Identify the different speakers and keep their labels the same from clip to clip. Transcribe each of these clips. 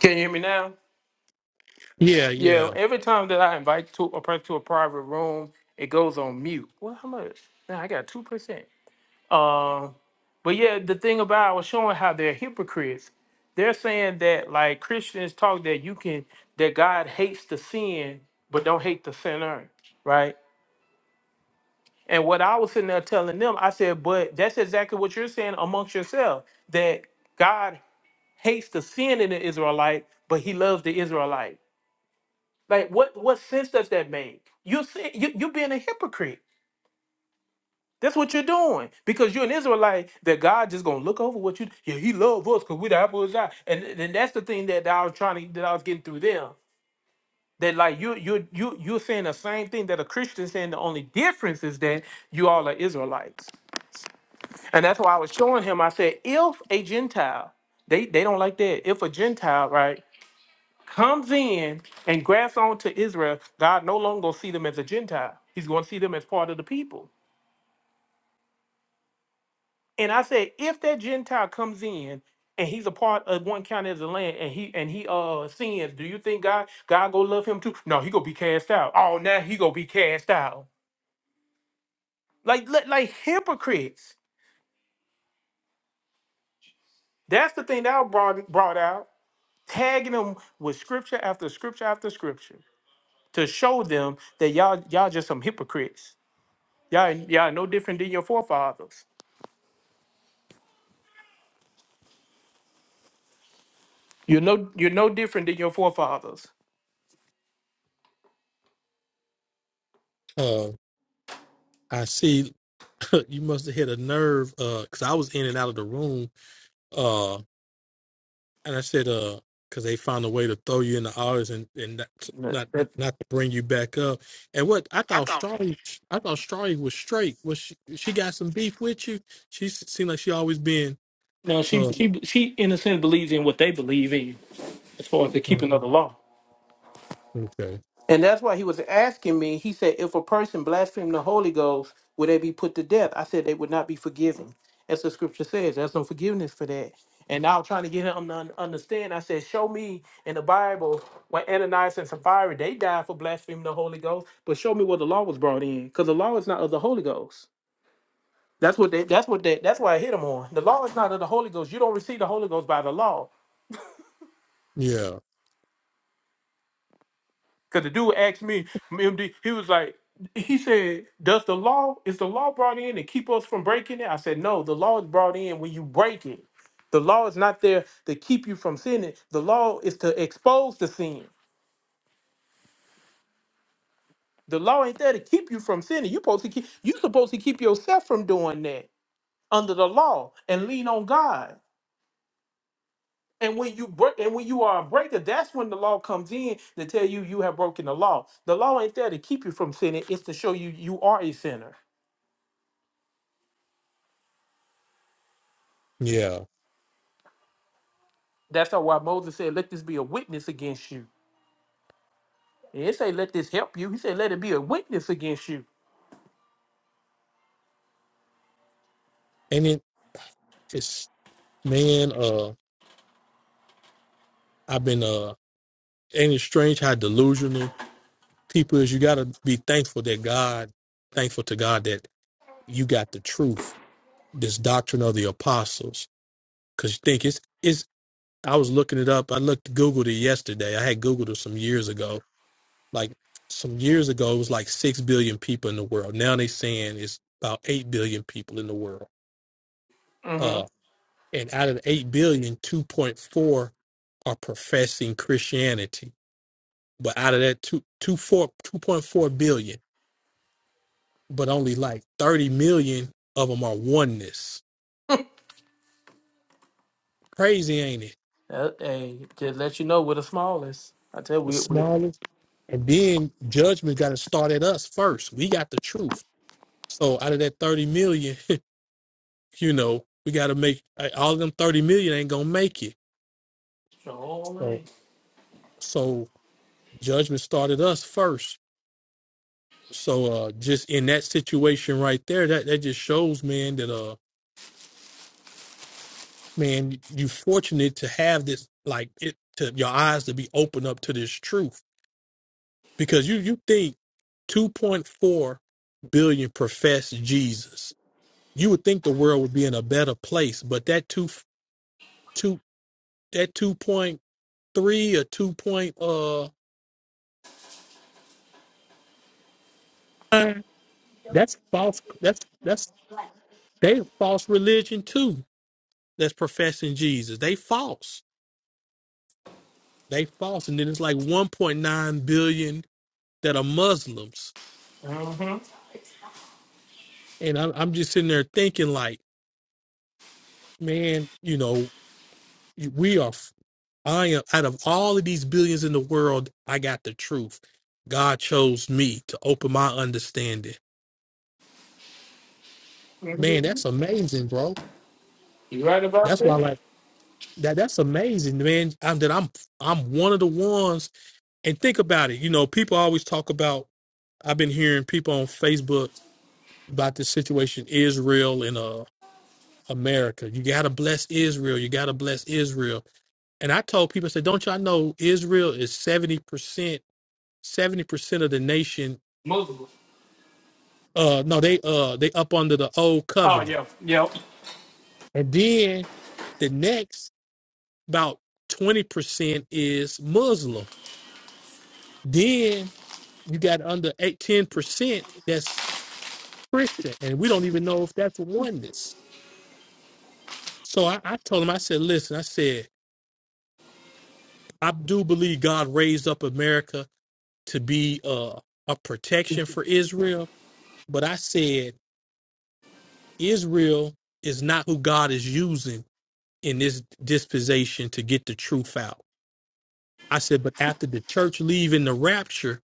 Speaker 1: Can you hear me now?
Speaker 2: Yeah,
Speaker 1: Yeah.
Speaker 2: yeah.
Speaker 1: Every time that I invite to a person to a private room, it goes on mute. Well, how much? Now I got two percent. Um, but yeah, the thing about I was showing how they're hypocrites. They're saying that like Christians talk that you can that God hates the sin, but don't hate the sinner, right? And what I was sitting there telling them, I said, but that's exactly what you're saying amongst yourself that God hates the sin in the Israelite, but He loves the Israelite. Like what what sense does that make? You're sin- you you're being a hypocrite. That's what you're doing because you're an Israelite. That God just gonna look over what you. Yeah, He love us because we the apple of His eye. And and that's the thing that I was trying to that I was getting through them. That like you you you you're saying the same thing that a Christian saying. The only difference is that you all are Israelites. And that's why I was showing him. I said, if a Gentile, they they don't like that. If a Gentile, right? comes in and grafts onto Israel, God no longer gonna see them as a Gentile. He's going to see them as part of the people. And I said, if that Gentile comes in and he's a part of one county as a land, and he and he uh sins, do you think God God gonna love him too? No, he gonna be cast out. Oh, now he gonna be cast out. Like like, like hypocrites. That's the thing that I brought brought out, tagging them with scripture after scripture after scripture to show them that y'all y'all just some hypocrites Y'all, y'all no different than your forefathers. You're no, you're no different than your forefathers.
Speaker 2: Uh, I see. you must have hit a nerve. Uh, cause I was in and out of the room. Uh, and I said, uh, cause they found a way to throw you in the audience and and not
Speaker 1: That-
Speaker 2: not
Speaker 1: that-
Speaker 2: not to bring you back up. And what I thought Strawley, I thought Strawley was straight. Was she? She got some beef with you. She s- seemed like she always been.
Speaker 1: Now she,
Speaker 2: Uh,
Speaker 1: she, she, in a sense, believes in what they believe in, as far as the
Speaker 2: mm,
Speaker 1: keeping of the law.
Speaker 2: okay.
Speaker 1: And that's why he was asking me. He said, if a person blasphemed the Holy Ghost, would they be put to death? I said they would not be forgiven, as the Scripture says. There's no forgiveness for that. And I was trying to get him to un- understand. I said, show me in the Bible when Ananias and Sapphira they died for blaspheming the Holy Ghost, but show me where the law was brought in, because the law is not of the Holy Ghost. That's what they. That's what they. That's why I hit him on. The law is not of the Holy Ghost. You don't receive the Holy Ghost by the law.
Speaker 2: Yeah,
Speaker 1: Because the dude asked me, MD, he was like, he said, "Does the law is the law brought in to keep us from breaking it?" I said, "No, the law is brought in when you break it. The law is not there to keep you from sinning. The law is to expose the sin. The law ain't there to keep you from sinning. You supposed to keep. You supposed to keep yourself from doing that under the law and lean on God. And when you break, and when you are a breaker, that's when the law comes in to tell you you have broken the law. The law ain't there to keep you from sinning; it's to show you you are a sinner.
Speaker 2: yeah.
Speaker 1: That's how why Moses said, "Let this be a witness against you." He didn't say, "Let this help you." He said, "Let it be a witness against you."
Speaker 2: And it, it's man. Uh, I've been. Uh, ain't it strange how delusional? people is you got to be thankful that God, thankful to God that you got the truth, this doctrine of the apostles. Because you think it's, it's, I was looking it up. I looked, Googled it yesterday. I had Googled it some years ago. Like some years ago, it was like 6 billion people in the world. Now they saying it's about 8 billion people in the world.
Speaker 1: Mm-hmm.
Speaker 2: Uh, and out of the eight billion, two point four are professing Christianity. But out of that, two, two four, two point four billion. but only like 30 million of them are oneness. Crazy, ain't it?
Speaker 1: Uh, hey, just let you know we're the smallest. I tell you,
Speaker 2: The
Speaker 1: we we
Speaker 2: smallest. And then judgment got to start at us first. We got the truth. So out of that 30 million, you know, we got to make uh, all of them 30 million ain't going to make it.
Speaker 1: sure
Speaker 2: So,
Speaker 1: ain't.
Speaker 2: so judgment started us first. So, uh, just in that situation right there, that, that just shows, man, that, uh, man, you fortunate to have this, like it, to your eyes to be opened up to this truth because you you think 2.4 billion profess Jesus. You would think the world would be in a better place, but that two two that 2.3 or 2. Point, uh that's false. That's that's they false religion too. That's professing Jesus. They false. They false, and then it's like 1.9 billion that are Muslims.
Speaker 1: Mm-hmm.
Speaker 2: And I'm, I'm just sitting there thinking, like, man, you know, we are. I am out of all of these billions in the world, I got the truth. God chose me to open my understanding. Man, that's amazing, bro.
Speaker 1: You right about
Speaker 2: That's why I
Speaker 1: that?
Speaker 2: like that that's amazing, man. I'm that I'm I'm one of the ones and think about it. You know, people always talk about I've been hearing people on Facebook about this situation Israel and uh America. You gotta bless Israel. You gotta bless Israel. And I told people, I said, don't y'all know Israel is seventy percent 70% of the nation
Speaker 1: Muslim.
Speaker 2: uh no they uh they up under the old
Speaker 1: Oh
Speaker 2: covenant
Speaker 1: yeah, yep.
Speaker 2: and then the next about 20% is muslim then you got under eight ten percent that's christian and we don't even know if that's oneness so i, I told him i said listen i said i do believe god raised up america to be uh, a protection for israel but i said israel is not who god is using in this dispensation to get the truth out I said, but after the church leaving the rapture,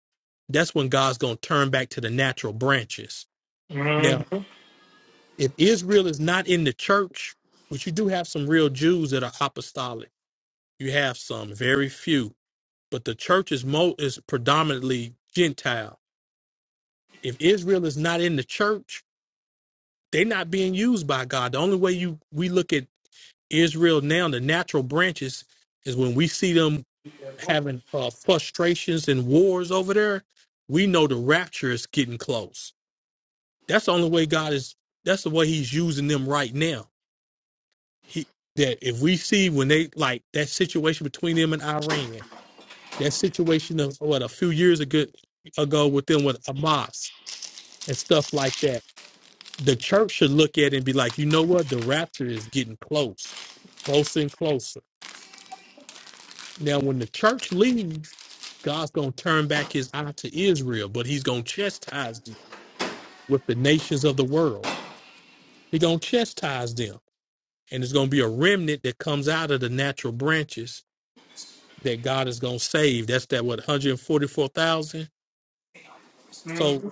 Speaker 2: that's when God's going to turn back to the natural branches. Now,
Speaker 1: Mm-hmm.
Speaker 2: if Israel is not in the church, which you do have some real Jews that are apostolic, you have some, very few, but the church is mo is predominantly Gentile. If Israel is not in the church, they're not being used by God. The only way you we look at Israel now, the natural branches, is when we see them having uh, frustrations and wars over there, we know the rapture is getting close. That's the only way God is. That's the way He's using them right now. He that if we see when they like that situation between them and Iran, that situation of what a few years ago ago with them with Hamas and stuff like that, the church should look at it and be like, you know what, the rapture is getting close, closer and closer Now, when the church leaves, God's going to turn back his eye to Israel, but he's going to chastise them with the nations of the world. He's going to chastise them. And it's going to be a remnant that comes out of the natural branches that God is going to save. That's that, what, 144,000? So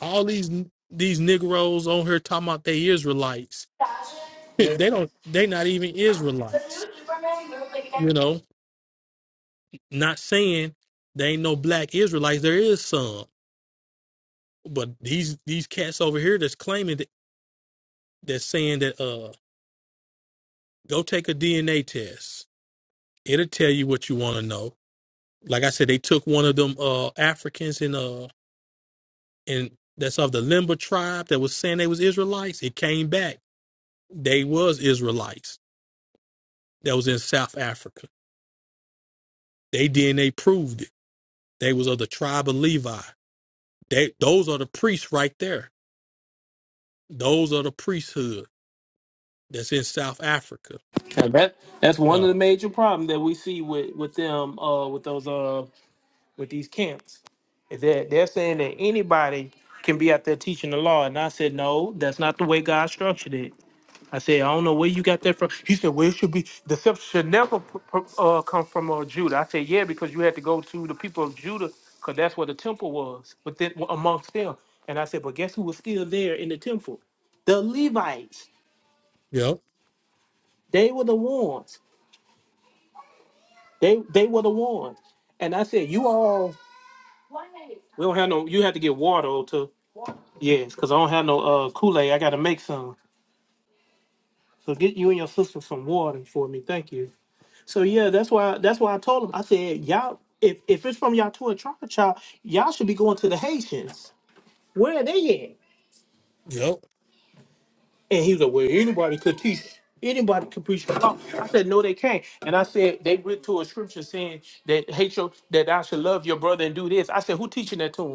Speaker 2: all these these Negroes on here talking about they Israelites.
Speaker 1: Yeah.
Speaker 2: They don't, they not even Israelites, you know, not saying they ain't no black Israelites. There is some. But these these cats over here that's claiming that, that's saying that uh go take a DNA test. It'll tell you what you want to know. Like I said, they took one of them uh Africans in uh in that's of the Limba tribe that was saying they was Israelites. It came back. They was Israelites. That was in South Africa. They DNA proved it. They was of the tribe of Levi. They those are the priests right there. Those are the priesthood that's in South Africa.
Speaker 1: Now that that's one
Speaker 2: Uh,
Speaker 1: of the major problems that we see with with them uh with those uh with these camps is that they're saying that anybody can be out there teaching the law and I said no that's not the way God structured it I said I don't know where you got that from he said well it should be deception should never p- p- uh come from uh, Judah I said yeah because you had to go to the people of Judah because that's where the temple was but then amongst them and I said but guess who was still there in the temple the Levites
Speaker 2: yep,
Speaker 1: they were the ones They they would have won. And I said, you all, we don't have no. You have to get water to yes, because I don't have no uh Kool Aid. I got to make some. So get you and your sister some water for me. Thank you. So yeah, that's why that's why I told him. I said, y'all, if if it's from y'all to a trial child, y'all should be going to the Haitians. Where are they at?
Speaker 2: yep,
Speaker 1: And he was like, well, anybody could teach. Anybody could preach the law. I said, no, they can't. And I said, they went to a scripture saying that hate your, that I should love your brother and do this. I said, who teaching that to him?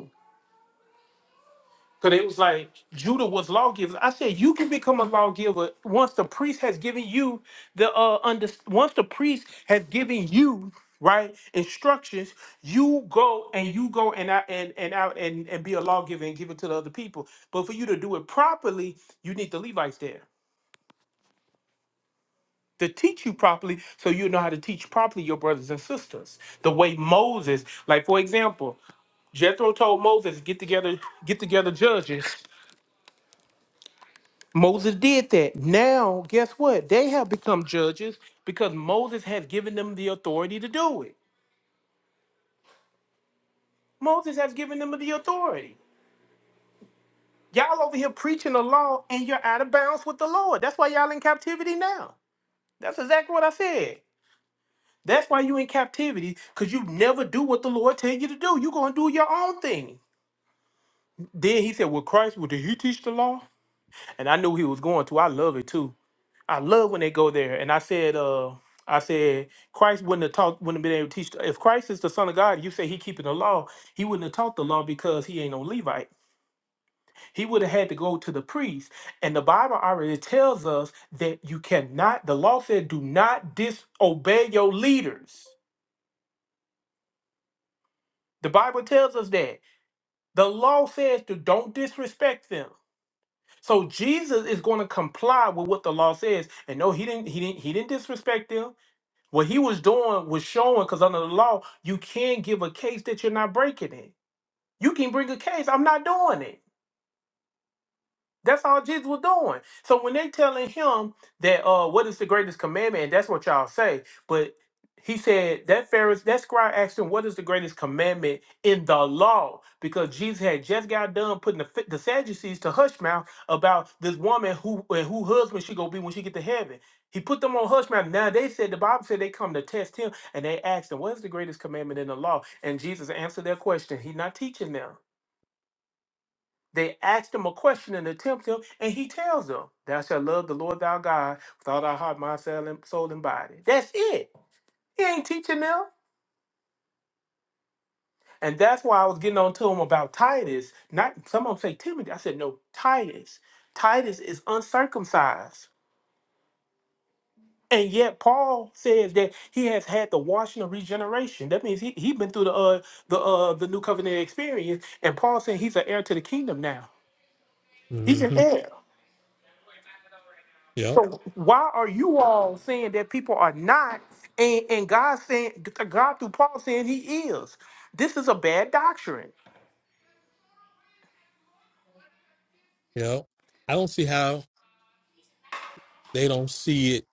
Speaker 1: Because it was like Judah was lawgivers. I said you can become a lawgiver once the priest has given you the uh under once the priest has given you right instructions. You go and you go and out and and out and and be a lawgiver and give it to the other people. But for you to do it properly, you need the Levites there to teach you properly, so you know how to teach properly your brothers and sisters. The way Moses, like for example, Jethro told Moses, get together, get together judges Moses did that. Now, guess what? They have become judges because Moses has given them the authority to do it. Moses has given them the authority. Y'all over here preaching the law and you're out of bounds with the Lord. That's why y'all in captivity now. That's exactly what I said. That's why you in captivity because you never do what the Lord tell you to do. You're going to do your own thing. Then he said, Well, Christ, well, did he teach the law? And I knew he was going to. I love it too. I love when they go there. And I said, uh, I said, Christ wouldn't have taught, wouldn't have been able to teach. If Christ is the Son of God, you say he keeping the law, he wouldn't have taught the law because he ain't no Levite. He would have had to go to the priest. And the Bible already tells us that you cannot, the law said, do not disobey your leaders. The Bible tells us that. The law says to don't disrespect them. So Jesus is going to comply with what the law says. And no, he didn't, he didn't, he didn't disrespect them. What he was doing was showing, because under the law, you can give a case that you're not breaking it. You can bring a case. I'm not doing it. That's all Jesus was doing. So when they telling him that uh what is the greatest commandment, and that's what y'all say, but he said that Pharisees, that scribe asked him, What is the greatest commandment in the law? Because Jesus had just got done putting the, the Sadducees to hush mouth about this woman who and who husband she gonna be when she get to heaven. He put them on hush mouth. Now they said the Bible said they come to test him and they asked him, What is the greatest commandment in the law? And Jesus answered their question. He's not teaching them. They asked him a question and tempt him, and he tells them, Thou shalt love the Lord thy God with all thy heart, mind, soul, and soul and body. That's it. He ain't teaching them. And that's why I was getting on to him about Titus. Not some of them say Timothy. I said, no, Titus. Titus is uncircumcised. And yet Paul says that he has had the washing of regeneration. That means he he been through the uh the uh the new covenant experience. And Paul saying he's an heir to the kingdom now. He's an
Speaker 2: hmm
Speaker 1: heir.
Speaker 2: yep.
Speaker 1: So why are you all saying that people are not, and, and God saying God through Paul saying He is? This is a bad doctrine
Speaker 2: You know, I don't see how they don't see it,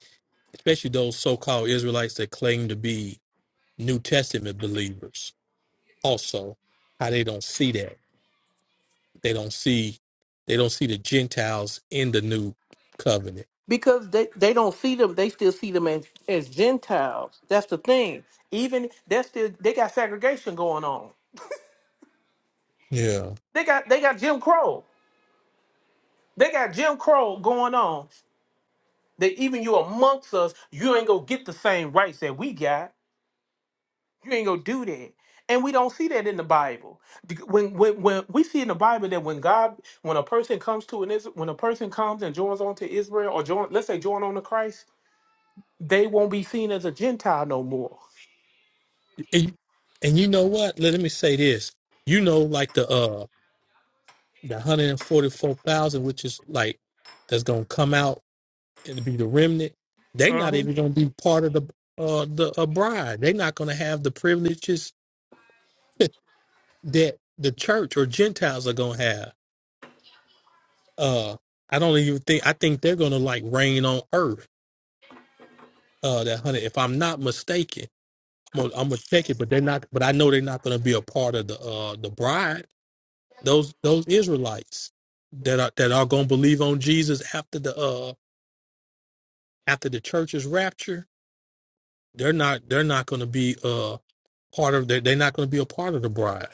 Speaker 2: especially those so-called Israelites that claim to be New Testament believers. Also, how they don't see that they don't see they don't see the Gentiles in the new covenant.
Speaker 1: because they, they don't see them. They still see them as as Gentiles. That's the thing. Even that's still they got segregation going on.
Speaker 2: Yeah,
Speaker 1: They got they got Jim Crow. They got Jim Crow going on. That even you amongst us, you ain't gonna get the same rights that we got You ain't gonna do that. And we don't see that in the Bible. D- When when when we see in the Bible that when God, when a person comes to an Is- when a person comes and joins on to Israel or join, let's say join on to Christ, they won't be seen as a Gentile no more.
Speaker 2: and, and you know what? Let, let me say this. You know, like the uh the one hundred and forty-four thousand, which is like that's gonna come out and be the remnant. They're not even gonna be part of the uh the uh, bride. They're not gonna have the privileges that the church or Gentiles are gonna have. Uh, I don't even think I think they're gonna like reign on earth. Uh, that hundred, if I'm not mistaken, I'm gonna, I'm gonna check it, but they're not. But I know they're not gonna be a part of the uh the bride. Those those Israelites that are that are gonna believe on Jesus after the uh after the church's rapture, they're not they're not gonna be uh part of they're, they're not gonna be a part of the bride.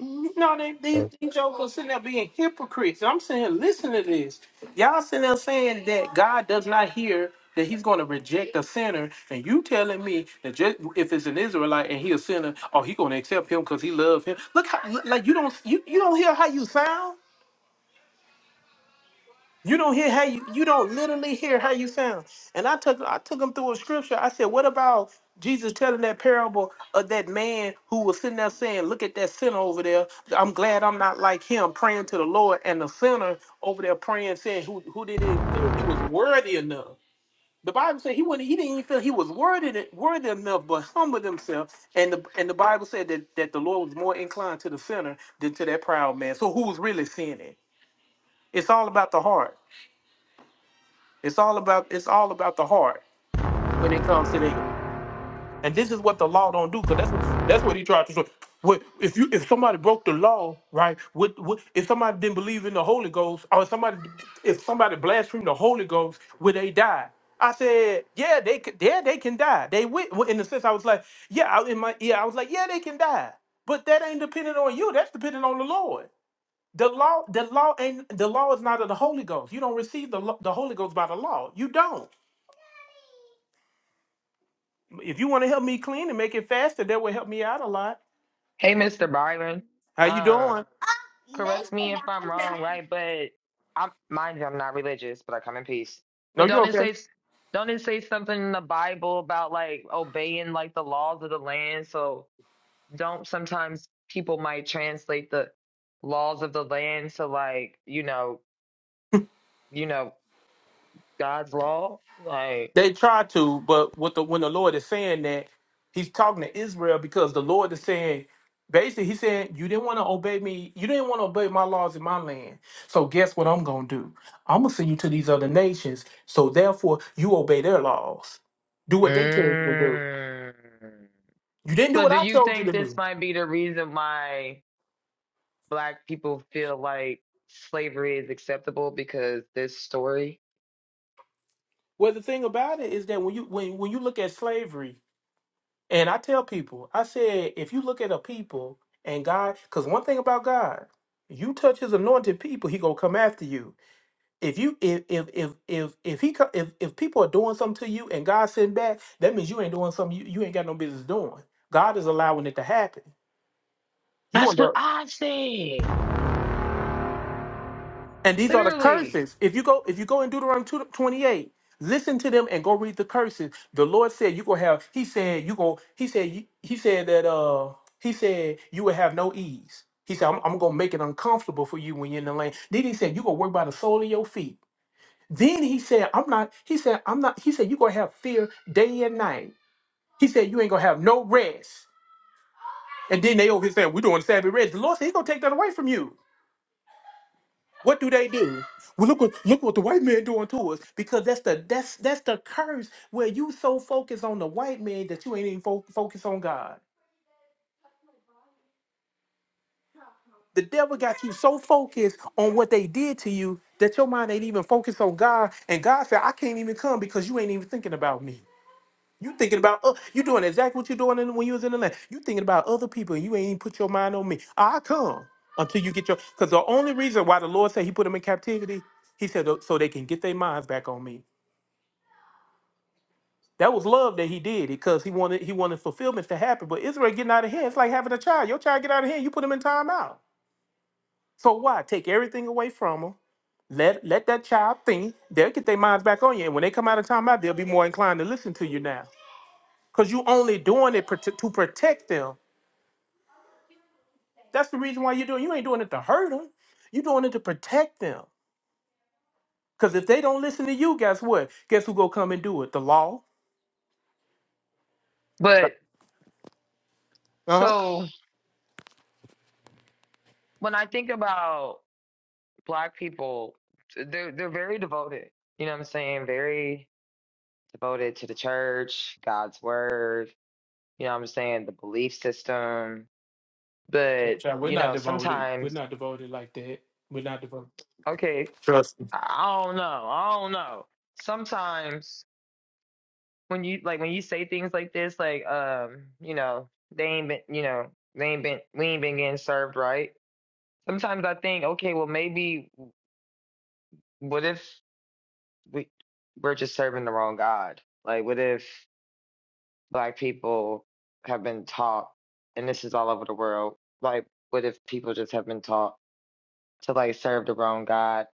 Speaker 1: No, they, these, these jokers sitting there being hypocrites. I'm saying, listen to this. Y'all sitting there saying that God does not hear that He's going to reject a sinner, and you telling me that just if it's an Israelite and he a sinner, oh, he going to accept him because he loves him. Look how, like you don't you, you don't hear how you sound. You don't hear how you you don't literally hear how you sound. And I took I took him through a scripture. I said, what about Jesus telling that parable of that man who was sitting there saying, "Look at that sinner over there. I'm glad I'm not like him, praying to the Lord." And the sinner over there praying, saying, "Who who didn't even feel he was worthy enough." The Bible said he wouldn't. He didn't even feel he was worthy worthy enough, but humbled himself. And the and the Bible said that that the Lord was more inclined to the sinner than to that proud man. So who's really sinning? It's all about the heart. It's all about it's all about the heart when it comes to that. And this is what the law don't do, because that's what that's what he tried to do. What if you if somebody broke the law, right? What, what if somebody didn't believe in the Holy Ghost, or somebody if somebody blasphemed the Holy Ghost, would they die? I said, yeah, they could, yeah, they can die. They went in the sense I was like, yeah, I, in my yeah, I was like, yeah, they can die, but that ain't dependent on you. That's dependent on the Lord. The law, the law ain't the law is not of the Holy Ghost. You don't receive the lo- the Holy Ghost by the law. You don't. If you want to help me clean and make it faster, that would help me out a lot.
Speaker 3: Hey, Mr. Byron.
Speaker 1: How you
Speaker 3: Um,
Speaker 1: doing?
Speaker 3: correct me if I'm wrong, right? But I'm mind you, I'm not religious, but I come in peace.
Speaker 1: No,
Speaker 3: But
Speaker 1: you're
Speaker 3: don't it
Speaker 1: okay.
Speaker 3: say don't it say something in the Bible about like obeying like the laws of the land? So don't sometimes people might translate the laws of the land to like, you know, you know, God's law? Like,
Speaker 1: They try to, but what the when the Lord is saying that, He's talking to Israel because the Lord is saying, basically, He's saying, you didn't want to obey me, you didn't want to obey my laws in my land. So guess what I'm gonna do? I'm gonna send you to these other nations. So therefore, you obey their laws. Do what they tell you to do.
Speaker 3: mm.
Speaker 1: You didn't do
Speaker 3: So
Speaker 1: what
Speaker 3: do
Speaker 1: I
Speaker 3: you
Speaker 1: told you
Speaker 3: think
Speaker 1: to
Speaker 3: this
Speaker 1: do.
Speaker 3: might be the reason why? black people feel like slavery is acceptable because this story.
Speaker 1: Well, the thing about it is that when you when when you look at slavery, And I tell people, I said, if you look at a people and God, because one thing about God, you touch His anointed people, He gonna come after you. If you if if if if if he co- if if people are doing something to you and God sitting back, that means you ain't doing something you, you ain't got no business doing. God is allowing it to happen. You
Speaker 3: That's what
Speaker 1: under
Speaker 3: I said.
Speaker 1: And these are the
Speaker 3: Literally.
Speaker 1: curses. If you go, if you go in Deuteronomy 2 28, listen to them and go read the curses. The Lord said you go have, he said you go, he said you- he said that uh he said you will have no ease. He said, I'm, I'm gonna make it uncomfortable for you when you're in the land. Then he said, you gonna work by the sole of your feet. Then he said, I'm not, he said, I'm not, he said, you gonna have fear day and night. He said, you ain't gonna have no rest. And then they over here saying, we doing Sabbath rest. The Lord said, He gonna take that away from you. What do they do? Well, look what look what the white man doing to us because that's the that's that's the curse where you so focused on the white man that you ain't even fo- focused on God. The devil got you so focused on what they did to you that your mind ain't even focused on God. And God said, "I can't even come because you ain't even thinking about me. You thinking about uh, you doing exactly what you doing in, when you was in the land. You thinking about other people and you ain't even put your mind on me. I come until you get your because the only reason why the Lord said He put them in captivity, He said so they can get their minds back on me. That was love that he did because he wanted he wanted fulfillments to happen. But Israel getting out of hand, it's like having a child. Your child get out of hand, you put him in timeout. So why take everything away from them? Let let that child think. They'll get their minds back on you, and when they come out of timeout, they'll be more inclined to listen to you now. Cause you only doing it prote- to protect them. That's the reason why you're doing. You ain't doing it to hurt them. You're doing it to protect them. Cause if they don't listen to you, guess what? Guess who go come and do it? The law.
Speaker 3: But
Speaker 1: Uh huh.
Speaker 3: so when I think about black people, they're they're very devoted. You know what I'm saying? Very devoted to the church, God's word, you know what I'm saying, the belief system. But,
Speaker 1: Child, we're
Speaker 3: you
Speaker 1: not
Speaker 3: know,
Speaker 1: devoted. We're
Speaker 3: sometimes,
Speaker 1: not devoted like that. We're not devoted.
Speaker 3: okay,
Speaker 1: Trust me.
Speaker 3: I I don't know. I don't know. Sometimes when you like when you say things like this, like um, you know, they ain't been, you know, they ain't been, we ain't been getting served right. Sometimes I think, okay, well maybe, what if we we're just serving the wrong God? Like, what if black people have been taught, and this is all over the world, like, what if people just have been taught to like serve the wrong God?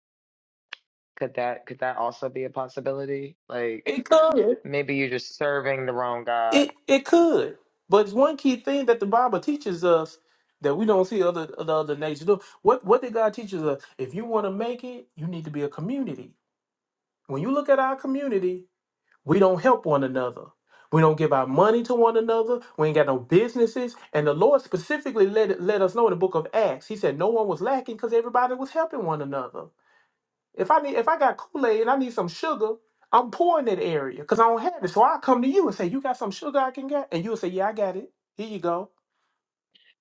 Speaker 3: Could that could that also be a possibility? Like,
Speaker 1: It could.
Speaker 3: maybe you're just serving the wrong God
Speaker 1: It it could. But it's one key thing that the Bible teaches us that we don't see other the other nations do. What what did God teach us? If you want to make it, you need to be a community. When you look at our community, we don't help one another. We don't give our money to one another. We ain't got no businesses. And the Lord specifically let it, let us know in the book of Acts. He said no one was lacking because everybody was helping one another. If I need, if I got Kool Aid and I need some sugar, I'm poor in that area because I don't have it. So I come to you and say, "You got some sugar I can get?" And you'll say, "Yeah, I got it. Here you go."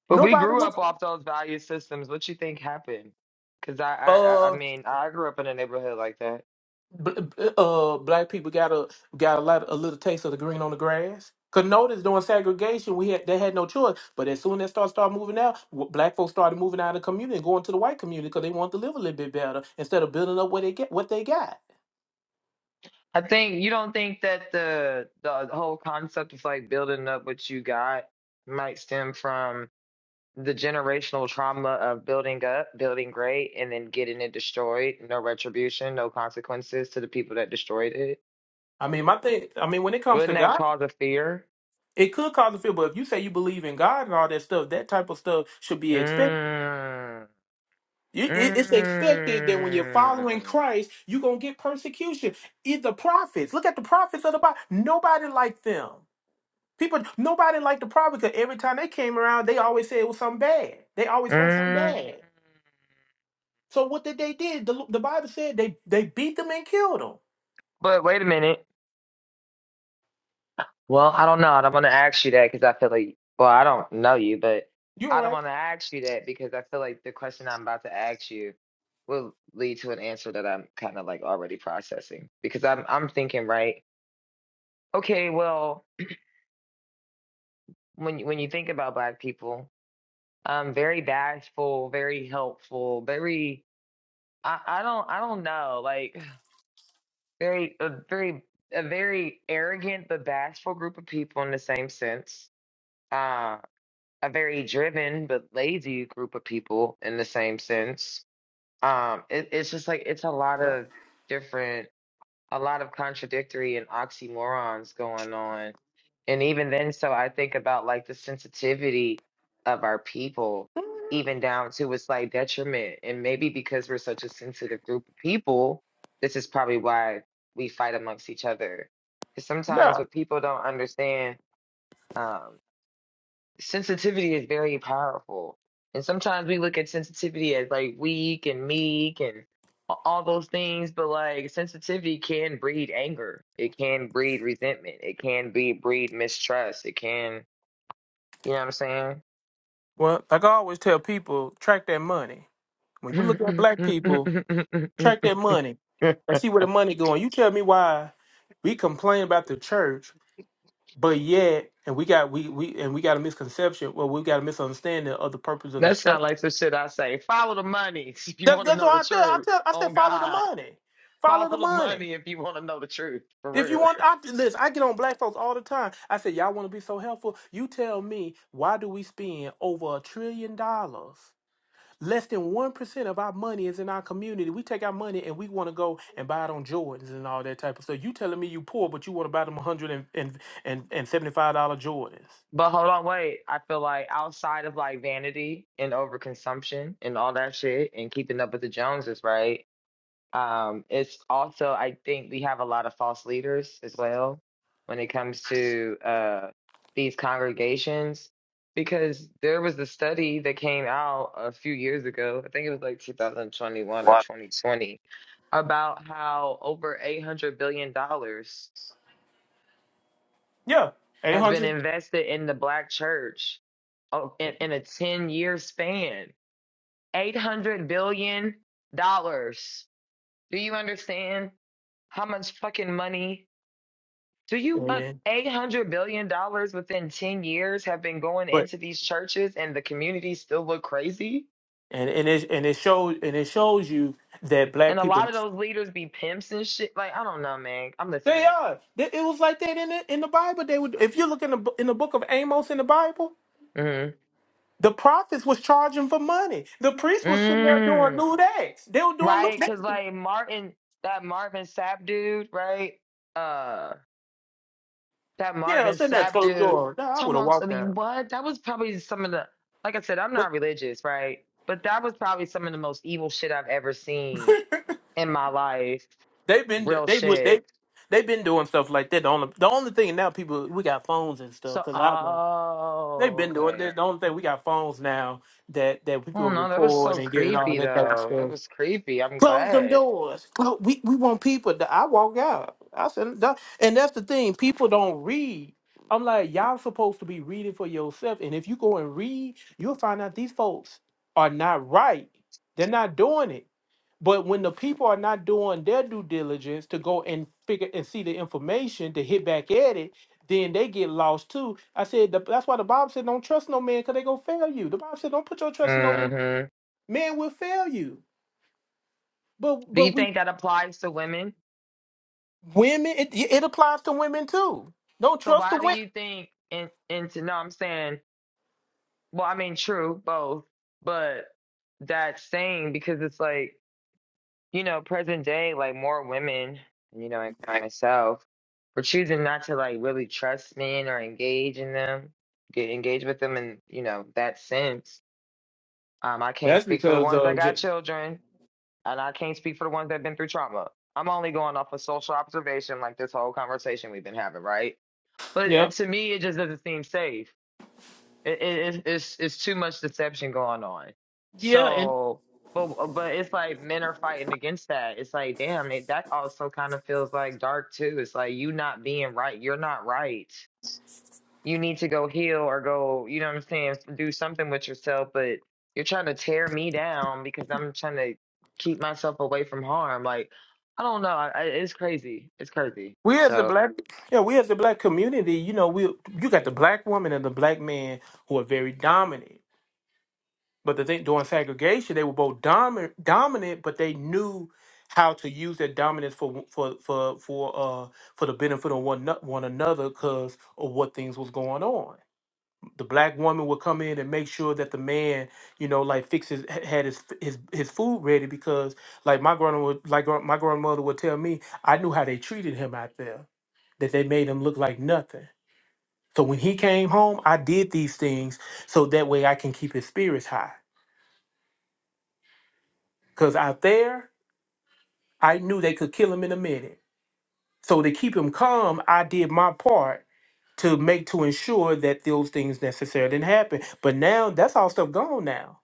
Speaker 3: But we
Speaker 1: Nobody
Speaker 3: grew up
Speaker 1: wants.
Speaker 3: off those value systems. What you think happened? Because I, I, I I
Speaker 1: Uh,
Speaker 3: mean, I grew up in a neighborhood like that.
Speaker 1: bl- bl- uh, black people got a got a lot a little taste of the green on the grass. Cause notice during segregation we had they had no choice. But as soon as start start moving out, wh- black folks started moving out of the community and going to the white community because they want to live a little bit better instead of building up what they get what they got.
Speaker 3: I think you don't think that the the whole concept of like building up what you got might stem from the generational trauma of building up, building great, and then getting it destroyed. No retribution, no consequences to the people that destroyed it.
Speaker 1: I mean, my thing. I mean, when it comes to
Speaker 3: Wouldn't that
Speaker 1: God.
Speaker 3: cause a fear?
Speaker 1: It could cause a fear, but if you say you believe in God and all that stuff, that type of stuff should be expected.
Speaker 3: Mm,
Speaker 1: You- it- It's expected that when you're following
Speaker 3: mm,
Speaker 1: Christ, you're gonna get persecution. It, the prophets, look at the prophets of the Bible. Nobody liked them. People, nobody liked the prophets. 'cause every time they came around, they always said it was something bad. They always spoke something
Speaker 3: mm.
Speaker 1: bad. So what did they did? The, the Bible said they they beat them and killed them.
Speaker 3: But wait a minute. Well, I don't know. I don't want to ask you that because I feel like, well, I don't know you, but
Speaker 1: You all
Speaker 3: I don't
Speaker 1: right?
Speaker 3: want to ask you that because I feel like the question I'm about to ask you will lead to an answer that I'm kind of like already processing because I'm I'm thinking, right? Okay, well, when you- when you think about black people, um, very bashful, very helpful, very I I don't I don't know, like very a very a very arrogant but bashful group of people in the same sense. uh, a very driven but lazy group of people in the same sense. Um, it, it's just like it's a lot
Speaker 1: Yeah.
Speaker 3: of different, a lot of contradictory and oxymorons going on. And even then, so I think about like the sensitivity of our people, even down to a slight detriment. And maybe because we're such a sensitive group of people, this is probably why we fight amongst each other. Because sometimes
Speaker 1: Yeah.
Speaker 3: what people don't understand. um, sensitivity is very powerful. And sometimes we look at sensitivity as like weak and meek and a- all those things, but like sensitivity can breed anger. It can breed resentment. It can be breed mistrust. It can, you know what
Speaker 1: Well, like I always tell people, track that money. When you look at black people,
Speaker 3: I'm saying?
Speaker 1: track that money and see where the money going. You tell me why we complain about the church, but yet and we got we we and we got a misconception. Well, we got a misunderstanding of the purpose of the
Speaker 3: That
Speaker 1: church.
Speaker 3: sounds like some shit I say. Follow the money if you
Speaker 1: That,
Speaker 3: want to
Speaker 1: that's
Speaker 3: know
Speaker 1: what
Speaker 3: the
Speaker 1: I tell. I
Speaker 3: truth.
Speaker 1: tell. I said
Speaker 3: On
Speaker 1: follow the
Speaker 3: God,
Speaker 1: money. Follow the
Speaker 3: follow the
Speaker 1: money.
Speaker 3: money if you want to know the truth
Speaker 1: If
Speaker 3: for
Speaker 1: you want, I, listen. I get on black folks all the time. I said, y'all want to be so helpful. You tell me why do we spend over a trillion dollars Less than 1% of our money is in our community. We take our money and we want to go and buy it on Jordans and all that type of stuff. You telling me you poor, but you want to buy them one hundred and and and seventy dollars Jordans.
Speaker 3: But hold on, wait. I feel like outside of like vanity and overconsumption and all that shit and keeping up with the Joneses, right? Um, it's also I think we have a lot of false leaders as well when it comes to uh these congregations because there was a study that came out a few years ago, I think it was like 2021 or
Speaker 1: Wow.
Speaker 3: 2020, about how over $800 billion dollars
Speaker 1: Yeah,
Speaker 3: has been
Speaker 1: 800.
Speaker 3: invested in the black church oh, in, in a 10 year span. $800 billion. dollars. Do you understand how much fucking money? Do you, uh,
Speaker 1: And,
Speaker 3: $800 billion dollars within 10 years have been going
Speaker 1: but,
Speaker 3: into these churches and the communities still look crazy?
Speaker 1: and, and, it, and, it shows, and it shows you that black
Speaker 3: And a lot
Speaker 1: people,
Speaker 3: of those leaders be pimps and shit. Like, I don't know, man. I'm
Speaker 1: they
Speaker 3: listening.
Speaker 1: are. They- It was like that in the, in the Bible. They would, If you look in the, bo- in the book of Amos in the Bible,
Speaker 3: Mm.
Speaker 1: the prophets was charging for money. The priests was sitting there doing
Speaker 3: Mm.
Speaker 1: lewd acts. They were doing
Speaker 3: Right?
Speaker 1: lewd.
Speaker 3: Because, like, Martin, that Marvin Sapp dude, right? Uh, that
Speaker 1: Yeah,
Speaker 3: Marvin
Speaker 1: send that
Speaker 3: Sapp
Speaker 1: closed
Speaker 3: dude.
Speaker 1: door. Nah, I would
Speaker 3: Come
Speaker 1: have
Speaker 3: on, I
Speaker 1: walked
Speaker 3: mean,
Speaker 1: out.
Speaker 3: what? That was probably some of the, like I said, I'm
Speaker 1: But
Speaker 3: not religious, right? But that was probably some of the most evil shit I've ever seen in my life.
Speaker 1: they've been
Speaker 3: Real
Speaker 1: they would they
Speaker 3: shit.
Speaker 1: they've been doing stuff like that. The only the only thing now people we got phones and stuff
Speaker 3: So,
Speaker 1: because I they've
Speaker 3: oh,
Speaker 1: been doing
Speaker 3: okay.
Speaker 1: that. The only thing we got phones now that that
Speaker 3: Oh
Speaker 1: people
Speaker 3: no, that was
Speaker 1: record
Speaker 3: so
Speaker 1: and get all
Speaker 3: creepy
Speaker 1: that type of
Speaker 3: though. That
Speaker 1: stuff.
Speaker 3: was creepy. I'm
Speaker 1: Close them
Speaker 3: glad.
Speaker 1: doors. Well, we, we want people to I walk out. I said "Duh." and that's the thing, people don't read. I'm like, y'all supposed to be reading for yourself. And if you go and read, you'll find out these folks are not right. They're not doing it. But when the people are not doing their due diligence to go and figure and see the information to hit back at it, then they get lost too. I said the, that's why the Bible said don't trust no man because they gonna fail you. The Bible said don't put your trust in no man
Speaker 3: hmm
Speaker 1: man will fail you. But
Speaker 3: Do
Speaker 1: but
Speaker 3: you
Speaker 1: we
Speaker 3: think that applies to women?
Speaker 1: Women, it, it applies to women too. Don't
Speaker 3: So
Speaker 1: trust the
Speaker 3: why do you
Speaker 1: women.
Speaker 3: think in into no, I'm saying, well, I mean, true, both, but that saying because it's like you know, present day, like more women, you know, including myself, were choosing not to like really trust men or engage in them, get engaged with them in, you know, that sense. Um, I can't
Speaker 1: That's
Speaker 3: speak for the
Speaker 1: because
Speaker 3: ones that
Speaker 1: of
Speaker 3: got
Speaker 1: ju-
Speaker 3: children, and I can't speak for the ones that have been through trauma. I'm only going off of social observation, like this whole conversation we've been having, right? But uh,
Speaker 1: yeah,
Speaker 3: to me, it just doesn't seem safe it, it, it's it's it's too much deception going on.
Speaker 1: yeah, and
Speaker 3: So, but but it's like men are fighting against that. It's like, damn, it, that also kind of feels like dark too. It's like you not being right. You're not right. You need to go heal or go. You know what I'm saying? Do something with yourself. But you're trying to tear me down because I'm trying to keep myself away from harm. Like, I don't know. I, I- it's crazy. It's crazy.
Speaker 1: We as a
Speaker 3: So.
Speaker 1: black, yeah, we as a black community, you know, we you got the black woman and the black man who are very dominant. But the thing during segregation, they were both dominant, dominant, but they knew how to use their dominance for for for for uh for the benefit of one ano- one another because of what things was going on. the black woman would come in and make sure that the man, you know, like fix his had his his his food ready because like my grandma would like gr- my grandmother would tell me, I knew how they treated him out there, that they made him look like nothing. So when he came home, I did these things so that way I can keep his spirits high. Cause out there, I knew they could kill him in a minute. So to keep him calm, I did my part to make to ensure that those things necessarily didn't happen. But now that's all stuff gone now.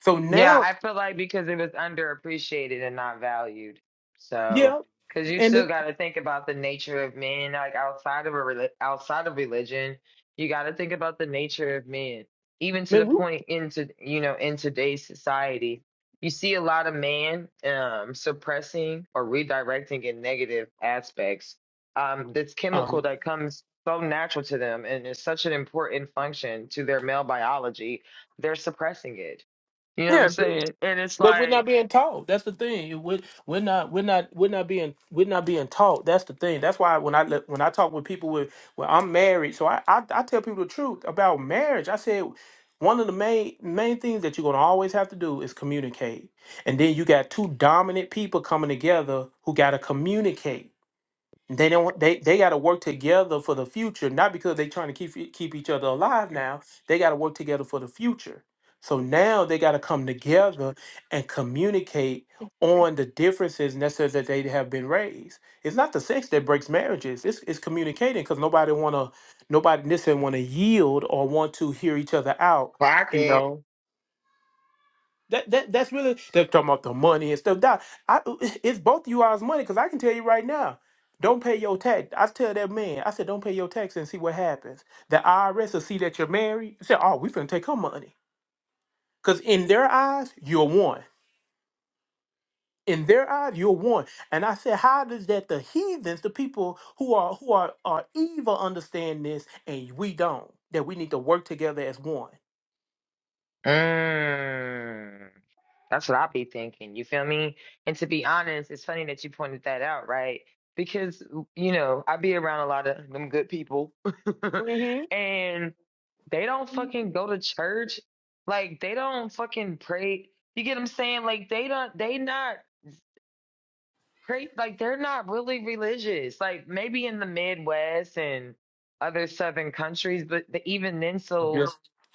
Speaker 1: So
Speaker 3: Yeah,
Speaker 1: now,
Speaker 3: I feel like because it was underappreciated and not valued. So,
Speaker 1: yeah.
Speaker 3: because you
Speaker 1: And
Speaker 3: still
Speaker 1: it-
Speaker 3: got to think about the nature of men, like outside of a reli- outside of religion, you got to think about the nature of men. Even to
Speaker 1: man,
Speaker 3: the
Speaker 1: we,
Speaker 3: point into you know in today's society, you see a lot of men um, suppressing or redirecting in negative aspects. Um, this chemical
Speaker 1: um,
Speaker 3: that comes so natural to them and is such an important function to their male biology, they're suppressing it you know what I'm
Speaker 1: yeah,
Speaker 3: saying? And it's
Speaker 1: that we're not
Speaker 3: like,
Speaker 1: being taught. That's the thing. We're, we're not, we're not, we're not being, we're not being taught. That's the thing. That's why when I let- when I talk with people with, well, I'm married, so I, I I tell people the truth about marriage. I said one of the main main things that you're gonna always have to do is communicate, and then you got two dominant people coming together who gotta communicate. they don't they they got to work together for the future not because they trying to keep e- keep each other alive now they got to work together for the future so now they got to come together and communicate on the differences necessary that they have been raised it's not the sex that breaks marriages it's, it's communicating because nobody want to nobody necessarily want to yield or want to hear each other out
Speaker 3: block
Speaker 1: you
Speaker 3: it.
Speaker 1: know that, that that's really they're talking about the money and stuff. Doc, I, it's both you all's money because I can tell you right now, don't pay your tax. I tell that man, I said, don't pay your tax and see what happens. The IRS will see that you're married. Say, oh, we finna take her money because in their eyes, you're one. In their eyes, you're one. And I said, how does that the heathens, the people who are who are are evil, understand this and we don't? That we need to work together as one.
Speaker 3: Mm, that's what I be thinking. You feel me? And to be honest, it's funny that you pointed that out, right? Because, you know, I be around a lot of them good people and they don't fucking go to church. Like, they don't fucking pray. You get what I'm saying? Like, they don't, they not. crazy like they're not really religious like maybe in the midwest and other southern countries but the, even then so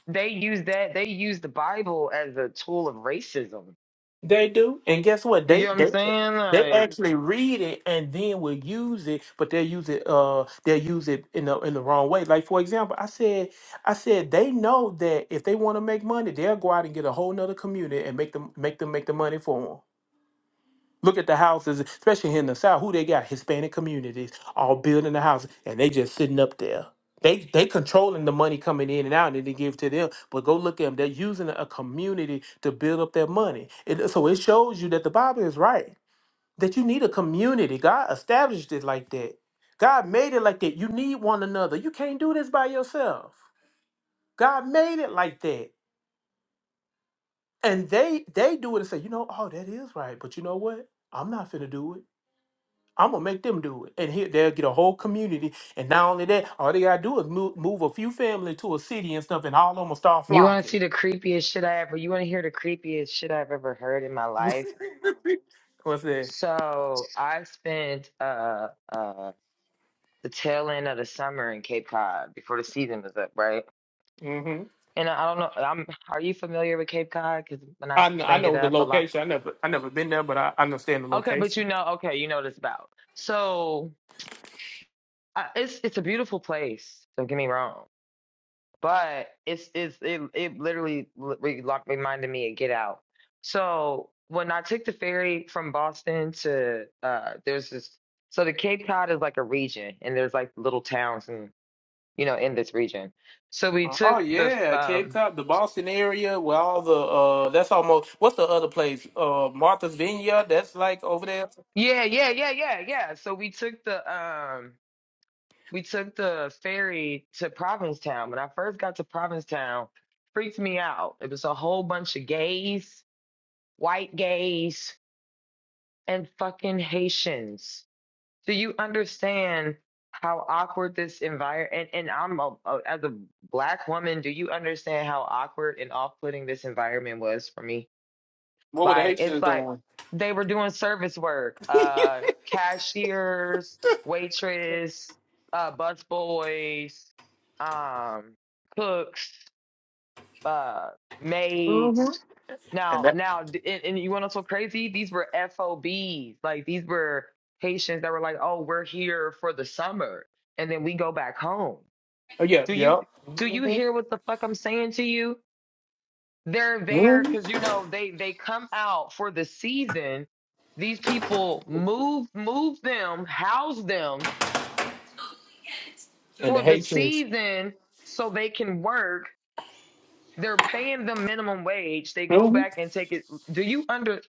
Speaker 3: they use that they use the bible as a tool of racism
Speaker 1: They do, and guess what?
Speaker 3: you
Speaker 1: They
Speaker 3: get what i'm
Speaker 1: they
Speaker 3: saying
Speaker 1: they
Speaker 3: like
Speaker 1: actually read it and then will use it, but they use it uh they use it in the in the wrong way. Like for example, I said I said they know that if they want to make money, they'll go out and get a whole nother community and make them make them make the money for them. Look at the houses, especially here in the South, who they got? Hispanic communities all building the houses and they just sitting up there. They they controlling the money coming in and out and they give to them. But go look at them. They're using a community to build up their money. It, so it shows you that the Bible is right. That you need a community. God established it like that. God made it like that. You need one another. You can't do this by yourself. God made it like that. And they they do it and say, you know, oh, that is right. But you know what? I'm not finna do it. I'm gonna make them do it, and here they'll get a whole community. And not only that, all they gotta do is move, move a few families to a city and stuff, and all of them will start
Speaker 3: you want to
Speaker 1: flocking.
Speaker 3: see the creepiest shit i ever you want to hear the creepiest shit i've ever heard in my life
Speaker 1: What's that?
Speaker 3: so i spent uh uh the tail end of the summer in cape cod before the season was up right
Speaker 1: hmm
Speaker 3: and I I don't know. I'm. Are you familiar with Cape Cod? Because when I
Speaker 1: I know, I
Speaker 3: bring it
Speaker 1: know the
Speaker 3: up, a lot
Speaker 1: location. I never I never been there, but I, I understand the
Speaker 3: Okay, but
Speaker 1: location.
Speaker 3: you know, okay, you know what it's about. So I, it's it's a beautiful place. Don't get me wrong, but it's it's it it literally l- re- lo- reminded me of Get Out. So when I took the ferry from Boston to uh, there's this so the Cape Cod is like a region, and there's like little towns and you know in this region. So we
Speaker 1: Uh, oh
Speaker 3: took the
Speaker 1: yeah, Cape
Speaker 3: um
Speaker 1: Cod, the Boston area, where all the uh, that's almost what's the other place? Uh, Martha's Vineyard. That's like over there.
Speaker 3: yeah yeah yeah yeah yeah. So we took the um we took the ferry to Provincetown. When I first got to Provincetown, freaked me out. It was a whole bunch of gays, white gays, and fucking Haitians. Do you understand how awkward this environment? And, and I'm a, a, as a black woman, do you understand how awkward and off-putting this environment was for me?
Speaker 1: What were the
Speaker 3: Like it's
Speaker 1: Haitians
Speaker 3: like
Speaker 1: doing?
Speaker 3: they were doing service work, uh, cashiers, waitress, uh, bus boys, um, cooks, uh, maids.
Speaker 1: And
Speaker 3: Now,
Speaker 1: that.
Speaker 3: now, d- and, and you want to so crazy? These were FOBs. Like these were Haitians that were like, "Oh, we're here for the summer, and then we go back home."
Speaker 1: Oh yeah,
Speaker 3: Do you
Speaker 1: yeah.
Speaker 3: do you hear what the fuck I'm saying to you? they're there
Speaker 1: hmm
Speaker 3: because you know they they come out for the season these people move move them house them
Speaker 1: And the
Speaker 3: for the
Speaker 1: Haitians.
Speaker 3: season so they can work they're paying them minimum wage they go
Speaker 1: hmm
Speaker 3: back and take it do you under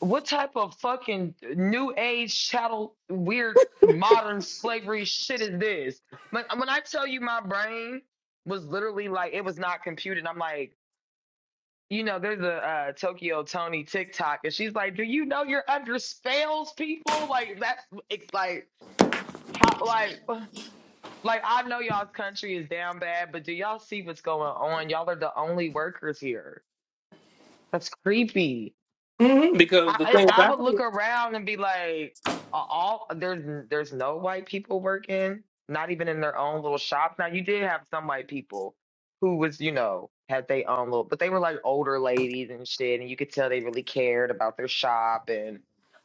Speaker 3: what type of fucking new age chattel weird modern slavery shit is this when, when i tell you my brain was literally like it was not computed i'm like you know, there's a uh, Tokyo Tony TikTok, and she's like, "Do you know you're under spells, people? Like that's it's like how like like I know y'all's country is down bad, but do y'all see what's going on? Y'all are the only workers here. That's creepy."
Speaker 1: hmm Because the
Speaker 3: I
Speaker 1: thing
Speaker 3: I I would
Speaker 1: about it
Speaker 3: look around and be like, uh, all there's there's no white people working, not even in their own little shops. Now you did have some white people who was you know had their own little, but they were like older ladies and shit, and you could tell they really cared about their shop and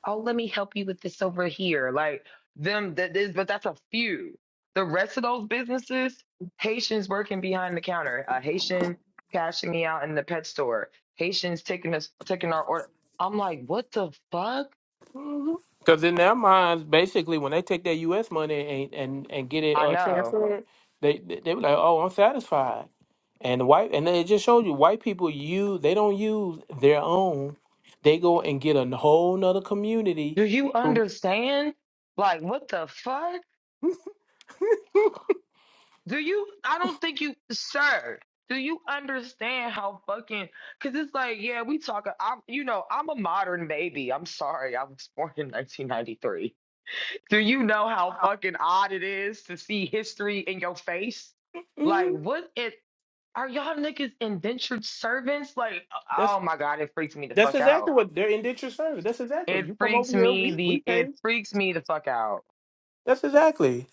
Speaker 3: oh let me help you with this over here, like them that is, but that's a few. The rest of those businesses, Haitians working behind the counter, a Haitian cashing me out in the pet store. Haitians taking us taking our order. I'm like, what the fuck?
Speaker 1: Because in their minds, basically, when they take their U.S. money and and, and get it
Speaker 3: I
Speaker 1: uh,
Speaker 3: know.
Speaker 1: transferred, they they they be like, "Oh, I'm satisfied." And the white and it just showed you white people use they don't use their own. They go and get a whole nother community.
Speaker 3: Do you
Speaker 1: who-
Speaker 3: understand? Like, what the fuck? Do you? I don't think you, sir. Do you understand how fucking? Cause it's like, yeah, we talk. I'm, you know, I'm a modern baby. I'm sorry, I was born in 1993. Do you know how fucking odd it is to see history in your face? Like,
Speaker 1: Mhm.
Speaker 3: what it? Are y'all niggas indentured servants? Like,
Speaker 1: That's
Speaker 3: oh my god, it freaks me the
Speaker 1: that's
Speaker 3: fuck out.
Speaker 1: exactly what they're indentured service. That's exactly
Speaker 3: It
Speaker 1: you come over
Speaker 3: freaks
Speaker 1: here,
Speaker 3: me
Speaker 1: we we
Speaker 3: the
Speaker 1: pay.
Speaker 3: it freaks me the fuck out.
Speaker 1: That's exactly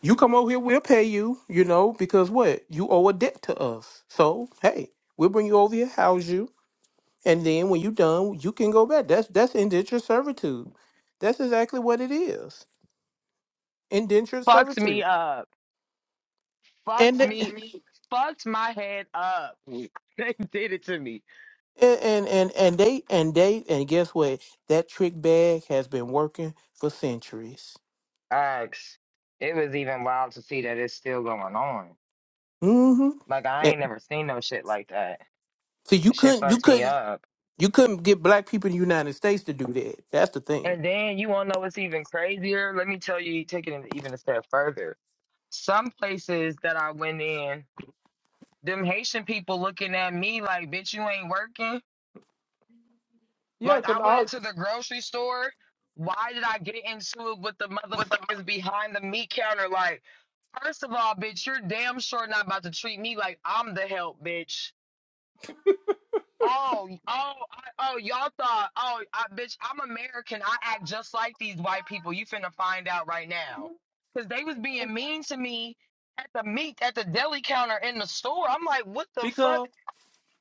Speaker 1: you come over here, we'll pay you. You know because what you owe a debt to us. So hey, we'll bring you over here, house you. And then when you're done, you can go back. That's that's indentured servitude. That's exactly what it is. Indentured
Speaker 3: Fucks me
Speaker 1: servitude.
Speaker 3: up.
Speaker 1: And
Speaker 3: Fucks
Speaker 1: th- That's
Speaker 3: me
Speaker 1: me.
Speaker 3: fucks my head up. They did it to me.
Speaker 1: and and and and they and they and guess what? That trick bag has been working for centuries.
Speaker 3: Acts. It was even wild to see that it's still going on.
Speaker 1: Mm-hmm.
Speaker 3: Like I
Speaker 1: And,
Speaker 3: ain't never seen no shit like that.
Speaker 1: so you
Speaker 3: That shit
Speaker 1: couldn't you
Speaker 3: fucks me
Speaker 1: couldn't
Speaker 3: up.
Speaker 1: you couldn't get black people in the United States to do that. That's the thing.
Speaker 3: And then you wanna know what's even crazier? Let me tell you, take it even a step further. Some places that I went in, them Haitian people looking at me like, bitch, you ain't working.
Speaker 1: Yeah,
Speaker 3: Like
Speaker 1: because
Speaker 3: I went
Speaker 1: all
Speaker 3: into the grocery store. Why did I get into it with the motherfuckers behind the meat counter? Like, first of all, bitch, you're damn sure not about to treat me like I'm the help, bitch. Oh, oh, I, oh, y'all thought, oh, I, bitch, I'm American. I act just like these white people. You finna find out right now. Cause they was being mean to me at the meat, at the deli counter in the store. I'm like, what the fuck?
Speaker 1: because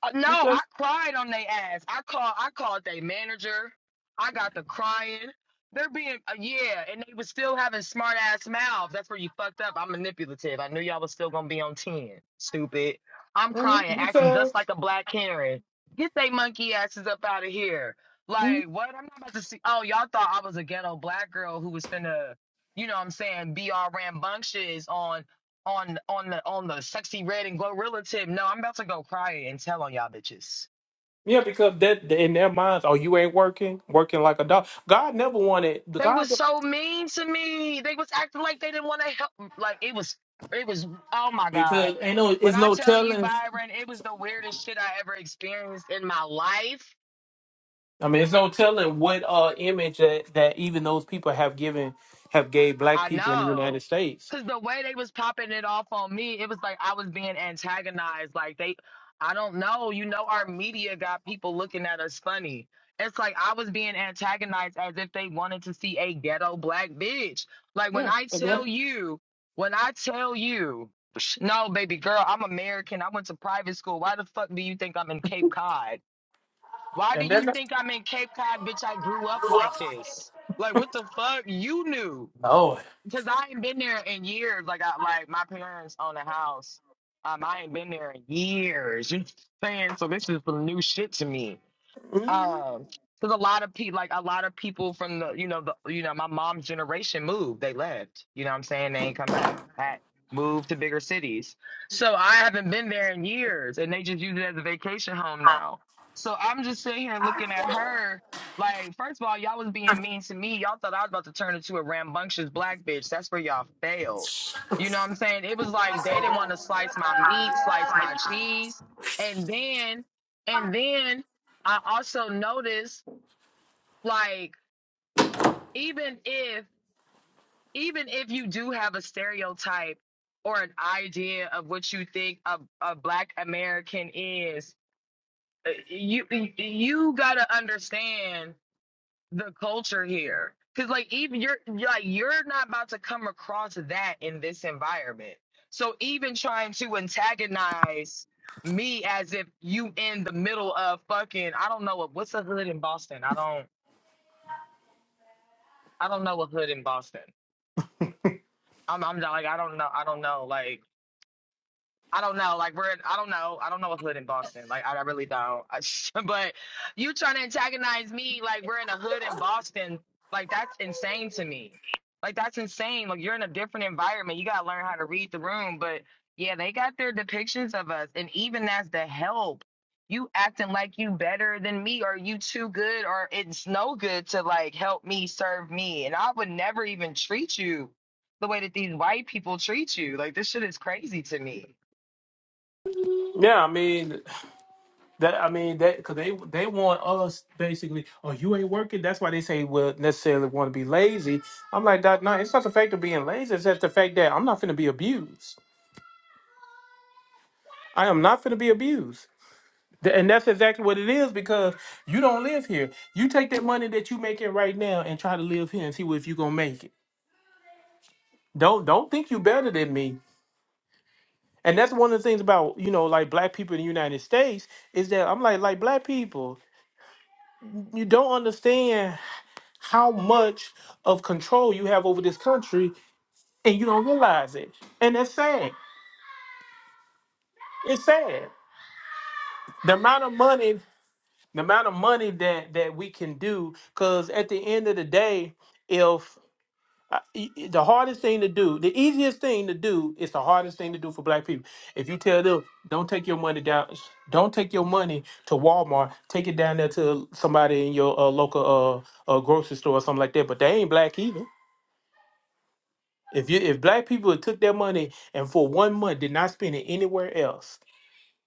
Speaker 3: Uh, no, I
Speaker 1: because
Speaker 3: cried on their ass. I called I called their manager. I got the crying. They're being uh, yeah, and they was still having smart ass mouths. That's where you fucked up. I'm manipulative. I knew y'all was still gonna be on ten. Stupid. I'm
Speaker 1: mhm,
Speaker 3: crying, acting just
Speaker 1: because
Speaker 3: like a black Karen. Get they monkey asses up out of here.
Speaker 1: mhm.
Speaker 3: Like what? I'm not about to see. Oh, y'all thought I was a ghetto black girl who was finna, you know, what I'm saying, be all rambunctious on on on the on the sexy red and gorilla tip. No, I'm about to go cry and tell on y'all bitches.
Speaker 1: yeah because that in their minds, oh you ain't working working like a dog. God never wanted
Speaker 3: They was
Speaker 1: God.
Speaker 3: so mean to me. They was acting like they didn't want to help. Like it was it was oh my god.
Speaker 1: because ain't no
Speaker 3: When
Speaker 1: it's
Speaker 3: I
Speaker 1: no
Speaker 3: tell you
Speaker 1: telling
Speaker 3: Byron, it was the weirdest shit I ever experienced in my life.
Speaker 1: i mean it's no telling what uh image that that even those people have given have gave black
Speaker 3: I
Speaker 1: people in the united
Speaker 3: know.
Speaker 1: states
Speaker 3: Cause the way they was popping it off on me, it was like I was being antagonized. Like they I don't know, you know our media got people looking at us funny. It's like I was being antagonized as if they wanted to see a ghetto black bitch. Like when
Speaker 1: yeah
Speaker 3: I
Speaker 1: and then
Speaker 3: tell you, when I tell you, sh- no, baby girl, I'm American. I went to private school. Why the fuck do you think I'm in Cape Cod? Why do
Speaker 1: and then
Speaker 3: you think I'm in Cape Cod, bitch? I grew up like this. Like what the fuck? You knew.
Speaker 1: no
Speaker 3: Cause I ain't been there in years. Like I like my parents own a house. Um, I ain't been there in years. You know what I'm saying? So this is some new shit to me.
Speaker 1: Mhm.
Speaker 3: Um, because a lot of people, like a lot of people from the, you know, the, you know, my mom's generation moved. They left. You know what I'm saying? They ain't come back. Had moved to bigger cities. So I haven't been there in years, and they just use it as a vacation home now. So I'm just sitting here looking at her. Like, first of all, y'all was being mean to me. Y'all thought I was about to turn into a rambunctious black bitch. That's where y'all failed. You know what I'm saying? It was like they didn't want to slice my meat, slice my cheese, and then, and then I also notice like even if even if you do have a stereotype or an idea of what you think a, a black American is, uh, you you gotta understand the culture here. Cause like even you're like you're not about to come across that in this environment. So even trying to antagonize me as if you in the middle of fucking I don't know what what's the hood in Boston. I don't I don't know a hood in Boston. I'm I'm not like I don't know I don't know like I don't know. Like we're, I don't know. I don't know what's hood in Boston. Like I, I really don't. I, but you trying to antagonize me? Like we're in a hood in Boston. Like that's insane to me. Like that's insane. Like you're in a different environment. You gotta learn how to read the room. But yeah, they got their depictions of us, and even as the help, you acting like you better than me, or you too good, or it's no good to like help me serve me. And I would never even treat you the way that these white people treat you. Like this shit is crazy to me.
Speaker 1: yeah i mean that i mean that because they they want us basically oh you ain't working that's why they say well necessarily want to be lazy i'm like that no it's not the fact of being lazy it's just the fact that i'm not going to be abused i am not going to be abused Th- And that's exactly what it is because you don't live here. You take that money that you making right now and try to live here and see if you gonna make it. Don't don't think you better than me. And that's one of the things about, you know, like black people in the United States is that I'm like, like black people, you don't understand how much of control you have over this country and you don't realize it. And that's sad. It's sad. The amount of money, the amount of money that that we can do, because at the end of the day, if I- e- e- the hardest thing to do, the easiest thing to do is the hardest thing to do for black people. If you tell them, don't take your money down, don't take your money to Walmart, take it down there to somebody in your uh, local uh, uh, grocery store or something like that. But they ain't black either. If you if black people had took their money and for one month did not spend it anywhere else,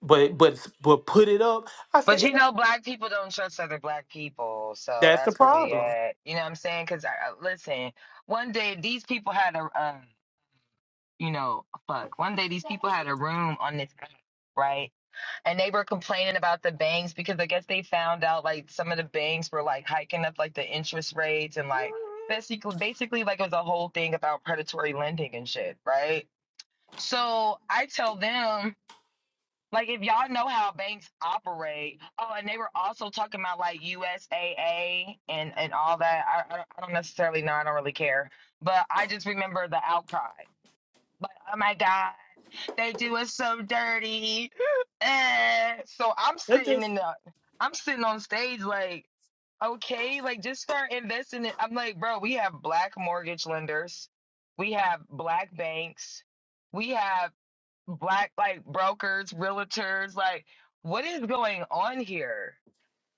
Speaker 1: but but but put it up, I
Speaker 3: But
Speaker 1: say
Speaker 3: you
Speaker 1: "Yeah,
Speaker 3: know, black people don't trust other black people, so
Speaker 1: that's the
Speaker 3: that's where we
Speaker 1: problem.
Speaker 3: at. You know what I'm saying? Because I, I- listen, one day these people had a, uh, you know, fuck. One day these people had a room on this, app, right? And they were complaining about the banks because I guess they found out like some of the banks were like hiking up like the interest rates and like basically, basically like it was a whole thing about predatory lending and shit, right? So I tell them. Like if y'all know how banks operate, oh, and they were also talking about like USAA and and all that. I I don't I don't necessarily know. I don't really care, but I just remember the outcry. Like, oh my God, they do us so dirty. Eh. So I'm
Speaker 1: That's
Speaker 3: sitting
Speaker 1: just
Speaker 3: in the, I'm sitting on stage like, okay, like just start investing. it. I'm like, bro, we have black mortgage lenders, we have black banks, we have black like brokers, realtors, like what is going on here?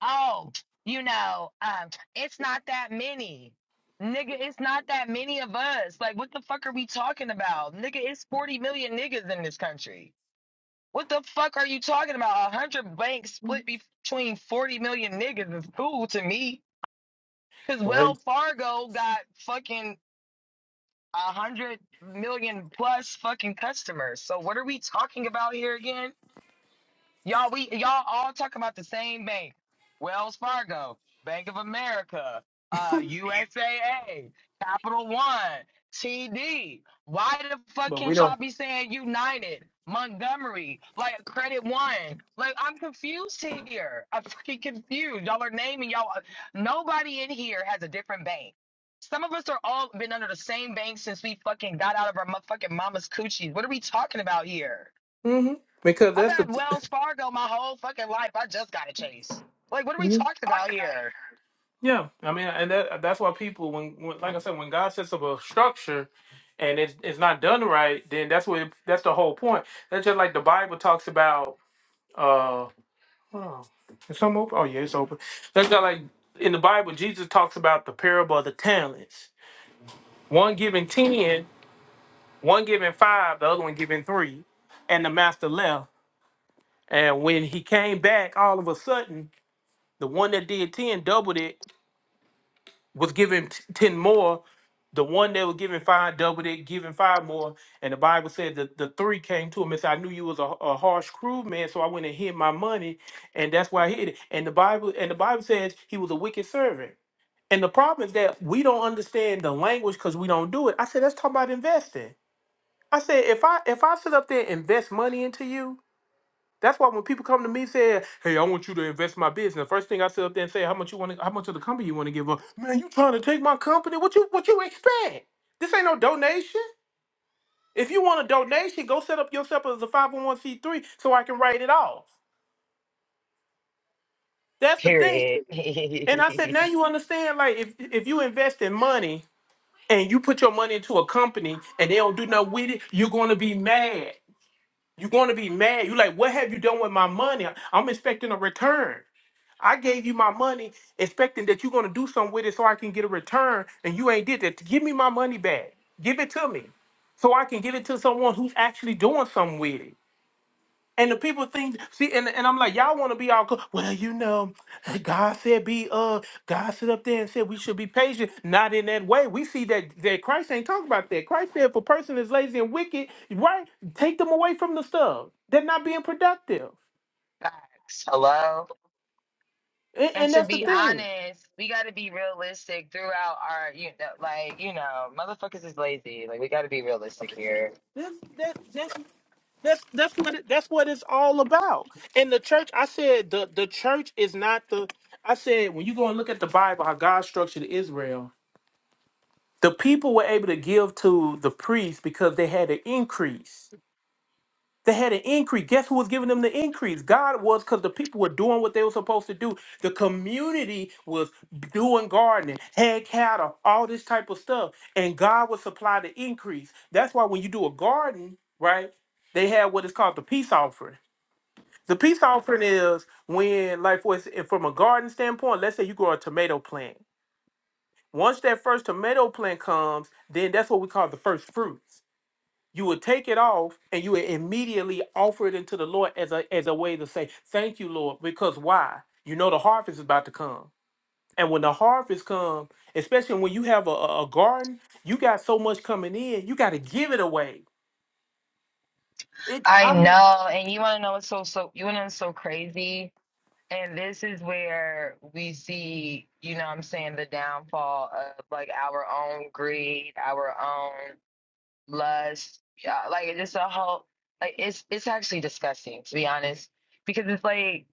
Speaker 3: Oh, you know, um, it's not that many. Nigga, it's not that many of us. Like, what the fuck are we talking about? Nigga, it's 40 million niggas in this country. What the fuck are you talking about? A hundred banks split between 40 million niggas is cool to me. Cause
Speaker 1: right.
Speaker 3: Wells Fargo got fucking a hundred million plus fucking customers. So what are we talking about here again? Y'all, we y'all all talking about the same bank. Wells Fargo, Bank of America, uh, USAA, Capital One, TD. Why the fuck
Speaker 1: But we
Speaker 3: can't
Speaker 1: don't
Speaker 3: y'all be saying United, Montgomery, like Credit One? Like I'm confused here. I'm fucking confused. Y'all are naming y'all. uh, Nobody in here has a different bank. Some of us are all been under the same bank since we fucking got out of our motherfucking mama's coochies. What are we talking about here?
Speaker 1: hmm because
Speaker 3: I've
Speaker 1: that's the
Speaker 3: had
Speaker 1: mm-hmm.
Speaker 3: Wells Fargo my whole fucking life. I just got a chase. Like, what are we talking about here?
Speaker 1: Yeah, I mean, and that that's why people, when, when like I said, when God sets up a structure and it's it's not done right, then that's what that's the whole point. That's just like the Bible talks about. uh hold on. Is some open? Oh yeah, it's open. That's got like in the Bible, Jesus talks about the parable of the talents. One giving ten, one giving five, the other one giving three, and the master left. And when he came back, all of a sudden, the one that did ten doubled it, was given t- ten more. The one that was given five doubled it, given five more. And the Bible said that the three came to him and said, "I knew you was a, a harsh, cruel man, so I went and hid my money, and that's why I hid it." And the Bible and the Bible says he was a wicked servant. And the problem is that we don't understand the language because we don't do it. I said, "Let's talk about investing." I said, "If I if I sit up there and invest money into you." That's why when people come to me saying, "Hey, I want you to invest in my business," first thing I sit up there and say, "How much you want? How much of the company you want to give up?" Man, you trying to take my company? What you what you expect? This ain't no donation. If you want a donation, go set up yourself as a five hundred one c three so I can write it off. That's the thing.
Speaker 3: Period.
Speaker 1: And I said, now you understand. Like if if you invest in money and you put your money into a company and they don't do nothing with it, you're going to be mad. You're going to be mad. You like, what have you done with my money? I'm expecting a return. I gave you my money expecting that you're gonna do something with it so I can get a return, and you ain't did that. Give me my money back. Give it to me. So I can give it to someone who's actually doing something with it. And the people think, see, and, and I'm like, y'all wanna be all cool. Well, you know, God said be uh God stood up there and said we should be patient. Not in that way. We see that that Christ ain't talking about that. Christ said if a person is lazy and wicked, right, take them away from the stuff. They're not being productive.
Speaker 3: Facts. Hello.
Speaker 1: And,
Speaker 3: And
Speaker 1: and
Speaker 3: to
Speaker 1: that's the
Speaker 3: be
Speaker 1: thing.
Speaker 3: honest, we got to be realistic throughout our, you know, like, you know, motherfuckers is lazy. Like, we got to be realistic here.
Speaker 1: That's that, that's that's that's what it, that's what it's all about. And the church, I said the the church is not the. I said when you go and look at the Bible, how God structured Israel, the people were able to give to the priests because they had an increase. They had an increase. Guess who was giving them the increase? God was, because the people were doing what they were supposed to do. The community was doing gardening, had cattle, all this type of stuff. And God would supply the increase. That's why when you do a garden, right, they have what is called the peace offering. The peace offering is when, like, for, ins- if from a garden standpoint, let's say you grow a tomato plant. Once that first tomato plant comes, then that's what we call the first fruits you would take it off and you would immediately offer it into the Lord as a as a way to say, Thank you, Lord, because why? You know the harvest is about to come. And when the harvest comes, especially when you have a, a a garden, you got so much coming in, you got to give it away. It
Speaker 3: I
Speaker 1: I mean
Speaker 3: know. And you want to know what's so, so, you want to know what's so crazy? And this is where we see, you know what I'm saying, the downfall of like our own greed, our own lust. Yeah, like it's just a whole like it's it's actually disgusting to be honest because it's like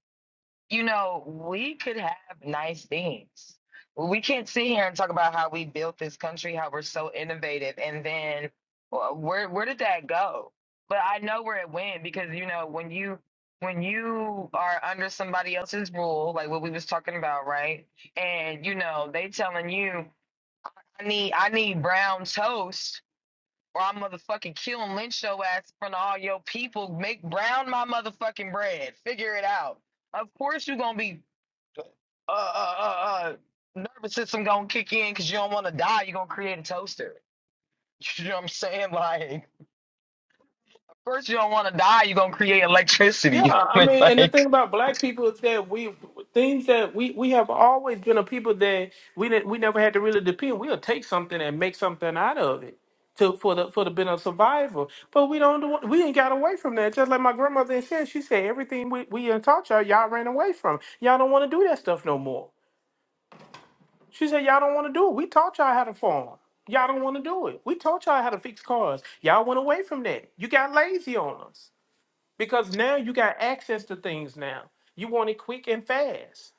Speaker 3: you know we could have nice things. We can't sit here and talk about how we built this country, how we're so innovative, and then wh- where where did that go? But I know where it went because you know when you when you are under somebody else's rule, like what we was talking about, right? And you know they telling you I need I need brown toast or I motherfucking kill and lynch your ass in front of all your people. Make brown my motherfucking bread. Figure it out. Of course you are gonna be uh uh uh, uh nervous system gonna kick in because you don't want to die. You're gonna create a toaster. You know what I'm saying? Like, of course you don't want to die. You're gonna create
Speaker 1: Yeah,
Speaker 3: electricity.
Speaker 1: I mean, and the
Speaker 3: like,
Speaker 1: thing about black people is that we things that we we have always been a people that we didn't we never had to really depend. We'll take something and make something out of it to for the for the benefit of survival. But we don't do- we ain't got away from that. Just like my grandmother had said, she said everything we we done taught y'all, y'all ran away from. Y'all don't want to do that stuff no more. She said y'all don't want to do it. We taught y'all how to farm. Y'all don't want to do it. We taught y'all how to fix cars. Y'all went away from that. You got lazy on us because now you got access to things now. You want it quick and fast,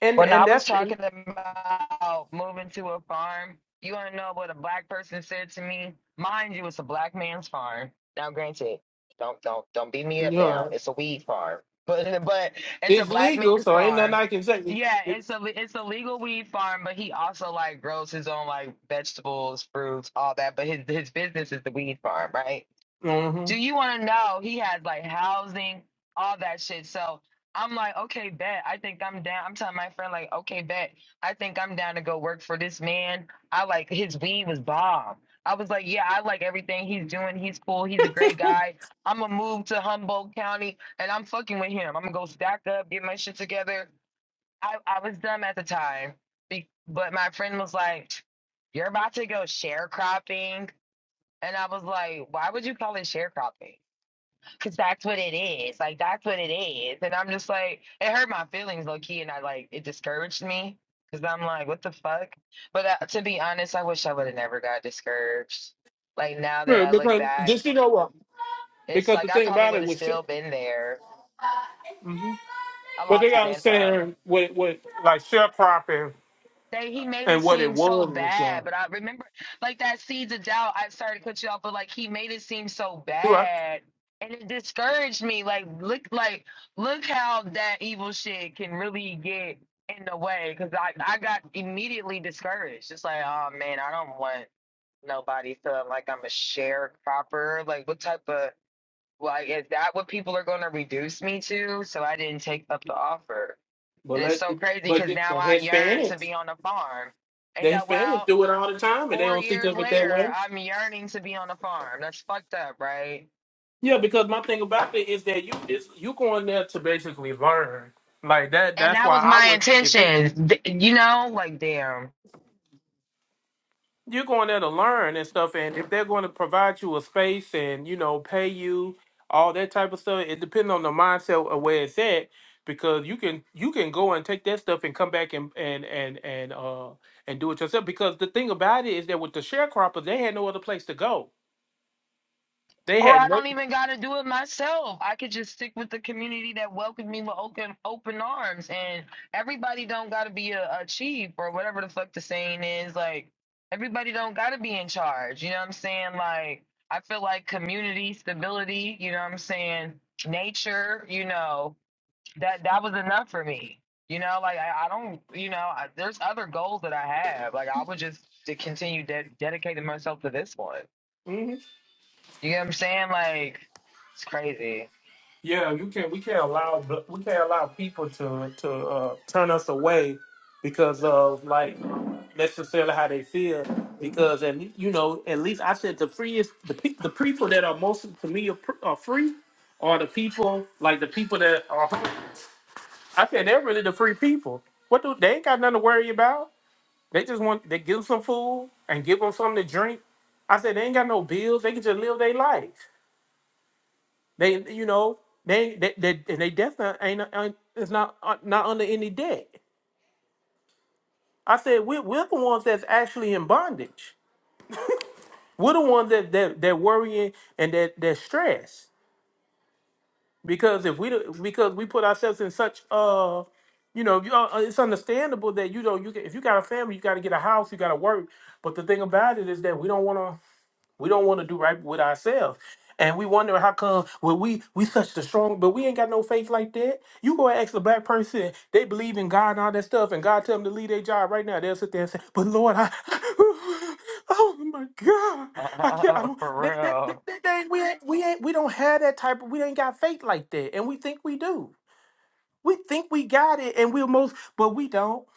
Speaker 1: and
Speaker 3: When I
Speaker 1: and
Speaker 3: was
Speaker 1: that's you
Speaker 3: talking about moving to a farm, you want to know what a black person said to me? Mind you, it's a black man's farm. Now, granted, don't don't don't beat me up now.
Speaker 1: know,
Speaker 3: It's a weed farm, but but it's a
Speaker 1: it's
Speaker 3: black
Speaker 1: legal,
Speaker 3: man's
Speaker 1: so ain't nothing
Speaker 3: farm.
Speaker 1: I can say. It,
Speaker 3: Yeah,
Speaker 1: it,
Speaker 3: it's a it's a legal weed farm, but he also like grows his own like vegetables, fruits, all that. But his his business is the weed farm, right?
Speaker 1: hmm
Speaker 3: do you want to know he had like housing all that shit so i'm like okay bet i think i'm down i'm telling my friend like okay bet i think i'm down to go work for this man i like his weed was bomb i was like yeah i like everything he's doing he's cool he's a great guy i'm gonna move to humboldt county and i'm fucking with him i'm gonna go stack up get my shit together i, I was dumb at the time be- but my friend was like you're about to go sharecropping and i was like why would you call it sharecropping Cause that's what it is. Like that's what it is. And I'm just like, it hurt my feelings low key, and I like it discouraged me. Cause I'm like, what the fuck? But uh, to be honest, I wish I would have never got discouraged. Like now that
Speaker 1: yeah,
Speaker 3: I look
Speaker 1: because just
Speaker 3: back,
Speaker 1: you know what?
Speaker 3: it's
Speaker 1: Because the
Speaker 3: like I
Speaker 1: thing
Speaker 3: probably
Speaker 1: about
Speaker 3: would
Speaker 1: it
Speaker 3: have
Speaker 1: was share,
Speaker 3: still been there.
Speaker 1: hmm
Speaker 3: I
Speaker 1: but they
Speaker 3: lost his
Speaker 1: gotta
Speaker 3: info.
Speaker 1: understand what what like sharecropping
Speaker 3: They he made it
Speaker 1: and what it
Speaker 3: seem so
Speaker 1: was. and stuff.
Speaker 3: bad, but I remember like that seeds of doubt. I started to cut you off, but like he made it seem so
Speaker 1: You right?
Speaker 3: bad, and it discouraged me. Like look, like look how that evil shit can really get in the way. Because I I got immediately discouraged. Just like oh man, I don't want nobody feeling like I'm a sharecropper. Like what type of like is that what people are going to reduce me to? So I didn't take up the offer.
Speaker 1: But
Speaker 3: And it's
Speaker 1: let
Speaker 3: so crazy
Speaker 1: but
Speaker 3: because
Speaker 1: the the
Speaker 3: now I yearn to
Speaker 1: Hispanics,
Speaker 3: be on a farm.
Speaker 1: the
Speaker 3: Ain't that
Speaker 1: Hispanics
Speaker 3: wild?
Speaker 1: do it all the time, and they
Speaker 3: Four
Speaker 1: don't think
Speaker 3: years
Speaker 1: of it that
Speaker 3: later,
Speaker 1: way.
Speaker 3: I'm yearning to be on a farm. That's fucked up, right?
Speaker 1: Yeah, because my thing about it is that you is you going there to basically learn. Like that
Speaker 3: And
Speaker 1: that's
Speaker 3: that
Speaker 1: why
Speaker 3: was
Speaker 1: I
Speaker 3: my
Speaker 1: would if they
Speaker 3: intention. D- You know, like, damn.
Speaker 1: you're going there to learn and stuff and if they're going to provide you a space and, you know, pay you all that type of stuff, it depends on the mindset of where it's at because you can you can go and take that stuff and come back and and and and uh and do it yourself because the thing about it is that with the sharecroppers they had no other place to go. They
Speaker 3: Or
Speaker 1: had
Speaker 3: I
Speaker 1: no
Speaker 3: don't even got to do it myself. I could just stick with the community that welcomed me with open open arms, and everybody don't got to be a, a chief or whatever the fuck the saying is. Like everybody don't got to be in charge. You know what I'm saying? Like I feel like community stability. You know what I'm saying? Nature. You know that that was enough for me. You know, like I, I don't. You know, I, there's other goals that I have. Like I would just to continue ded dedicating myself to this one.
Speaker 1: Mhm.
Speaker 3: You get what I'm saying? Like, it's crazy.
Speaker 1: Yeah, you can't. We can't allow. We can't allow people to to uh, turn us away because of like necessarily how they feel. Because and you know, at least I said the freest the pe- the people that are most to me are, pr- are free are the people like the people that are. I said they're really the free people. What do they ain't got nothing to worry about? They just want they give them some food and give them something to drink. I said they ain't got no bills. They can just live their life. They, you know, they, they, they and they definitely ain't, ain't it's not uh, not under any debt. I said we're, we're the ones that's actually in bondage. We're the ones that that that worrying and that that stress because if we do because we put ourselves in such uh you know you, uh, it's understandable that you know you get- if you got a family you got to get a house you got to work but the thing about it is that we don't want to We don't want to do right with ourselves. And we wonder how come well we we such the strong, but we ain't got no faith like that. You go and ask a black person, they believe in God and all that stuff, and God tell them to leave their job right now. They'll sit there and say, "But Lord, I, oh my God, I can't, I
Speaker 3: For
Speaker 1: don't, that, that, that,
Speaker 3: real.
Speaker 1: that, that ain't- we ain't, we ain't, we don't have that type of, we ain't got faith like that, and we think we do. We think we got it, and we're most, but we don't.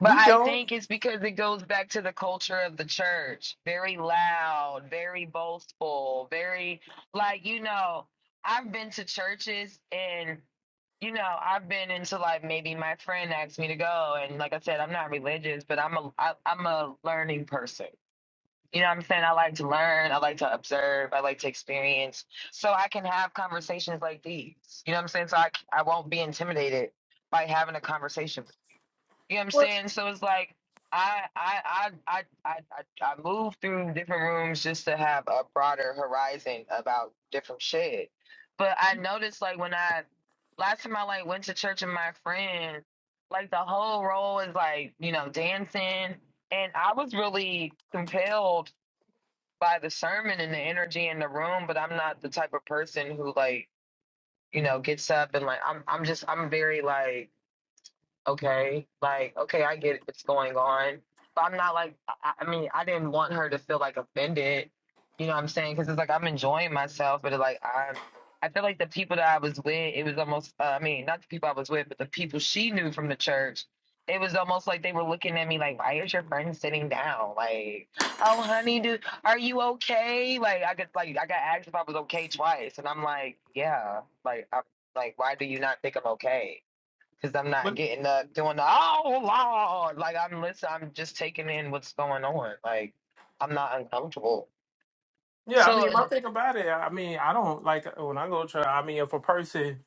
Speaker 3: But
Speaker 1: We
Speaker 3: I
Speaker 1: don't.
Speaker 3: think it's because it goes back to the culture of the church. Very loud, very boastful, very, like, you know, I've been to churches and, you know, I've been into like maybe my friend asked me to go. And like I said, I'm not religious, but I'm a, I, I'm a learning person. You know what I'm saying? I like to learn. I like to observe. I like to experience. So I can have conversations like these. You know what I'm saying? So I, c- I won't be intimidated by having a conversation. You know what I'm saying? So it's like I I I I I I, I move through different rooms just to have a broader horizon about different shit. But I noticed like when I last time I like went to church with my friend, like the whole role is like you know dancing and I was really compelled by the sermon and the energy in the room, but I'm not the type of person who like, you know, gets up and like I'm I'm just I'm very like okay like okay i get what's going on but i'm not like i, I mean i didn't want her to feel like offended you know what i'm saying because it's like i'm enjoying myself but it's like i i feel like the people that i was with it was almost uh, i mean not the people i was with but the people she knew from the church it was almost like they were looking at me like why is your friend sitting down like oh honey do are you okay like i could like i got asked if i was okay twice and i'm like yeah like i'm like why do you not think i'm okay because I'm not
Speaker 1: But
Speaker 3: getting up doing the oh lord like I'm listen I'm just taking in what's going on like I'm not uncomfortable.
Speaker 1: yeah, I mean,
Speaker 3: So
Speaker 1: if I think about it, I mean, I don't like when I go to. I mean, if a person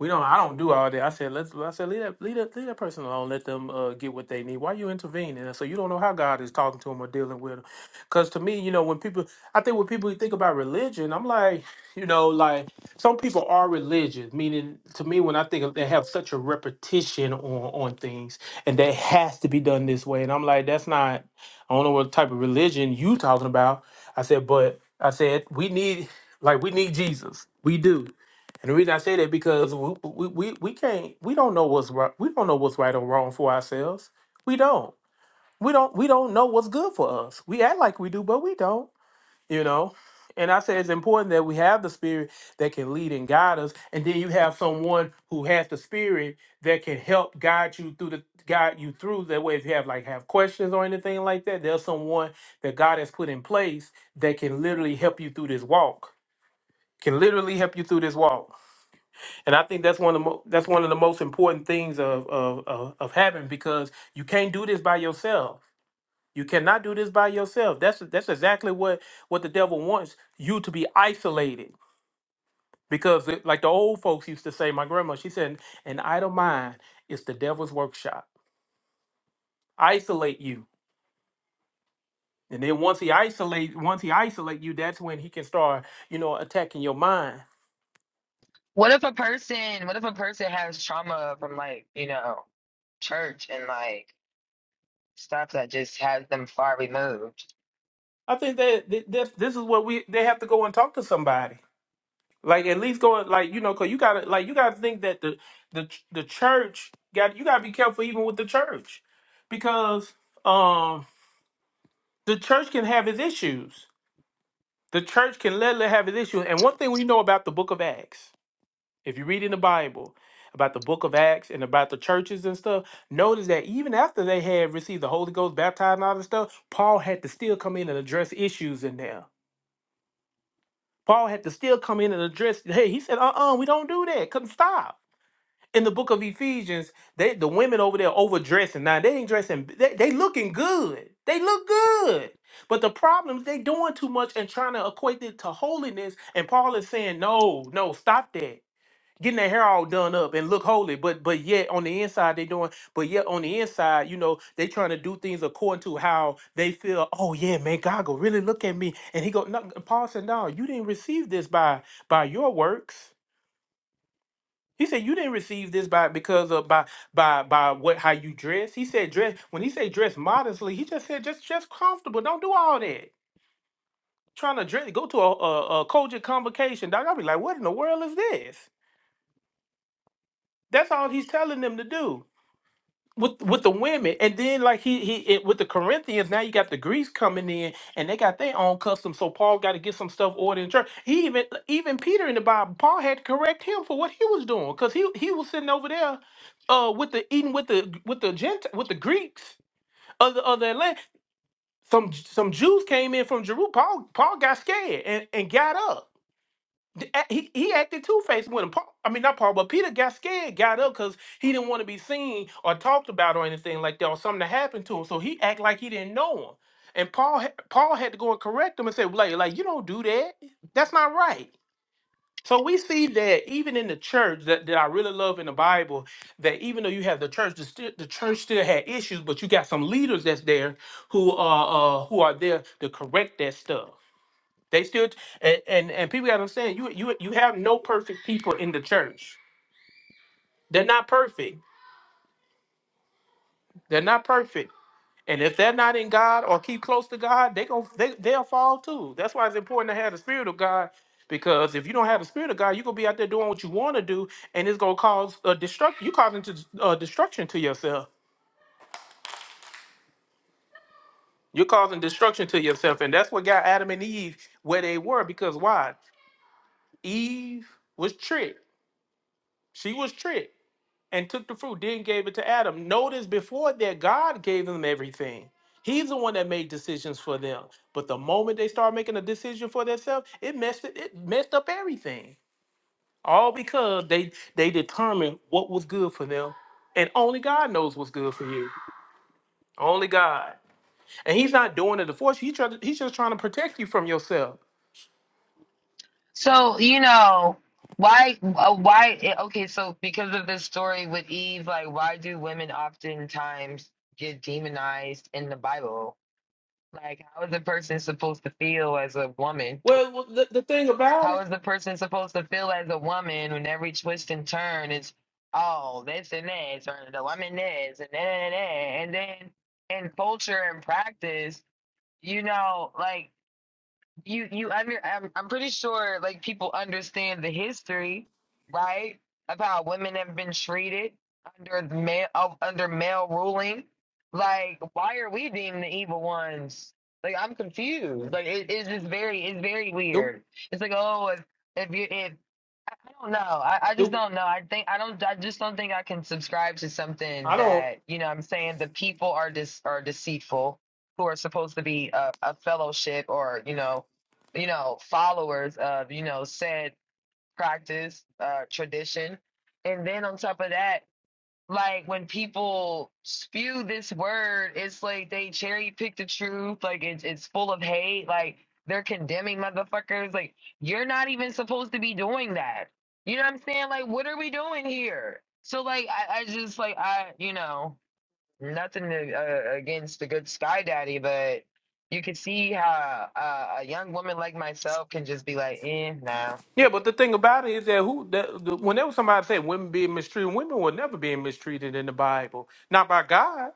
Speaker 1: We don't. I don't do all that. I said, let's. I said, leave that, leave that, leave that person alone. Let them uh, get what they need. Why you intervening? And so you don't know how God is talking to them or dealing with them. Because to me, you know, when people, I think when people think about religion, I'm like, you know, like some people are religious. Meaning, to me, when I think of, they have such a repetition on on things, and that has to be done this way. And I'm like, that's not. I don't know what type of religion you talking about. I said, but I said we need, like, we need Jesus. We do and the reason I say that because we we, we, we can't we don't know what's right we don't know what's right or wrong for ourselves. We don't. We don't we don't know what's good for us. We act like we do, but we don't, you know. And I say it's important that we have the spirit that can lead and guide us. And then you have someone who has the spirit that can help guide you through the guide you through that way if you have like have questions or anything like that. There's someone that God has put in place that can literally help you through this walk. Can literally help you through this walk and I think that's one of the mo- that's one of the most important things of, of of of having because you can't do this by yourself. You cannot do this by yourself. That's that's exactly what what the devil wants you to be isolated. Because it- like the old folks used to say, my grandma, she said, an idle mind is the devil's workshop. Isolate you. And then once he isolate once he isolate you, that's when he can start, you know, attacking your mind.
Speaker 3: what if a person what if a person has trauma from like you know church and like stuff that just has them far removed?
Speaker 1: I think that th- this this is what we they have to go and talk to somebody Like at least going like you know, cause you gotta like you gotta think that the the ch- the church got you gotta be careful even with the church because um the church can have its issues. The church can let it have its issues. And one thing we know about the Book of Acts, if you read in the Bible about the Book of Acts and about the churches and stuff, notice that even after they had received the Holy Ghost, baptized, and all this stuff, Paul had to still come in and address issues in there. Paul had to still come in and address. Hey, he said, "Uh, uh we don't do that. Couldn't stop." in the book of Ephesians, they the women over there overdressing. Now they ain't dressing. They, they looking good. They look good. But the problem is they doing too much and trying to equate it to holiness. And Paul is saying, no, no, stop that. Getting their hair all done up and look holy, but but yet on the inside they doing, but yet on the inside, you know, they trying to do things according to how they feel. Oh yeah, man, God go really look at me, and he go. No, Paul said, no, you didn't receive this by by your works. He said you didn't receive this by because of by by by what how you dress. He said dress when he said dress modestly, he just said just just comfortable. Don't do all that. Trying to dress, go to a a, a Kojic convocation, dog. I'll be like, what in the world is this? That's all he's telling them to do. with with the women, and then like he he it, with the Corinthians. Now you got the Greeks coming in, and they got their own customs. So Paul got to get some stuff ordered in church. He even even Peter in the Bible, Paul had to correct him for what he was doing because he he was sitting over there, uh, with the eating with the with the Gent with the Greeks of the of their land. Some some Jews came in from Jerusalem. Paul Paul got scared and and got up he, he acted two faced with him. Paul, I mean, not Paul, but Peter got scared, got up because he didn't want to be seen or talked about or anything like that, or something that happened to him. So he act like he didn't know him. And Paul, ha- Paul had to go and correct him and say, like, like you don't do that. That's not right. So we see that even in the church that, that I really love in the Bible, that even though you have the church, the, sti- the church still had issues, but you got some leaders that's there who are uh, who are there to correct that stuff. They still and and, and people gotta understand you you you have no perfect people in the church. They're not perfect. They're not perfect. And if they're not in God or keep close to God, they gon' they they'll fall too. That's why it's important to have the spirit of God. Because if you don't have the spirit of God, you're gonna be out there doing what you want to do, and it's gonna cause a destruct. You causing to, uh, destruction to yourself. You're causing destruction to yourself, and that's what got Adam and Eve where they were. Because why? Eve was tricked. She was tricked. and took the fruit, then gave it to Adam. Notice before that, God gave them everything. He's the one that made decisions for them. But the moment they start making a decision for themselves, it messed it, it messed up everything. All because they they determined what was good for them, and only God knows what's good for you. Only God, and He's not doing it to force you. He try to, he's just trying to protect you from yourself.
Speaker 3: So you know why uh, why eh, okay so because of this story with Eve like why do women oftentimes get demonized in the Bible? Like how is a person supposed to feel as a woman?
Speaker 1: Well, well, the, the thing about
Speaker 3: How
Speaker 1: it,
Speaker 3: is the person supposed to feel as a woman when every twist and turn is oh this and this or the woman this and then and then and then in culture and practice, you know, like you you under I'm, I'm pretty sure like people understand the history right of how women have been treated under the male of, under male ruling like why are we deemed the evil ones like i'm
Speaker 1: Mm.
Speaker 3: confused like it, it's just very it's very
Speaker 1: the,
Speaker 3: weird it's like oh if if you if I don't know. I, I
Speaker 1: the,
Speaker 3: just don't know. I think I don't. I just don't think I can subscribe to something
Speaker 1: I don't.
Speaker 3: that you know. what I'm saying the people are dis are deceitful, who are supposed to be a, a fellowship or you know, you know followers of you know said practice, uh, tradition, and then on top of that, like when people spew this word, it's like they cherry pick the truth. Like it's it's full of hate. Like they're condemning motherfuckers. Like you're not even supposed to be doing that. You know what I'm saying? Like what are we doing here? So like I, I just like I you know nothing to, uh, against the good Sky Daddy, but you can see how uh, a young woman like myself can just be like, eh, no.
Speaker 1: Yeah, but the thing about it is that who that, the, whenever somebody say women being mistreated, women were never being mistreated in the Bible, not by God.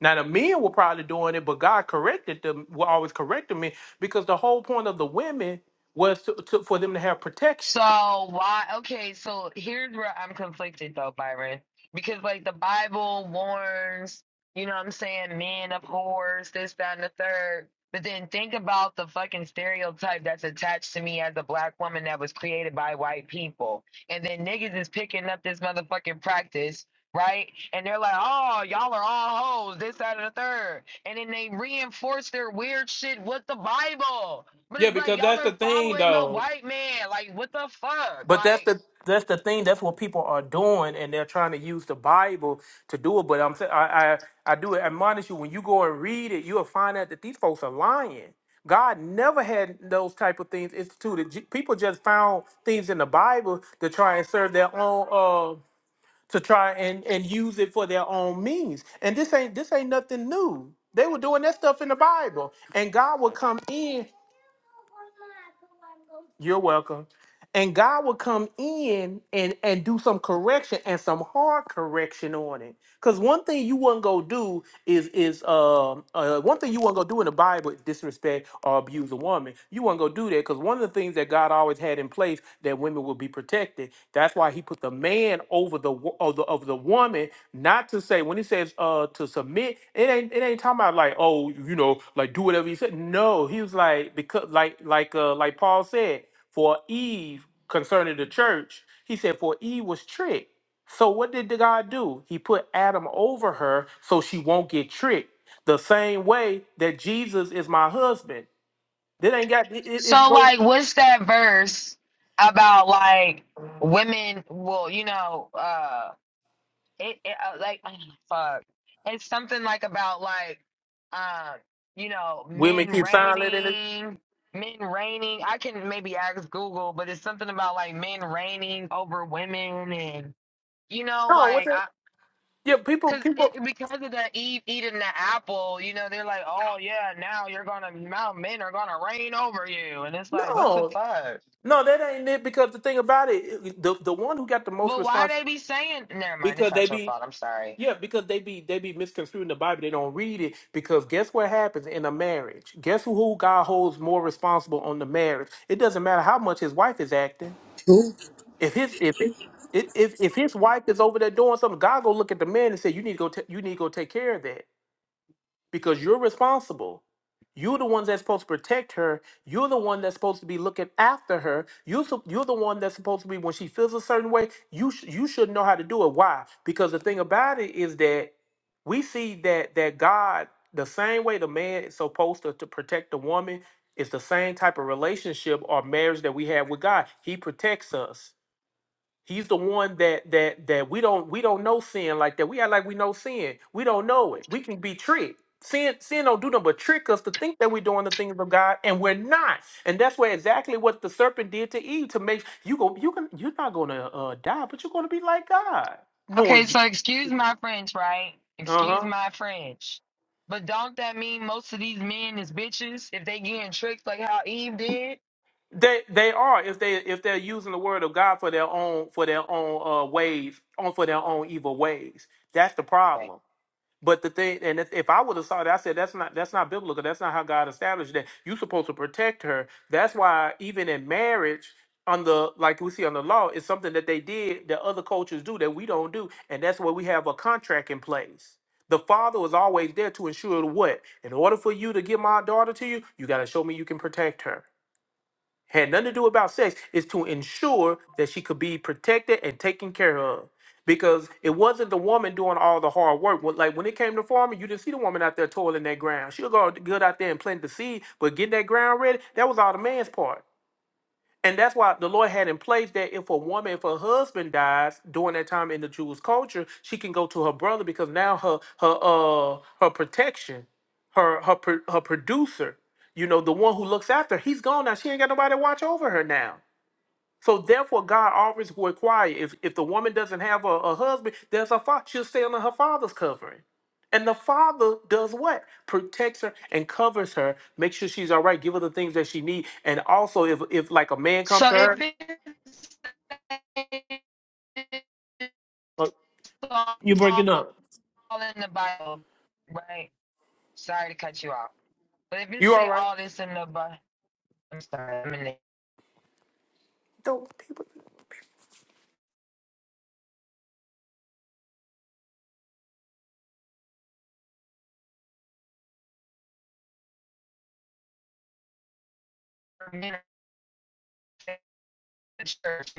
Speaker 1: Now the men were probably doing it, but God corrected them. Were always correcting me because the whole point of the women was to, to, for them to have
Speaker 3: So
Speaker 1: protection.
Speaker 3: why? Okay, so here's where I'm conflicted though, Byron, because like the Bible warns, you know what I'm saying, men abhors this, that, and the third. But then think about the fucking stereotype that's attached to me as a black woman that was created by white people. And then niggas is picking up this motherfucking practice, right? And they're like, oh, y'all are all hoes, this, that, and the third. And then they reinforce their weird shit with the Bible. But
Speaker 1: Yeah,
Speaker 3: it's like
Speaker 1: because
Speaker 3: y'all
Speaker 1: that's the
Speaker 3: are
Speaker 1: thing,
Speaker 3: following the
Speaker 1: though.
Speaker 3: white man. Like what the fuck?
Speaker 1: But that's
Speaker 3: Like
Speaker 1: the that's the thing. That's what people are doing, and they're trying to use the Bible to do it. But I'm saying I I do admonish you when you go and read it, you'll find out that these folks are lying. God never had those type of things instituted. J- People just found things in the Bible to try and serve their own uh to try and and use it for their own means. And this ain't this ain't nothing new. They were doing that stuff in the Bible, and God would come in. You're welcome and God will come in and and do some correction and some hard correction on it. Cause one thing you wasn't gonna do is is um uh, one thing you wasn't gonna do in the Bible is disrespect or abuse a woman. You wasn't gonna do that because one of the things that God always had in place that women would be protected. That's why He put the man over the wo- of the of the woman. Not to say when He says uh to submit, it ain't it ain't talking about like oh you know like do whatever He said. No, He was like because like like uh like Paul said for Eve concerning the church, he said, For Eve was tricked. So what did God do? He put Adam over her so she won't get tricked. The same way that Jesus is my husband. That ain't got it, it- it's
Speaker 3: so
Speaker 1: those
Speaker 3: like what's that verse about like women will you know uh it, it uh, like fuck it's something like about like um you know
Speaker 1: women
Speaker 3: men
Speaker 1: keep silent and it,
Speaker 3: reigning men reigning I can maybe ask Google but it's something about like men reigning over women and you know
Speaker 1: no, What's
Speaker 3: like
Speaker 1: that
Speaker 3: I
Speaker 1: yeah, people
Speaker 3: Cause
Speaker 1: people
Speaker 3: it, because of the Eve eating the apple, you know, they're like, oh yeah, now you're gonna now men are gonna reign over you, and it's like, what the
Speaker 1: no.
Speaker 3: fuck?
Speaker 1: No, that ain't it because the thing about it, the the one who got the most
Speaker 3: Well, why
Speaker 1: response
Speaker 3: they be saying? Never mind, it's
Speaker 1: because they
Speaker 3: not your
Speaker 1: be
Speaker 3: fault. I'm sorry.
Speaker 1: Yeah, because they be they be misconstruing the Bible. They don't read it because guess what happens in a marriage? Guess who, who God holds more responsible on the marriage? It doesn't matter how much his wife is acting.
Speaker 4: Who?
Speaker 1: If his if it, if if if his wife is over there doing something, God gonna look at the man and say, "You need to go. ta- you need to go take care of that." because you're responsible. You're the ones that's supposed to protect her. You're the one that's supposed to be looking after her. You sup- you're the one that's supposed to be when she feels a certain way. You sh- you should know how to do it. Why? Because the thing about it is that we see that that God the same way the man is supposed to, to protect the woman is the same type of relationship or marriage that we have with God. He protects us. He's the one that that that we don't we don't know sin like that. We act like we know sin. We don't know it. We can be tricked. Sin sin don't do nothing but trick us to think that we're doing the things of God and we're not. And that's where exactly what the serpent did to Eve to make you go you can you're not gonna uh, die, but you're gonna be like God.
Speaker 3: Okay,
Speaker 1: Knowing
Speaker 3: so excuse my French, right? Excuse
Speaker 1: uh-huh.
Speaker 3: my French, but don't that mean most of these men is bitches if they getting tricked like how Eve did?
Speaker 1: They they are if they if they're using the word of God for their own for their own uh ways on for their own evil ways. That's the
Speaker 3: Right.
Speaker 1: problem. But the thing, and if, if I would have saw that, I said that's not that's not biblical. That's not how God established that. You're supposed to protect her. That's why even in marriage, on the like we see on the law, it's something that they did that other cultures do that we don't do, and that's where we have a contract in place. The father was always there to ensure what, in order for you to give my daughter to you, you got to show me you can protect her had nothing to do about sex is to ensure that she could be protected and taken care of because it wasn't the woman doing all the hard work When- like when it came to farming you didn't see the woman out there toiling that ground she'll go good out there and plant the seed but getting that ground ready that was all the man's part and that's why the Lord had in place that if a woman, if her husband dies during that time in the Jewish culture, she can go to her brother because now her her uh her protection, her her pro- her producer, you know, the one who looks after, her, he's gone now. She ain't got nobody to watch over her now. So therefore, God always will require if if the woman doesn't have a, a husband, there's a father. She'll stay under her father's covering, and the father does what protects her and covers her, makes sure she's all right, give her the things that she needs, and also if if like a man comes
Speaker 3: So
Speaker 1: to
Speaker 3: if
Speaker 1: her,
Speaker 3: it's
Speaker 1: uh,
Speaker 3: all
Speaker 1: you breaking up,
Speaker 3: in the Bible, right? Sorry to cut you off. But if it
Speaker 1: you all
Speaker 3: say
Speaker 1: right?
Speaker 3: all this in the Bible, I'm sorry, I'm in the
Speaker 1: Don't people.
Speaker 3: church.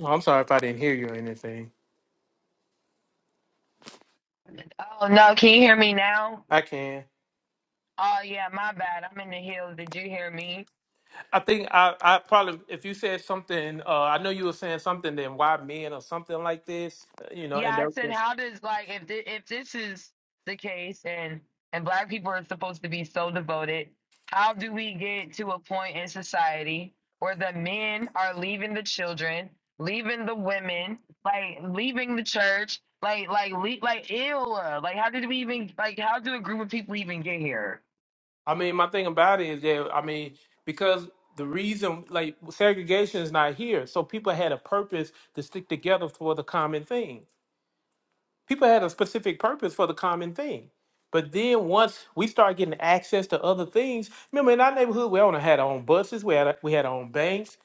Speaker 1: Oh, I'm sorry if I didn't hear you or anything.
Speaker 3: Oh no, can you hear me now?
Speaker 1: I can.
Speaker 3: Oh yeah, my bad. I'm in the hills. Did you hear me?
Speaker 1: I think I, I probably if you said something, uh, I know you were saying something. Then why men or something like this, uh, you know?
Speaker 3: Yeah,
Speaker 1: And
Speaker 3: I said,
Speaker 1: that
Speaker 3: how does like if thi- if this is the case and and black people are supposed to be so devoted, how do we get to a point in society where the men are leaving the children, leaving the women, like leaving the church, like like le- like ew, like how did we even like how do a group of people even get here?
Speaker 1: I mean, my thing about it is that I mean, because the reason like segregation is not here, so people had a purpose to stick together for the common thing. People had a specific purpose for the common thing. But then once we start getting access to other things, remember in our neighborhood we only had our own buses, we had we had our own banks.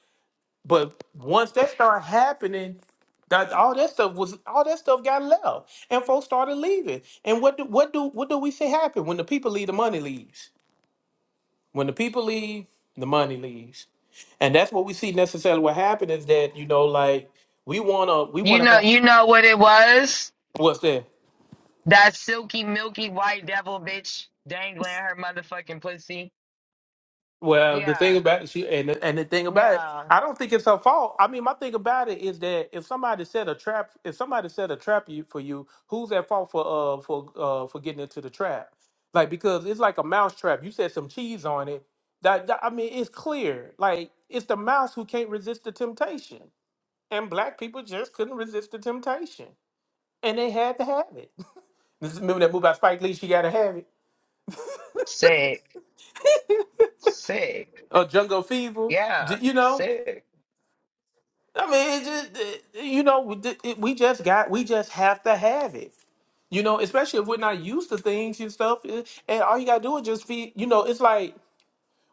Speaker 1: But once that started happening, that all that stuff was all that stuff got left, and folks started leaving. And what do, what do what do we say happened when the people leave? The money leaves when the people leave, the money leaves. And that's what we see necessarily what happened is that, you know, like we wanna we
Speaker 3: You
Speaker 1: wanna
Speaker 3: know,
Speaker 1: have
Speaker 3: you know what it was?
Speaker 1: what's that?
Speaker 3: That silky milky white devil bitch dangling her motherfucking pussy.
Speaker 1: Well, the
Speaker 3: Yeah,
Speaker 1: thing about it, she and the, and the thing about it,
Speaker 3: yeah,
Speaker 1: I don't think it's her fault. I mean, my thing about it is that if somebody set a trap, if somebody set a trap you for you, who's at fault for uh for uh for getting into the trap? Like because it's like a mouse trap. You said some cheese on it. That, that- I mean, it's clear. Like it's the mouse who can't resist the temptation. and black people just couldn't resist the temptation, and they had to have it. This is- remember that movie by Spike Lee, she gotta have it.
Speaker 3: sick. Sick.
Speaker 1: Or Jungle Fever,
Speaker 3: Yeah.
Speaker 1: d- you know.
Speaker 3: Sick.
Speaker 1: I mean, it just it- you know, we d- it- we just got, we just have to have it. You know, especially if we're not used to things and stuff, eh, and all you gotta do is just feed. You know, it's like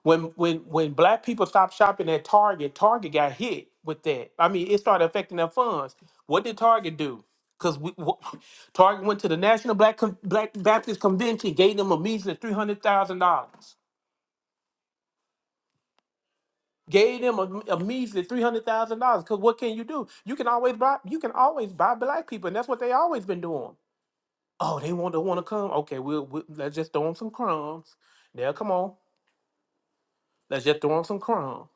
Speaker 1: When when when black people stopped shopping at Target, Target got hit with that. I mean, it started affecting their funds. What did Target do? Because we wh- Target went to the National Black Con- Black Baptist Convention, gave them a measly three hundred thousand dollars. Gave them a, a measly three hundred thousand dollars. Because what can you do? You can always buy. You can always buy black people, and that's what they always been doing. Oh, they want to want to come. Okay, we'll, we'll let's just throw them some crumbs. They'll come on, let's just throw them some crumbs.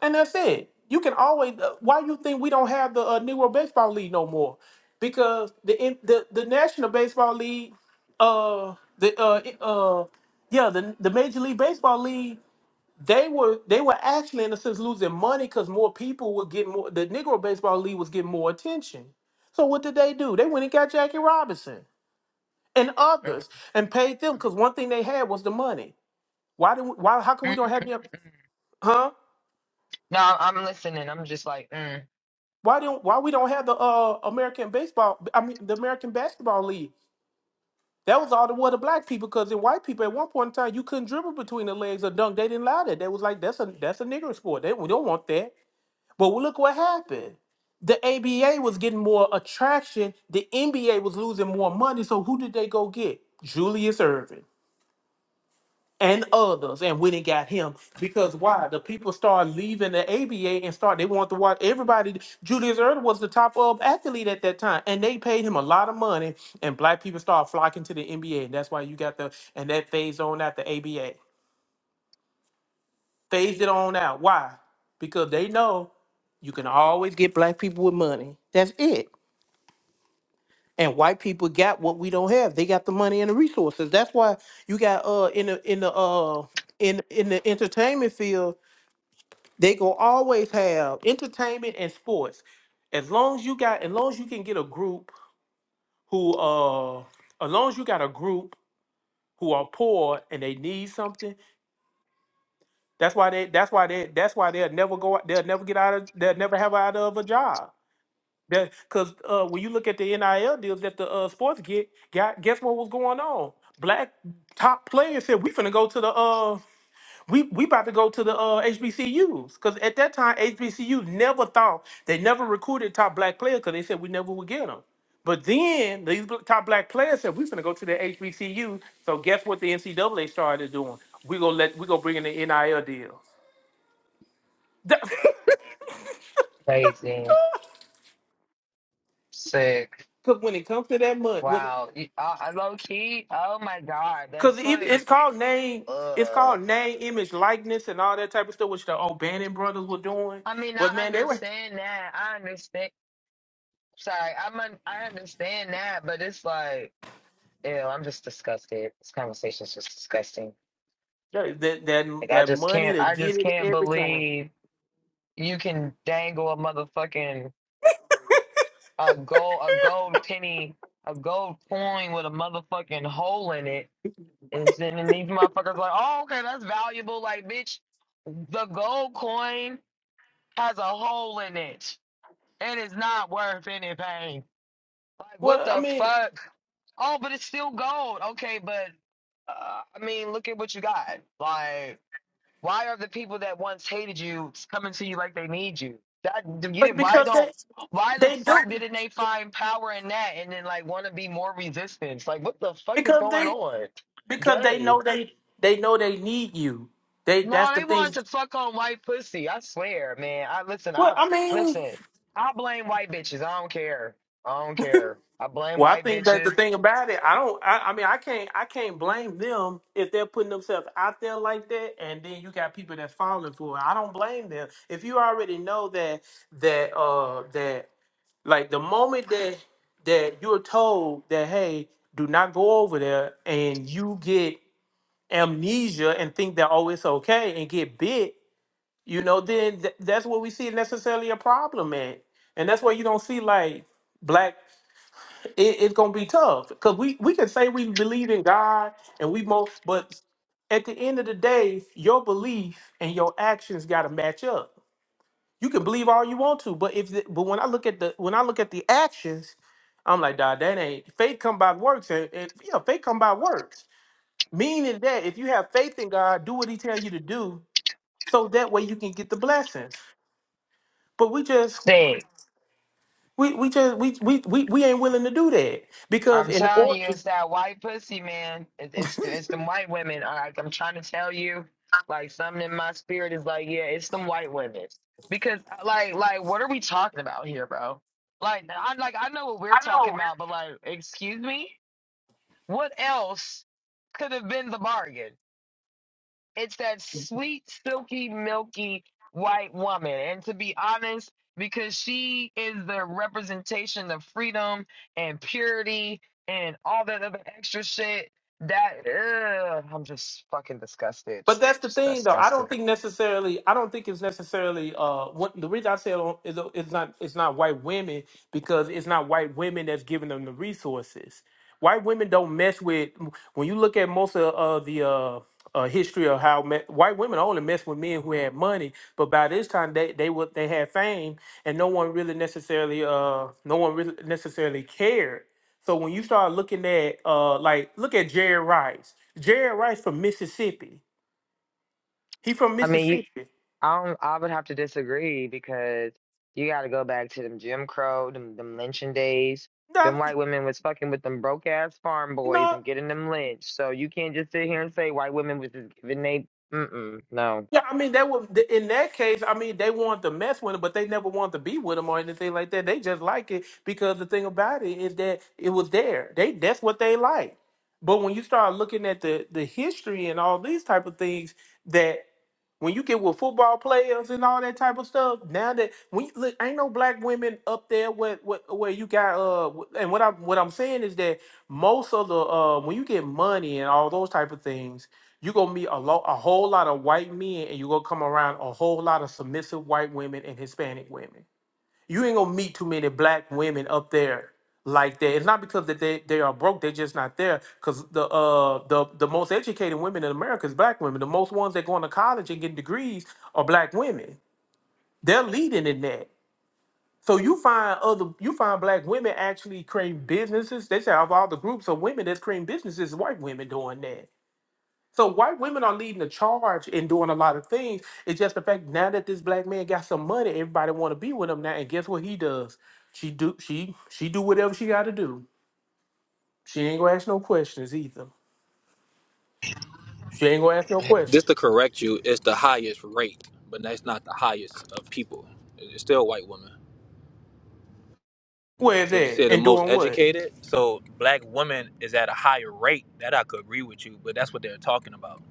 Speaker 1: And that's it. You can always. uh, Why you think we don't have the uh, Negro Baseball League no more? Because the in- the the National Baseball League, uh, the uh it- uh, yeah, the the Major League Baseball League, they were they were actually in a sense losing money because more people were getting more. The Negro Baseball League was getting more attention. So what did they do? They went and got Jackie Robinson and others and paid them because one thing they had was the money. Why do we, why how come we don't
Speaker 3: Mhm.
Speaker 1: have them? Huh?
Speaker 3: No, I'm I'm listening. I'm just like, mm,
Speaker 1: Why don't why we don't have the uh American baseball? I mean the American basketball league. That was all the were the black people because the white people at one point in time you couldn't dribble between the legs or dunk. They didn't allow that. They was like that's a that's a nigger sport. They we don't want that. But well, look what happened. The ABA was getting more attraction. The NBA was losing more money. So who did they go get? Julius Irving and others and when it got him because why the people start leaving the ABA and start they want to watch everybody Julius Erda was the top of athlete at that time and they paid him a lot of money and black people start flocking to the NBA and that's why you got the and that phased on out the ABA phased it on out why because they know you can always get black people with money that's it and white people got what we don't have they got the money and the resources that's why you got uh in the in the uh in in the entertainment field They gonna always have entertainment and sports. As long as you got, as long as you can get a group who, uh, as long as you got a group who are poor and they need something, that's why they, that's why they, that's why they'll never go, they'll never get out of, they'll never have out of a job. That, cause uh, when you look at the NIL deals that the uh, sports get, got, guess what was going on? Black top players said we finna go to the uh we we about to go to the uh, HBCUs because at that time HBCUs never thought they never recruited top black players because they said we never would get them. But then these bl- top black players said we're gonna go to the HBCU. So guess what the NCAA started doing? We gonna let we gonna bring in the NIL deal. Because
Speaker 3: crazy. Sick.
Speaker 1: when it comes to that money, when
Speaker 3: Wow. You- I, I low key. Oh my God.
Speaker 1: because
Speaker 3: That's
Speaker 1: it, it's
Speaker 3: like,
Speaker 1: called name. It's called
Speaker 3: ugh.
Speaker 1: name, image, likeness, and all that type of stuff, which the old brothers were doing.
Speaker 3: I mean,
Speaker 1: But
Speaker 3: I
Speaker 1: man, they were
Speaker 3: understand that. I understand. Sorry. I'm un- I understand that, but it's like, ew, I'm just disgusted. This conversation's just disgusting.
Speaker 1: that that
Speaker 3: Like, I
Speaker 1: that
Speaker 3: just
Speaker 1: money
Speaker 3: can't,
Speaker 1: to
Speaker 3: I
Speaker 1: get
Speaker 3: just
Speaker 1: it
Speaker 3: can't
Speaker 1: every time.
Speaker 3: believe you can dangle a motherfucking a gold a gold penny a gold coin with a motherfucking hole in it and then and these motherfuckers like oh okay that's valuable like bitch the gold coin has a hole in it and it's not worth anything like what
Speaker 1: Well, I
Speaker 3: the
Speaker 1: mean,
Speaker 3: fuck oh but it's still gold okay but uh, I mean look at what you got like why are the people that once hated you coming to you like they need you? That you
Speaker 1: but
Speaker 3: didn't. Why
Speaker 1: because they
Speaker 3: don't? Why the
Speaker 1: they do
Speaker 3: fuck didn't they find power in that and then like want to be more resistance? Like what the fuck is
Speaker 1: because
Speaker 3: going
Speaker 1: they
Speaker 3: on?
Speaker 1: because they
Speaker 3: Gay?
Speaker 1: know they they know they need you. They that's
Speaker 3: No,
Speaker 1: the
Speaker 3: they
Speaker 1: thing.
Speaker 3: wanted to fuck on white pussy. I swear, man. I listen.
Speaker 1: Well,
Speaker 3: I
Speaker 1: I mean,
Speaker 3: listen. I blame white bitches. I don't care. I don't care. I blame
Speaker 1: well, I
Speaker 3: white
Speaker 1: think that the
Speaker 3: bitches.
Speaker 1: thing about it, I don't. I, I mean, I can't I can't blame them if they're putting themselves out there like that, and then you got people that's falling for it. I don't blame them if you already know that that uh that like the moment that that you're told that hey, do not go over there, and you get amnesia and think that oh it's okay and get bit, you know, then th- that's what we see necessarily a problem at, and that's why you don't see like black. It, it's gonna be tough because we we can say we believe in God and we mo, but at the end of the day, your belief and your actions gotta match up. You can believe all you want to, but if the, but when I look at the when I look at the actions, I'm like, dog, that ain't faith come by works, and, and yeah, faith come by works. Meaning that if you have faith in God, do what He tells you to do, so that way you can get the blessings. But we just,
Speaker 3: Sing.
Speaker 1: we we just, we we we, we ain't willing to do that because
Speaker 3: I'm
Speaker 1: in
Speaker 3: telling you,
Speaker 1: order.
Speaker 3: it's that white pussy, man. It, it's the, it's them white women. I, like, I'm trying to tell you, like something in my spirit is like, yeah, it's them white women. Because uh, like like what are we talking about here, bro? Like I like I know what we're talking about, but like, excuse me, what else could have been the bargain? It's that sweet, silky, milky white woman. And to be honest, because she is the representation of freedom and purity and all that other extra shit, that ugh, I'm just fucking disgusted.
Speaker 1: But that's the
Speaker 3: Just
Speaker 1: thing, though. I
Speaker 3: disgusted.
Speaker 1: don't think necessarily. I don't think it's necessarily. Uh, what, the reason I say it, it's not. It's not white women because it's not white women that's giving them the resources. White women don't mess with. When you look at most of uh, the uh, uh, history of how me, white women only mess with men who had money, but by this time they they were they had fame, and no one really necessarily. Uh, no one really necessarily cared. So when you start looking at, uh, like, look at Jerry Rice. Jerry Rice from Mississippi. He from
Speaker 3: I mean, you,
Speaker 1: Mississippi.
Speaker 3: I don't, I would have to disagree because you got to go back to them Jim Crow, them, them lynching days. Them
Speaker 1: That
Speaker 3: white women was fucking with them broke ass farm boys
Speaker 1: no.
Speaker 3: and getting them lynched. So you can't just sit here and say white women was just giving they. Mm-mm, no.
Speaker 1: Yeah, I mean, they would in that case. I mean, they want to mess with him, but they never want to be with him or anything like that. They just like it because the thing about it is that it was there. They that's what they like. But when you start looking at the the history and all these type of things, that when you get with football players and all that type of stuff, now that when you, look, ain't no black women up there where, where where you got uh, and what I'm what I'm saying is that most of the uh, when you get money and all those type of things you're gonna meet a, lo- a whole lot of white men and you're gonna come around a whole lot of submissive white women and Hispanic women. You ain't gonna meet too many black women up there like that. It's not because that they, they are broke, they're just not there. Cause the uh the, the most educated women in America is black women. The most ones that going to college and getting degrees are black women. They're leading in that. So you find other you find black women actually creating businesses. They say of all the groups of women that's creating businesses, white women doing that. So white women are leading the charge and doing a lot of things. It's just the fact now that this black man got some money, everybody want to be with him now. And guess what he does? She do she she do whatever she got to do. She ain't gonna ask no questions either. She ain't gonna ask no questions.
Speaker 5: Just to correct you, it's the highest rate, but that's not the highest of people. It's still white women.
Speaker 1: Where's
Speaker 5: Would you say
Speaker 1: that?
Speaker 5: the
Speaker 1: And
Speaker 5: most
Speaker 1: doing what?
Speaker 5: educated? So black women is at a higher rate. That I could agree with you, but that's what they're talking about.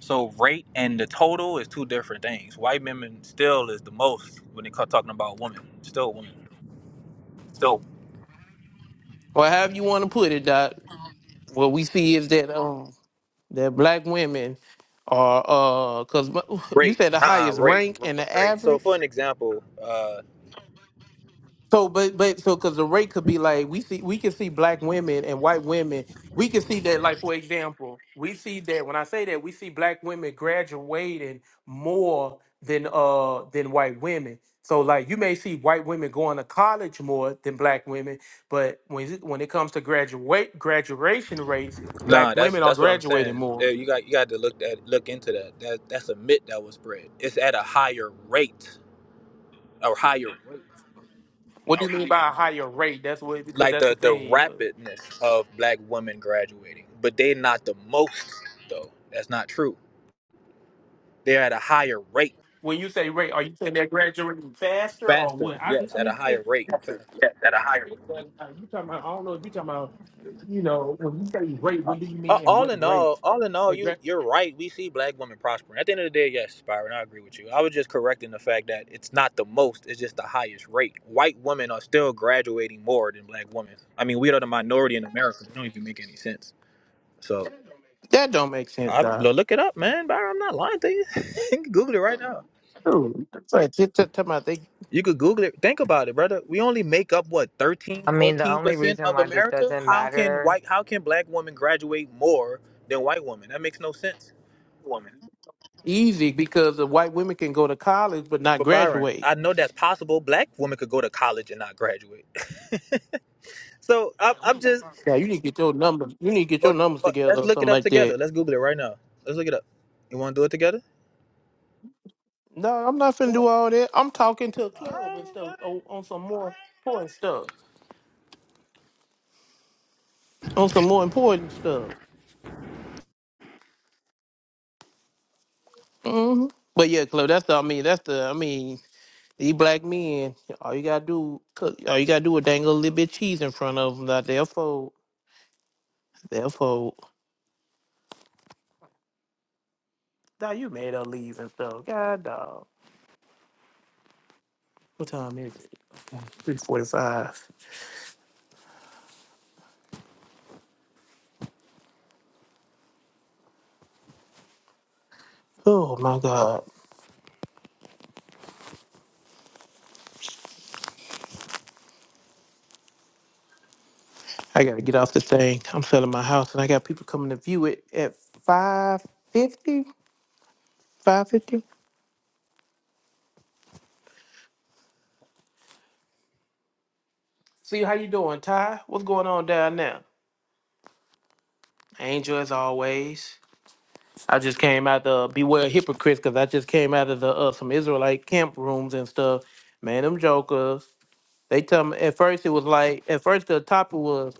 Speaker 5: So rate and the total is two different things. White women still is the most when they start talking about women. Still women.
Speaker 1: So, or however you want to put it, Doc. What we see is that um that black women are uh because you
Speaker 5: Rate.
Speaker 1: said the
Speaker 5: Uh uh
Speaker 1: highest
Speaker 5: rate.
Speaker 1: rank and the
Speaker 5: Rate. So
Speaker 1: average.
Speaker 5: for an example, uh
Speaker 1: So, but but so because the rate could be like we see we can see black women and white women. We can see that, like for example, we see that when I say that we see black women graduating more than uh than white women. So like you may see white women going to college more than black women, but when it- when it comes to graduate graduation rates, black
Speaker 5: nah, that's
Speaker 1: women are
Speaker 5: that's what I'm
Speaker 1: graduating
Speaker 5: saying.
Speaker 1: more.
Speaker 5: Yeah, you got you got to look that look into that. That that's a myth that was spread. It's at a higher rate or higher,
Speaker 1: What do you mean by a higher rate? That's what because
Speaker 5: like
Speaker 1: that's the
Speaker 5: the the
Speaker 1: thing.
Speaker 5: rapidness of black women graduating, but they're not the most though. That's not true. They're at a higher rate,
Speaker 1: When you say rate, are you saying they're graduating faster or
Speaker 5: faster.
Speaker 1: what? I,
Speaker 5: Yes,
Speaker 1: I
Speaker 5: at a
Speaker 1: mean, you
Speaker 5: higher rate,
Speaker 1: faster.
Speaker 5: faster.
Speaker 1: Yes, at a higher rate. But, uh, you talking about? I don't know if you talking about. You know, when you say rate, what do you
Speaker 5: A-
Speaker 1: mean and
Speaker 5: All
Speaker 1: what
Speaker 5: in all,
Speaker 1: rate?
Speaker 5: all in all,
Speaker 1: They're
Speaker 5: you
Speaker 1: gra-
Speaker 5: you're right. We see black women prospering. At the end of the day, yes, Byron, I agree with you. I was just correcting the fact that it's not the most; it's just the highest rate. White women are still graduating more than black women. I mean, we are the minority in America. It don't even make any sense. So.
Speaker 1: that don't make sense,
Speaker 5: I
Speaker 1: Doc.
Speaker 5: lo- look it up, man. Byron, I'm not lying to you. you can Google it right now.
Speaker 1: Dude, that's like t- t- talking about they
Speaker 5: You could Google it. Think about it, brother. We only make up what 13,
Speaker 3: I mean, the
Speaker 5: 14
Speaker 3: only
Speaker 5: percent
Speaker 3: reason
Speaker 5: of
Speaker 3: why this
Speaker 5: America.
Speaker 3: doesn't
Speaker 5: How can
Speaker 3: matter
Speaker 5: white? How can black women graduate more than white women? That makes no sense.
Speaker 1: woman easy because the white women can go to college but not
Speaker 5: But Byron,
Speaker 1: graduate.
Speaker 5: I know that's possible. Black women could go to college and not graduate. So I'm, I'm just.
Speaker 1: Yeah, you need to get your numbers. You need to get your
Speaker 5: But,
Speaker 1: numbers
Speaker 5: but
Speaker 1: together
Speaker 5: let's
Speaker 1: or
Speaker 5: look it
Speaker 1: something
Speaker 5: up
Speaker 1: like that.
Speaker 5: together. Let's Google it right now. Let's look it up. You want to do it together?
Speaker 1: No, I'm not finna do
Speaker 5: Well,
Speaker 1: all that. I'm talking to a club
Speaker 5: I,
Speaker 1: and stuff on, on some more important stuff. on some more important stuff. hmm But yeah, Chloe, that's the, I mean, that's the I mean, these black men, all you gotta do, cook, all you gotta do is dangle a little bit of cheese in front of them. Now they'll fold, they'll fold. Now you made her leave and stuff. God dog. What time is it? Three forty-five. Oh my God, I gotta get off this thing. I'm selling my house, and I got people coming to view it at five fifty. Five fifty. See how you doing, Ty? What's going on down there? Angel, as always. I just came out the beware hypocrites because I just came out of the uh, some Israelite camp rooms and stuff. Man, them jokers. They tell me at first it was like at first the topic was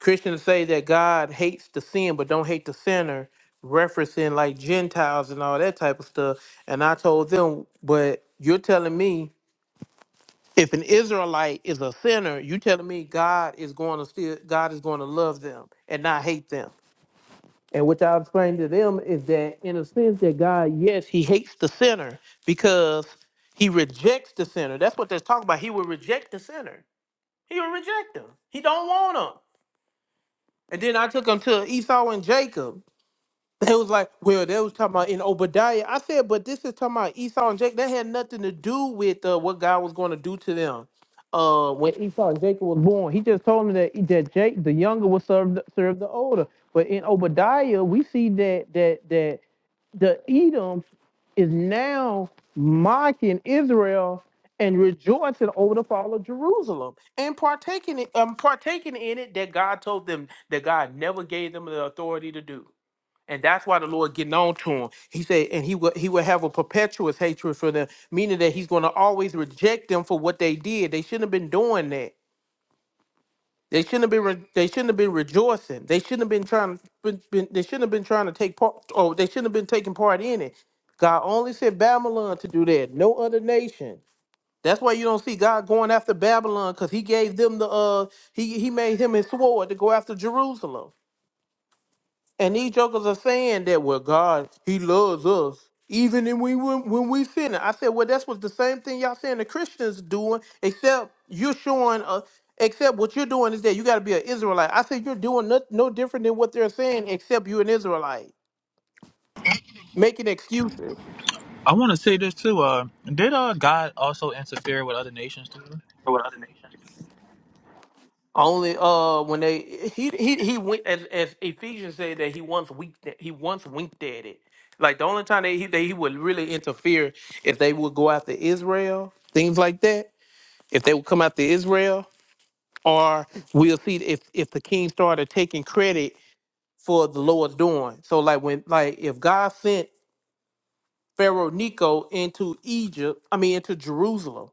Speaker 1: Christians say that God hates the sin but don't hate the sinner, referencing like Gentiles and all that type of stuff. And I told them, but you're telling me if an Israelite is a sinner, you telling me God is going to still God is going to love them and not hate them. And what I explained to them is that, in a sense, that God, yes, He hates the sinner because He rejects the sinner. That's what they're talking about. He will reject the sinner. He will reject them. He don't want them. And then I took them to Esau and Jacob. They was like, well, they was talking about in Obadiah. I said, but this is talking about Esau and Jacob. That had nothing to do with uh, what God was going to do to them. Uh, when Esau and Jacob was born, he just told them that that Jake, the younger, would serve the, serve the older. But in Obadiah, we see that that that the Edom is now mocking Israel and rejoicing over the fall of Jerusalem and partaking in, um, partaking in it that God told them that God never gave them the authority to do. And that's why the Lord getting on to him. He said, and he will he will have a perpetuous hatred for them, meaning that he's going to always reject them for what they did. They shouldn't have been doing that. They shouldn't have been. Re- they shouldn't have been rejoicing. They shouldn't have been trying. Been, been, they shouldn't have been trying to take part. Oh, they shouldn't have been taking part in it. God only sent Babylon to do that. No other nation. That's why you don't see God going after Babylon because He gave them the. Uh, he he made him his sword to go after Jerusalem. And these jokers are saying that well, God, He loves us even when we when, when we sinning. I said, well, that's what the same thing y'all saying the Christians doing, except you're showing uh Except what you're doing is that you got to be an Israelite. I said you're doing no, no different than what they're saying, except you're an Israelite, making excuses.
Speaker 5: I want to say this too. Uh, did uh, God also interfere with other nations too?
Speaker 1: Only uh when they he he he went as as Ephesians said that he once winked at, he once winked at it. Like the only time that he that he would really interfere if they would go after Israel, things like that. If they would come after Israel, or we'll see if if the king started taking credit for the Lord's doing. So like when like if God sent Pharaoh Nico into Egypt, I mean into Jerusalem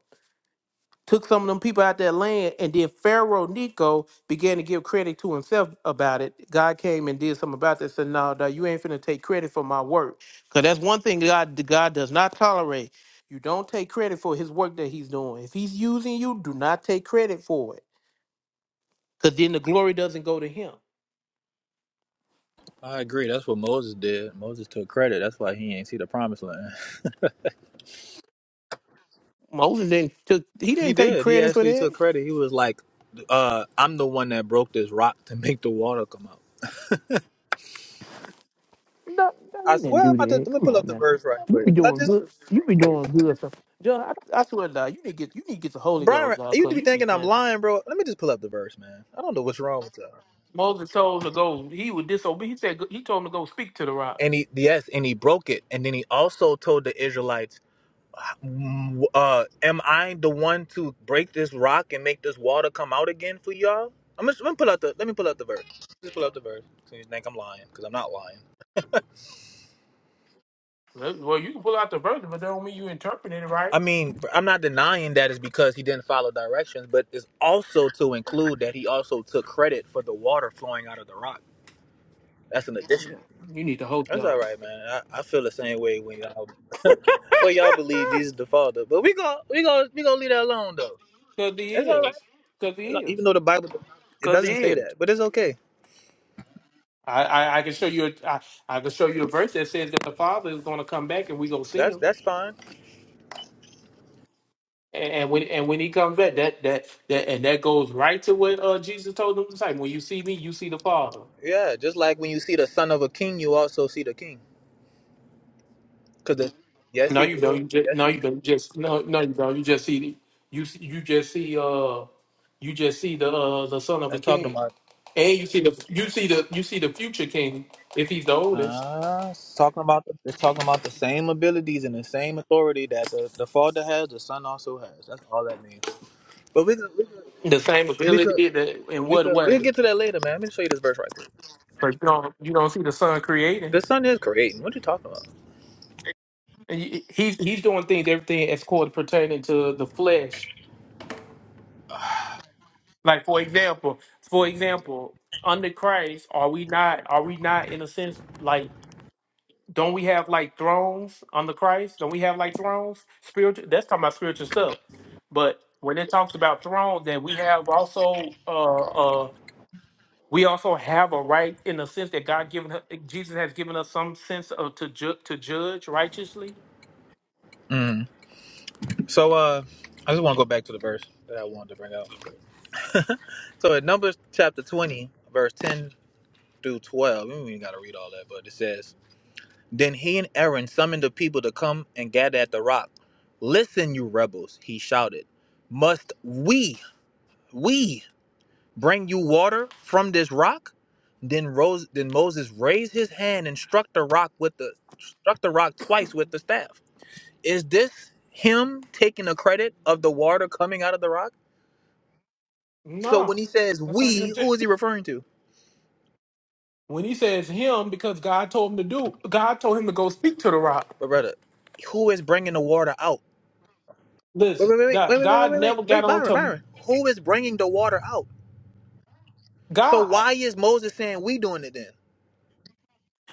Speaker 1: took some of them people out that land, and then Pharaoh Nico began to give credit to himself about it. God came and did something about this, and now you ain't finna take credit for my work, because that's one thing God God does not tolerate. You don't take credit for His work that He's doing. If He's using you, do not take credit for it, because then the glory doesn't go to Him.
Speaker 5: I agree. That's what Moses did. Moses took credit. That's why he ain't see the promised land.
Speaker 1: Moses didn't took he
Speaker 5: He
Speaker 1: didn't take
Speaker 5: did. He
Speaker 1: credit for
Speaker 5: actually
Speaker 1: that.
Speaker 5: took credit. He was like, uh, I'm the one that broke this rock to make the water come out.
Speaker 1: No, no,
Speaker 5: I
Speaker 1: you didn't
Speaker 5: swear, I'm
Speaker 1: do
Speaker 5: about to,
Speaker 1: that.
Speaker 5: let me
Speaker 1: Come
Speaker 5: pull up
Speaker 1: on,
Speaker 5: the
Speaker 1: now.
Speaker 5: verse right
Speaker 1: You be
Speaker 5: quick. I
Speaker 1: doing
Speaker 5: just,
Speaker 1: good. You be doing good. So, John, I, I swear to God, you need to get you need to get the Holy
Speaker 5: Brian,
Speaker 1: Ghost, God,
Speaker 5: you
Speaker 1: because
Speaker 5: be
Speaker 1: you be
Speaker 5: thinking I'm
Speaker 1: playing. some-
Speaker 5: lying, bro. Let me just pull up the verse, man. I don't know what's wrong with y'all.
Speaker 1: Moses told him to go. He would disobey. He said he told him to go speak to the rock.
Speaker 5: And he, yes, and he broke it. And then he also told the Israelites uh am I the one to break this rock and make this water come out again for y'all? I'm just, let me pull out the let me pull out the verse. Just pull out the verse. So you think I'm lying because I'm not lying.
Speaker 1: Well, well, you can pull out the verse, but that don't mean you interpret it right.
Speaker 5: I mean, I'm not denying that it's because he didn't follow directions, but it's also to include that he also took credit for the water flowing out of the rock. That's an addition.
Speaker 1: You need the Holy
Speaker 5: That's all
Speaker 1: Ghost
Speaker 5: right, man. I, I feel the same way when y'all well y'all believe Jesus the Father, but we go we go we gonna leave that alone though.
Speaker 1: because he
Speaker 5: It's all right.
Speaker 1: is. Because he is.
Speaker 5: Even though the Bible it
Speaker 1: Because he
Speaker 5: doesn't say
Speaker 1: is.
Speaker 5: that, but it's okay.
Speaker 1: I, I, I can show you. A, I, I can show you a verse that says that the Father is going to come back and we gonna see
Speaker 5: That's
Speaker 1: him.
Speaker 5: that's fine.
Speaker 1: And, and when and when he comes back, that that that and that goes right to what uh, Jesus told them disciples. When you see me, you see the Father.
Speaker 5: Yeah, just like when you see the son of a king, you also see the king. Cause the, yes,
Speaker 1: No,
Speaker 5: you
Speaker 1: you don't. You
Speaker 5: do.
Speaker 1: just,
Speaker 5: Yes,
Speaker 1: no,
Speaker 5: you
Speaker 1: you don't.
Speaker 5: do.
Speaker 1: Just no, no, you don't. You just see the, you see- you just see uh you just see the uh, the son of a
Speaker 5: That's talking
Speaker 1: king,
Speaker 5: about.
Speaker 1: and you see the you see the you see the future king if he's the oldest.
Speaker 5: Uh, it's talking about the, it's talking about the same abilities and the same authority that the, the father has, the son also has. That's all that means. But we could we could
Speaker 1: The same
Speaker 5: we could
Speaker 1: ability that in
Speaker 5: we
Speaker 1: what
Speaker 5: could we could
Speaker 1: way?
Speaker 5: get to that later, man. Let me show you this verse right quick.
Speaker 1: But you don't you don't see the son creating.
Speaker 5: The son is creating. What you talking about?
Speaker 1: And he- He's he's doing things everything as called pertaining to the flesh Like for example, for example, under Christ, are we not are we not in a sense like don't we have like thrones under Christ? Don't we have like thrones? Spiritual that's talking about spiritual stuff. But when it talks about thrones, then we have also uh uh we also have a right in the sense that God given Jesus has given us some sense of to ju- to judge righteously.
Speaker 5: Mm. So uh, I just want to go back to the verse that I wanted to bring out. So in Numbers chapter twenty, verse ten through 12. We don't even got to read all that, but it says, Then he and Aaron summoned the people to come and gather at the rock. Listen, you rebels, he shouted. Must we, we bring you water from this rock? Then rose then Moses raised his hand and struck the rock with the struck the rock twice with the staff. Is this him taking the credit of the water coming out of the rock? So
Speaker 1: No,
Speaker 5: when he says
Speaker 1: that's not
Speaker 5: we,
Speaker 1: him.
Speaker 5: who is he referring to?
Speaker 1: When he says him, because God told him to do, God told him to go speak to the rock.
Speaker 5: But brother, who is bringing the water out? Wait,
Speaker 1: Listen,
Speaker 5: wait, wait, wait,
Speaker 1: that
Speaker 5: wait, wait,
Speaker 1: God
Speaker 5: wait, wait, wait,
Speaker 1: never got on
Speaker 5: Byron,
Speaker 1: to
Speaker 5: Byron. Who is bringing the water out? So
Speaker 1: God
Speaker 5: why is Moses saying we doing it then?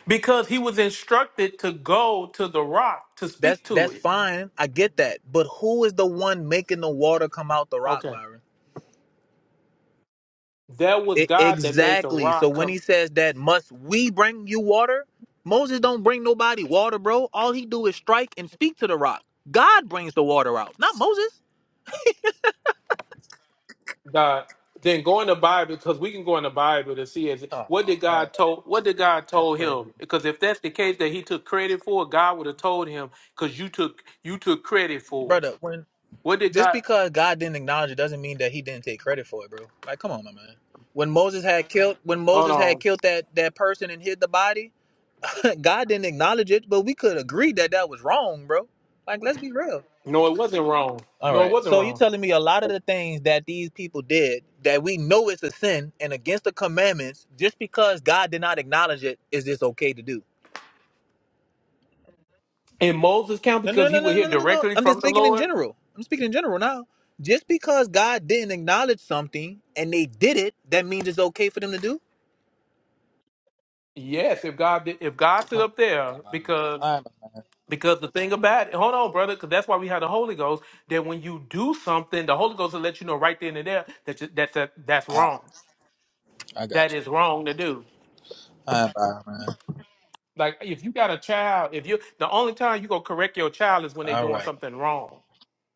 Speaker 1: because he was instructed to go to the rock to
Speaker 5: That's
Speaker 1: speak to
Speaker 5: that's
Speaker 1: it.
Speaker 5: fine. I get that. But who is the one making the water come out the rock,
Speaker 1: Okay.
Speaker 5: Byron?
Speaker 1: That was
Speaker 5: It,
Speaker 1: God that made the
Speaker 5: exactly. So
Speaker 1: rock
Speaker 5: when he
Speaker 1: come
Speaker 5: says that, must we bring you water? Moses don't bring nobody water, bro. All he do is strike and speak to the rock. God brings the water out, not Moses.
Speaker 1: God. Then go in the Bible because we can go in the Bible to see is
Speaker 5: Oh
Speaker 1: what did
Speaker 5: man,
Speaker 1: God told what did God
Speaker 5: that's
Speaker 1: told him?
Speaker 5: crazy,
Speaker 1: Because if that's the case that he took credit for, God would have told him because you took you took credit for it.
Speaker 5: brother. When.
Speaker 1: What did
Speaker 5: Just
Speaker 1: God
Speaker 5: because God didn't acknowledge it doesn't mean that He didn't take credit for it, bro. Like, come on, my man. When Moses had killed, when
Speaker 1: hold
Speaker 5: Moses had
Speaker 1: on?
Speaker 5: killed that that person and hid the body, God didn't acknowledge it, but we could agree that that was wrong, bro. Like, let's be real.
Speaker 1: No, it wasn't wrong.
Speaker 5: All
Speaker 1: No, it
Speaker 5: right.
Speaker 1: wasn't
Speaker 5: So you're
Speaker 1: wrong.
Speaker 5: telling me a lot of the things that these people did that we know it's a sin and against the commandments, just because God did not acknowledge it, is this okay to do?
Speaker 1: In Moses' count,
Speaker 5: No, no,
Speaker 1: because he
Speaker 5: no,
Speaker 1: would
Speaker 5: no,
Speaker 1: hear
Speaker 5: no, no, no. no.
Speaker 1: directly
Speaker 5: I'm
Speaker 1: from
Speaker 5: just
Speaker 1: the
Speaker 5: speaking in
Speaker 1: Lord.
Speaker 5: general. I'm speaking in general now. Just because God didn't acknowledge something and they did it, that means it's okay for them to do.
Speaker 1: Yes, if God did, if God sit up there, because because the thing about it, hold on, brother, because that's why we have the Holy Ghost. That when you do something, the Holy Ghost will let you know right then and there that you, that's that, that's wrong. That is wrong to do. Like if you got a child, if you the only time you gonna correct your child is when they
Speaker 5: All
Speaker 1: doing
Speaker 5: right.
Speaker 1: something wrong.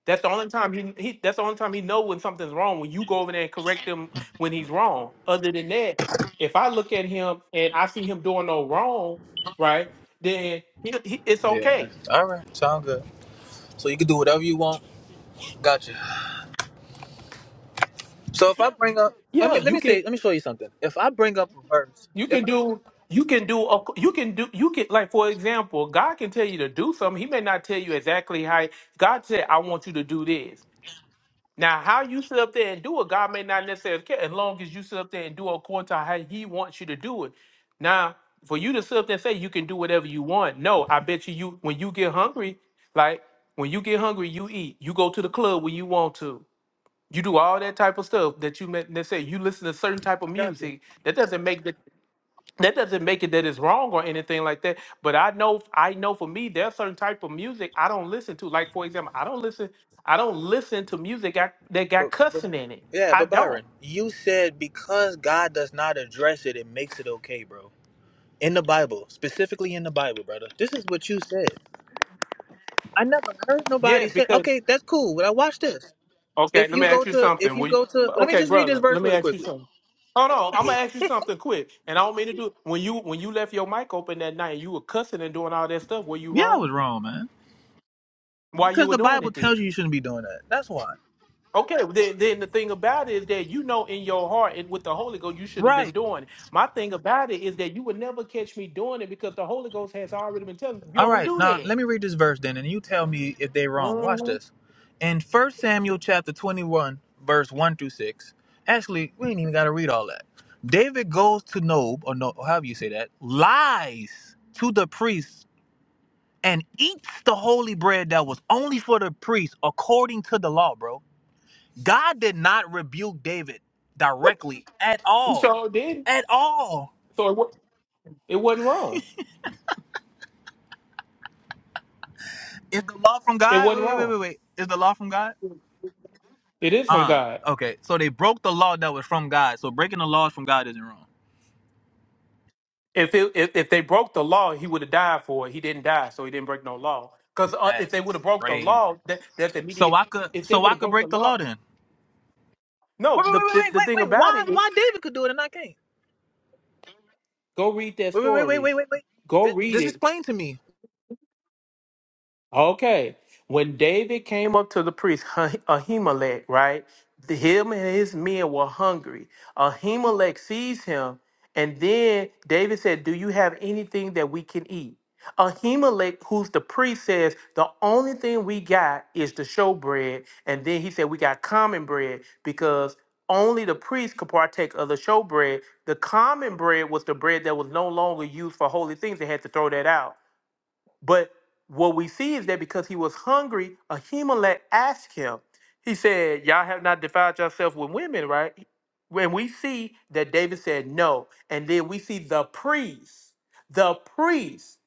Speaker 1: That's the only time he, he that's the only time he know when something's wrong. When you go over there and correct him when he's wrong. Other than that, if I look at him and I see him doing no wrong, right? then he, he, it's
Speaker 5: Yeah.
Speaker 1: okay.
Speaker 5: All right. Sound good. So you can do whatever you want. Gotcha. So if I bring up, let
Speaker 1: Yeah,
Speaker 5: me let
Speaker 1: you
Speaker 5: me
Speaker 1: can
Speaker 5: say, let me show you something. If I bring up a verse,
Speaker 1: you
Speaker 5: if
Speaker 1: can
Speaker 5: I bring
Speaker 1: do
Speaker 5: up,
Speaker 1: you can do a- you can do you can like for example, God can tell you to do something. He may not tell you exactly how. God said, "I want you to do this." Now, how you sit up there and do it, God may not necessarily care. As long as you sit up there and do it according to how He wants you to do it. Now, for you to sit up there and say you can do whatever you want, no, I bet you you when you get hungry, like when you get hungry, you eat. You go to the club when you want to. You do all that type of stuff that you may necessarily. You listen to certain type of
Speaker 5: I got you.
Speaker 1: music. That doesn't make the that doesn't make it that it's wrong or anything like that but i know i know for me there's certain type of music i don't listen to like for example i don't listen i don't listen to music I, that
Speaker 5: But
Speaker 1: got
Speaker 5: but
Speaker 1: cussing in it
Speaker 5: yeah,
Speaker 1: i
Speaker 5: but
Speaker 1: don't
Speaker 5: Byron, you said because God does not address it, it makes it okay, bro. In the Bible, specifically in the Bible, brother. This is what you said. I never heard nobody
Speaker 1: yes
Speaker 5: say,
Speaker 1: because
Speaker 5: okay, that's cool, but I watch this.
Speaker 1: okay
Speaker 5: If
Speaker 1: let
Speaker 5: you
Speaker 1: me
Speaker 5: go
Speaker 1: ask you
Speaker 5: to, if
Speaker 1: something
Speaker 5: you
Speaker 1: we
Speaker 5: go to, let me
Speaker 1: okay
Speaker 5: just read this
Speaker 1: brother let
Speaker 5: verse
Speaker 1: me
Speaker 5: really
Speaker 1: ask you
Speaker 5: quickly.
Speaker 1: something Hold on, I'm gonna ask you something quick, and I don't mean to do. When you when you left your mic open that night, and you were cussing and doing all that stuff. Were you
Speaker 5: Yeah, I
Speaker 1: wrong?
Speaker 5: was wrong, man.
Speaker 1: Why you
Speaker 5: Because
Speaker 1: were
Speaker 5: the
Speaker 1: doing
Speaker 5: Bible
Speaker 1: it
Speaker 5: tells
Speaker 1: then?
Speaker 5: you you shouldn't be doing that. That's why.
Speaker 1: Okay, well, then, then the thing about it is that you know in your heart and with the Holy Ghost you shouldn't have been
Speaker 5: Right.
Speaker 1: doing it. My thing about it is that you would never catch me doing it because the Holy Ghost has already been telling me you
Speaker 5: All
Speaker 1: don't
Speaker 5: right.
Speaker 1: do
Speaker 5: Now
Speaker 1: that.
Speaker 5: let me read this verse then, and you tell me if they're wrong. Watch
Speaker 1: Mhm.
Speaker 5: this. In First Samuel chapter 21, verse 1 through 6. Actually, we ain't even got to read all that. David goes to Nob, or no, or however you say that, lies to the priest and eats the holy bread that was only for the priest according to the law, bro. God did not rebuke David directly at all.
Speaker 1: So then,
Speaker 5: At all.
Speaker 1: so it, wa- it wasn't wrong.
Speaker 5: Is the law from
Speaker 1: It
Speaker 5: God?
Speaker 1: wasn't
Speaker 5: Wait, wait, wait,
Speaker 1: wrong.
Speaker 5: wait, wait. Is the law from God?
Speaker 1: It is from
Speaker 5: Uh,
Speaker 1: God.
Speaker 5: okay. So they broke the law that was from God. So breaking the laws from God isn't wrong.
Speaker 1: If it, if if they broke the law, he would have died for it. He didn't die, so he didn't break no law. Because uh, if
Speaker 5: That's
Speaker 1: they would have broke the
Speaker 5: crazy.
Speaker 1: law, that that's
Speaker 5: So
Speaker 1: immediate.
Speaker 5: I could
Speaker 1: If they
Speaker 5: so
Speaker 1: would
Speaker 5: I
Speaker 1: have
Speaker 5: could
Speaker 1: broke the
Speaker 5: break the
Speaker 1: law,
Speaker 5: law then.
Speaker 1: no.
Speaker 5: Wait, wait,
Speaker 1: The,
Speaker 5: wait, wait,
Speaker 1: the
Speaker 5: wait,
Speaker 1: the thing
Speaker 5: wait. wait.
Speaker 1: about
Speaker 5: Why
Speaker 1: it is,
Speaker 5: why David could do it and I can't?
Speaker 1: go read that
Speaker 5: Wait, wait, wait, wait,
Speaker 1: story.
Speaker 5: wait, wait, wait.
Speaker 1: Go
Speaker 5: This,
Speaker 1: read
Speaker 5: this
Speaker 1: it.
Speaker 5: explain to me.
Speaker 1: Okay. When David came up to the priest, Ah- Ahimelech, right? the- Him and his men were hungry. Ahimelech sees him, and then David said, Do you have anything that we can eat? Ahimelech, who's the priest, says, The only thing we got is the showbread. And then he said, We got common bread because only the priest could partake of the showbread. The common bread was the bread that was no longer used for holy things. They had to throw that out. But what we see is that because he was hungry, Ahimelech asked him, he said, Y'all have not defiled yourself with women, right? When we see that David said no, and then we see the priest, the priest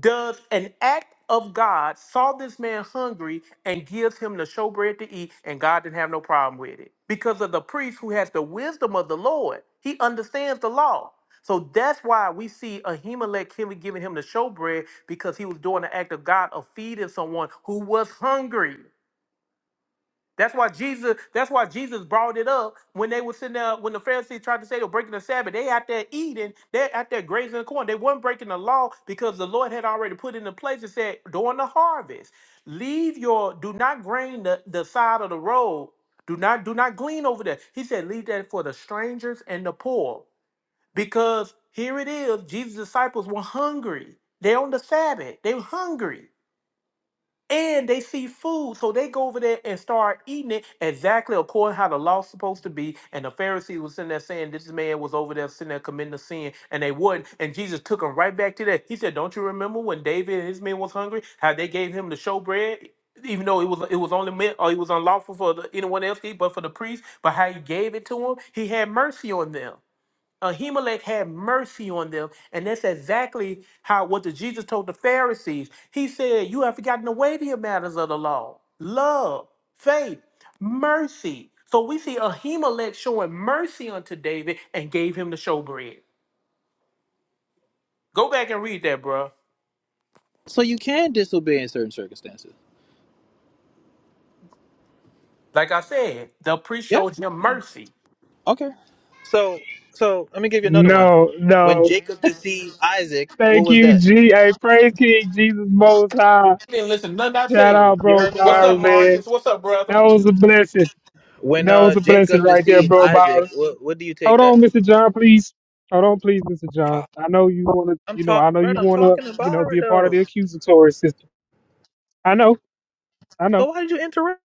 Speaker 1: does an act of God, saw this man hungry and gives him the showbread to eat, and God didn't have no problem with it. Because of the priest who has the wisdom of the Lord, he understands the law. So that's why we see Ahimelech giving giving him the showbread because he was doing the act of God of feeding someone who was hungry. That's why Jesus. That's why Jesus brought it up when they were sitting there. When the Pharisees tried to say they're breaking the Sabbath, they out there eating. They're out there grazing the corn. They weren't breaking the law because the Lord had already put into place and said during the harvest, leave your. Do not grain the, the side of the road. Do not do not glean over there. He said leave that for the strangers and the poor because here it is. Jesus' disciples were hungry. They're on the Sabbath. They were hungry and they see food. So they go over there and start eating it exactly according how the law's supposed to be. And the Pharisees was sitting there saying, This man was over there sitting there committing a sin, and they wouldn't. And Jesus took them right back to that. He said, Don't you remember when David and his men was hungry, how they gave him the showbread? Even though it was it was only meant or it was unlawful for the, anyone else to eat, but for the priest, but how he gave it to him, he had mercy on them. Ahimelech had mercy on them, and that's exactly how what the Jesus told the Pharisees. He said, "You have forgotten the weightier matters of the law: love, faith, mercy." So we see Ahimelech showing mercy unto David and gave him the showbread. Go back and read that, bruh.
Speaker 5: So you can disobey in certain circumstances.
Speaker 1: Like I said, the priest
Speaker 5: Yeah.
Speaker 1: showed him mercy.
Speaker 5: Okay. So so let me give you another one.
Speaker 6: No,
Speaker 5: When
Speaker 6: no.
Speaker 5: Jacob deceived Isaac, what
Speaker 6: Thank
Speaker 5: was
Speaker 6: you,
Speaker 5: that?
Speaker 6: G. Hey, praise King Jesus Most High.
Speaker 1: He didn't listen to nothing I
Speaker 6: Shout
Speaker 1: said.
Speaker 6: out,
Speaker 5: You
Speaker 6: bro,
Speaker 5: heard me,
Speaker 1: What's
Speaker 5: Byron?
Speaker 1: up,
Speaker 6: Byron, man.
Speaker 1: Marcus? What's up, brother?
Speaker 6: That was a blessing.
Speaker 5: When
Speaker 6: That was
Speaker 5: uh
Speaker 6: a blessing
Speaker 5: Jacob
Speaker 6: right there,
Speaker 5: deceived
Speaker 6: bro,
Speaker 5: Isaac,
Speaker 6: Byron.
Speaker 5: what what do you take
Speaker 6: Hold
Speaker 5: that?
Speaker 6: on, Mr. John, please. Hold on, please, Mr. John.
Speaker 5: Ah,
Speaker 6: I know you want to,
Speaker 5: I'm
Speaker 6: you know,
Speaker 5: talking,
Speaker 6: I know
Speaker 5: bro.
Speaker 6: you
Speaker 5: I'm
Speaker 6: want to,
Speaker 5: talking to
Speaker 6: you know,
Speaker 5: Byron
Speaker 6: be a part of
Speaker 5: though.
Speaker 6: the accusatory system. I know, I
Speaker 5: So
Speaker 6: know,
Speaker 5: why did you interrupt?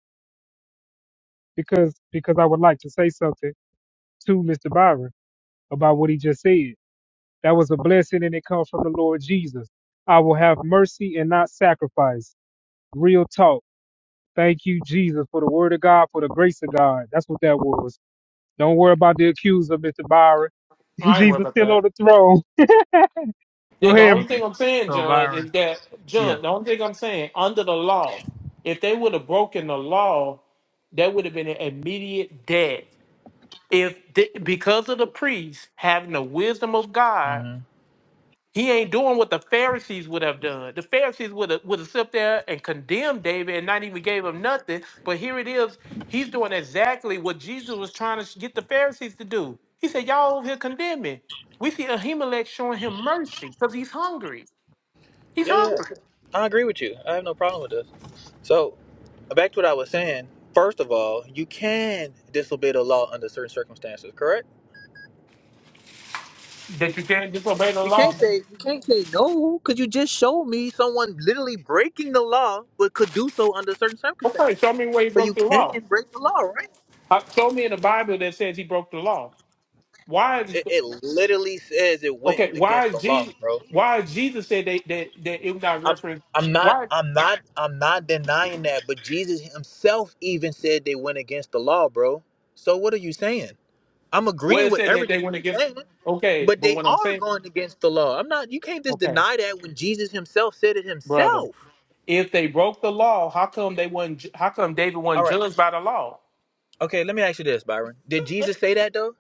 Speaker 6: because because I would like to say something to Mr. Byron about what he just said. That was a blessing, and it comes from the Lord Jesus. I will have mercy and not sacrifice. Real talk Thank you, Jesus, for the word of God, for the grace of God. That's what that was. Don't worry about the accuser, Mr. Byron.
Speaker 1: I ain't worried
Speaker 6: Jesus
Speaker 1: about
Speaker 6: still
Speaker 1: that.
Speaker 6: on the throne. Go
Speaker 1: Yeah,
Speaker 5: All
Speaker 1: the
Speaker 5: right,
Speaker 1: only
Speaker 6: ahead.
Speaker 5: thank you.
Speaker 1: thing I'm saying, John,
Speaker 5: Byron.
Speaker 1: is that
Speaker 5: Yeah.
Speaker 1: John, the only thing I'm saying, under the law, if they would have broken the law, there would have been an immediate death. If th- because of the priest having the wisdom of God,
Speaker 5: hmm
Speaker 1: he ain't doing what the Pharisees would have done. The Pharisees would have would have sit there and condemned David and not even gave him nothing. But here it is, he's doing exactly what Jesus was trying to get the Pharisees to do. He said, "Y'all over here condemning." We see Ahimelech showing him mercy because he's hungry. He's
Speaker 5: Yeah, yeah.
Speaker 1: hungry.
Speaker 5: I agree with you. I have no problem with this. So back to what I was saying. First of all, you can disobey the law under certain circumstances, correct?
Speaker 1: That you can't disobey the
Speaker 5: You can't
Speaker 1: law?
Speaker 5: say you can't say no because you just showed me someone literally breaking the law, but could do so under certain
Speaker 1: Okay,
Speaker 5: circumstances.
Speaker 1: show me where he
Speaker 5: So
Speaker 1: broke
Speaker 5: you
Speaker 1: the
Speaker 5: can
Speaker 1: law.
Speaker 5: break the law, right?
Speaker 1: Uh, show me in the Bible that says he broke the law. Why is
Speaker 5: It, it literally says it went
Speaker 1: okay? Why
Speaker 5: against
Speaker 1: is
Speaker 5: the law,
Speaker 1: Jesus?
Speaker 5: bro.
Speaker 1: Why is Jesus said they, that that it was not
Speaker 5: I'm,
Speaker 1: referenced?
Speaker 5: I'm not,
Speaker 1: Why?
Speaker 5: I'm not, I'm not denying that. But Jesus Himself even said they went against the law, bro. So what are you saying? I'm
Speaker 1: Where
Speaker 5: agreeing
Speaker 1: it
Speaker 5: with
Speaker 1: said that they
Speaker 5: everything
Speaker 1: went
Speaker 5: you're
Speaker 1: against?
Speaker 5: saying,
Speaker 1: Okay,
Speaker 5: but
Speaker 1: but
Speaker 5: they
Speaker 1: what I'm
Speaker 5: are
Speaker 1: saying,
Speaker 5: going against the law. I'm not. You can't just
Speaker 1: okay,
Speaker 5: deny that when Jesus Himself said it
Speaker 1: brother,
Speaker 5: Himself.
Speaker 1: if they broke the law, how come they wasn't? ju- How come David wasn't
Speaker 5: All right.
Speaker 1: judged by the law?
Speaker 5: Okay, let me ask you this, Byron. Did Jesus say that though?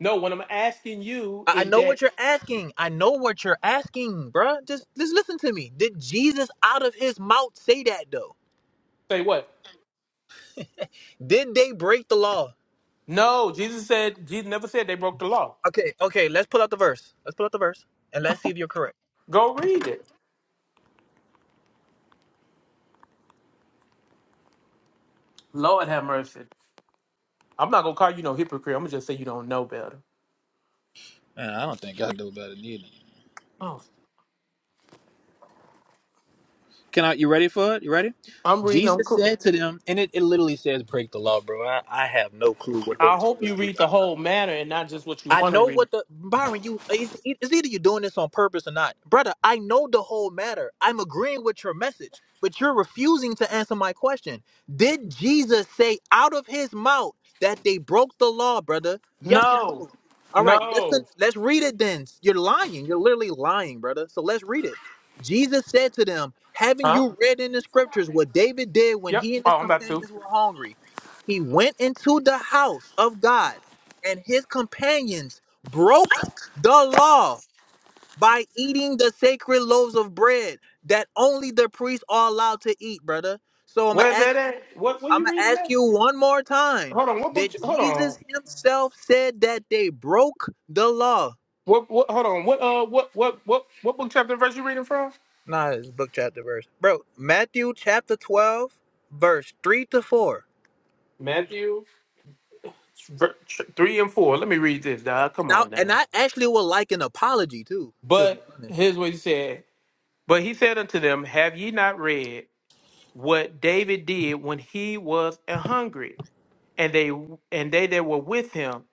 Speaker 1: No, what I'm asking you
Speaker 5: I I
Speaker 1: is
Speaker 5: know
Speaker 1: that
Speaker 5: what you're asking. I know what you're asking, bruh. Just, just listen to me. Did Jesus out of his mouth say that though?
Speaker 1: say what?
Speaker 5: Did they break the law?
Speaker 1: No, Jesus said Jesus never said they broke the law.
Speaker 5: Okay, okay. Let's pull out the verse. Let's pull out the verse and let's see if you're correct.
Speaker 1: Go read it. Lord have mercy. I'm not gonna call you no hypocrite. I'm gonna just say you don't know better.
Speaker 5: Man, I don't think I know better than either.
Speaker 1: Oh,
Speaker 5: Can I? You ready for it? You ready?
Speaker 1: I'm reading. I'm
Speaker 5: Jesus
Speaker 1: cool.
Speaker 5: said to them, and it, it literally says break the law, bro. I, I have no clue what
Speaker 1: I
Speaker 5: Holy
Speaker 1: hope
Speaker 5: Spirit
Speaker 1: you
Speaker 5: you
Speaker 1: read the
Speaker 5: got.
Speaker 1: whole matter and not just what you
Speaker 5: I
Speaker 1: want to
Speaker 5: know
Speaker 1: read.
Speaker 5: what the Byron. You it's, it's either you're doing this on purpose or not, brother. I know the whole matter. I'm agreeing with your message, but you're refusing to answer my question. Did Jesus say out of his mouth that they broke the law, brother? Yes or
Speaker 1: No,
Speaker 5: no? All right, listen.
Speaker 1: no,
Speaker 5: Let's read it then. You're lying. You're literally lying, brother. So let's read it. Jesus said to them, "Haven't
Speaker 1: huh?
Speaker 5: you read in the scriptures what David did when
Speaker 1: Yep.
Speaker 5: he and his
Speaker 1: Oh, I'm about to.
Speaker 5: companions were hungry? He went into the house of God." and his companions broke the law by eating the sacred loaves of bread that only the priests are allowed to eat, brother. So I'm gonna
Speaker 1: Where's that
Speaker 5: ask you,
Speaker 1: at? What? What
Speaker 5: I'm
Speaker 1: you
Speaker 5: gonna
Speaker 1: reading
Speaker 5: ask
Speaker 1: that?
Speaker 5: you one more time.
Speaker 1: Hold on. What book?
Speaker 5: Did
Speaker 1: you- Hold on.
Speaker 5: Jesus himself said that they broke the law?
Speaker 1: What? What? Hold on. What? Uh. What? What? What? What book chapter and verse you reading from?
Speaker 5: Nah, it's book chapter verse. Bro, Matthew chapter 12, verse 3 to 4.
Speaker 1: Matthew ver- ch- three and four. Let me read this, dog.
Speaker 5: And
Speaker 1: Come
Speaker 5: I
Speaker 1: on
Speaker 5: and
Speaker 1: now.
Speaker 5: I actually would like an apology too, to be
Speaker 1: But
Speaker 5: honest.
Speaker 1: here's what he said. But he said unto them, Have ye not read? what David did when he was an hungry, and they and they that were with him,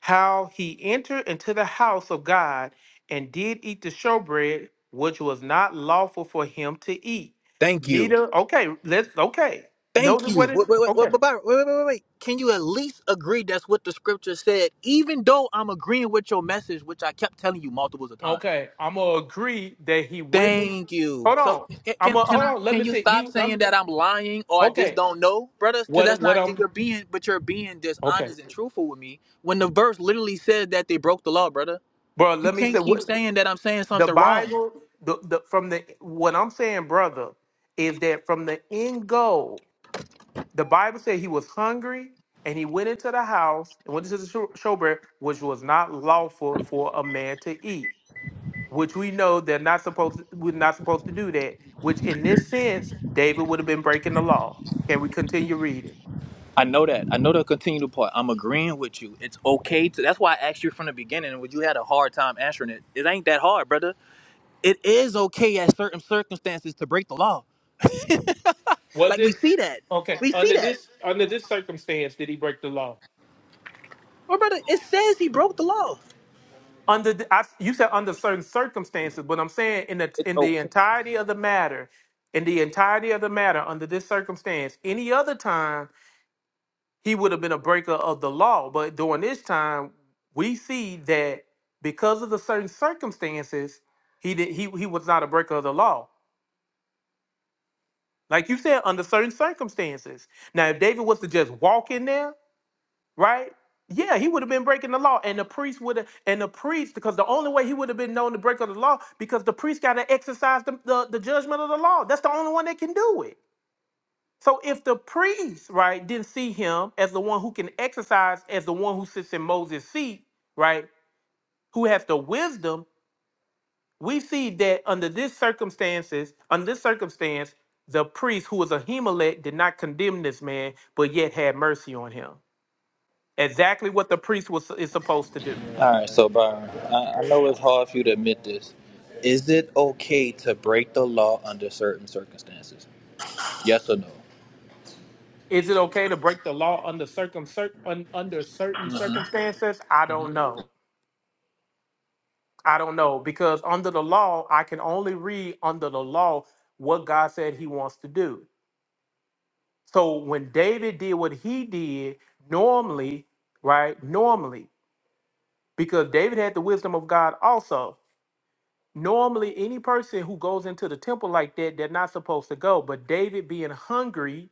Speaker 1: how he entered into the house of God and did eat the showbread, which was not lawful for him to eat.
Speaker 5: Thank you.
Speaker 1: Neither okay, let's okay.
Speaker 5: Thank
Speaker 1: Notice what
Speaker 5: you.
Speaker 1: it
Speaker 5: Wait, wait, wait, wait,
Speaker 1: okay.
Speaker 5: wait, wait, wait, wait. wait. Can you at least agree that's what the scripture said, even though I'm agreeing with your message, which I kept telling you multiples of times?
Speaker 1: Okay. I'm gonna agree that he went and
Speaker 5: Thank you.
Speaker 1: hold
Speaker 5: So
Speaker 1: on.
Speaker 5: ca-
Speaker 1: I'm
Speaker 5: can
Speaker 1: gonna
Speaker 5: can I
Speaker 1: hold on. Let
Speaker 5: can
Speaker 1: me
Speaker 5: you
Speaker 1: see.
Speaker 5: stop
Speaker 1: He
Speaker 5: saying
Speaker 1: I'm
Speaker 5: that I'm lying or I just
Speaker 1: okay.
Speaker 5: don't know, brothers? Because
Speaker 1: What
Speaker 5: that's
Speaker 1: what
Speaker 5: not
Speaker 1: I'm
Speaker 5: you're being, but you're being
Speaker 1: okay.
Speaker 5: dishonest and truthful with me when the verse literally says that they broke the law, brother.
Speaker 1: Bro,
Speaker 5: You
Speaker 1: let me say
Speaker 5: can't keep
Speaker 1: what.
Speaker 5: saying that I'm saying
Speaker 1: the
Speaker 5: something wrong.
Speaker 1: Bible, the, the from the what I'm saying, brother, is that from the end goal, the Bible said he was hungry and he went into the house and went into the show- showbread, which was not lawful for a man to eat. Which we know they're not supposed. We're not supposed to do that. Which in this sense, David would have been breaking the law. Can we continue reading?
Speaker 5: I know that. I know the continual part. I'm agreeing with you. It's okay to. That's why I asked you from the beginning, and when you had a hard time answering it, it ain't that hard, brother. It is okay at certain circumstances to break the law.
Speaker 1: Was
Speaker 5: Like we
Speaker 1: it
Speaker 5: see that.
Speaker 1: okay
Speaker 5: We see
Speaker 1: under
Speaker 5: that.
Speaker 1: this under this circumstance? Did he break the law?
Speaker 5: Well, brother, it says he broke the law.
Speaker 1: under the, I, you said under certain circumstances but i'm saying in the
Speaker 5: It's
Speaker 1: in the
Speaker 5: okay.
Speaker 1: entirety of the matter in the entirety of the matter under this circumstance any other time he would have been a breaker of the law but during this time we see that because of the certain circumstances he did he, he was not a breaker of the law like you said under certain circumstances now if david was to just walk in there right? Yeah, he would have been breaking the law, and the priest would have, and the priest, because the only way he would have been known to break of the law, because the priest got to exercise the, the the judgment of the law. That's the only one that can do it. So if the priest, right, didn't see him as the one who can exercise, as the one who sits in Moses' seat, right, who has the wisdom, we see that under this circumstances, under this circumstance, the priest who was a Ahimelech did not condemn this man, but yet had mercy on him. Exactly what the priest was is supposed to do.
Speaker 5: All right, so Byron, I, I know it's hard for you to admit this. Is it okay to break the law under certain circumstances? Yes or no?
Speaker 1: Is it okay to break the law under circum cir- un- under certain circumstances? I don't know. I don't know because under the law, I can only read under the law what God said He wants to do. So when David did what he did, normally, right? Normally, because David had the wisdom of God also. Normally, any person who goes into the temple like that, they're not supposed to go. But David, being hungry,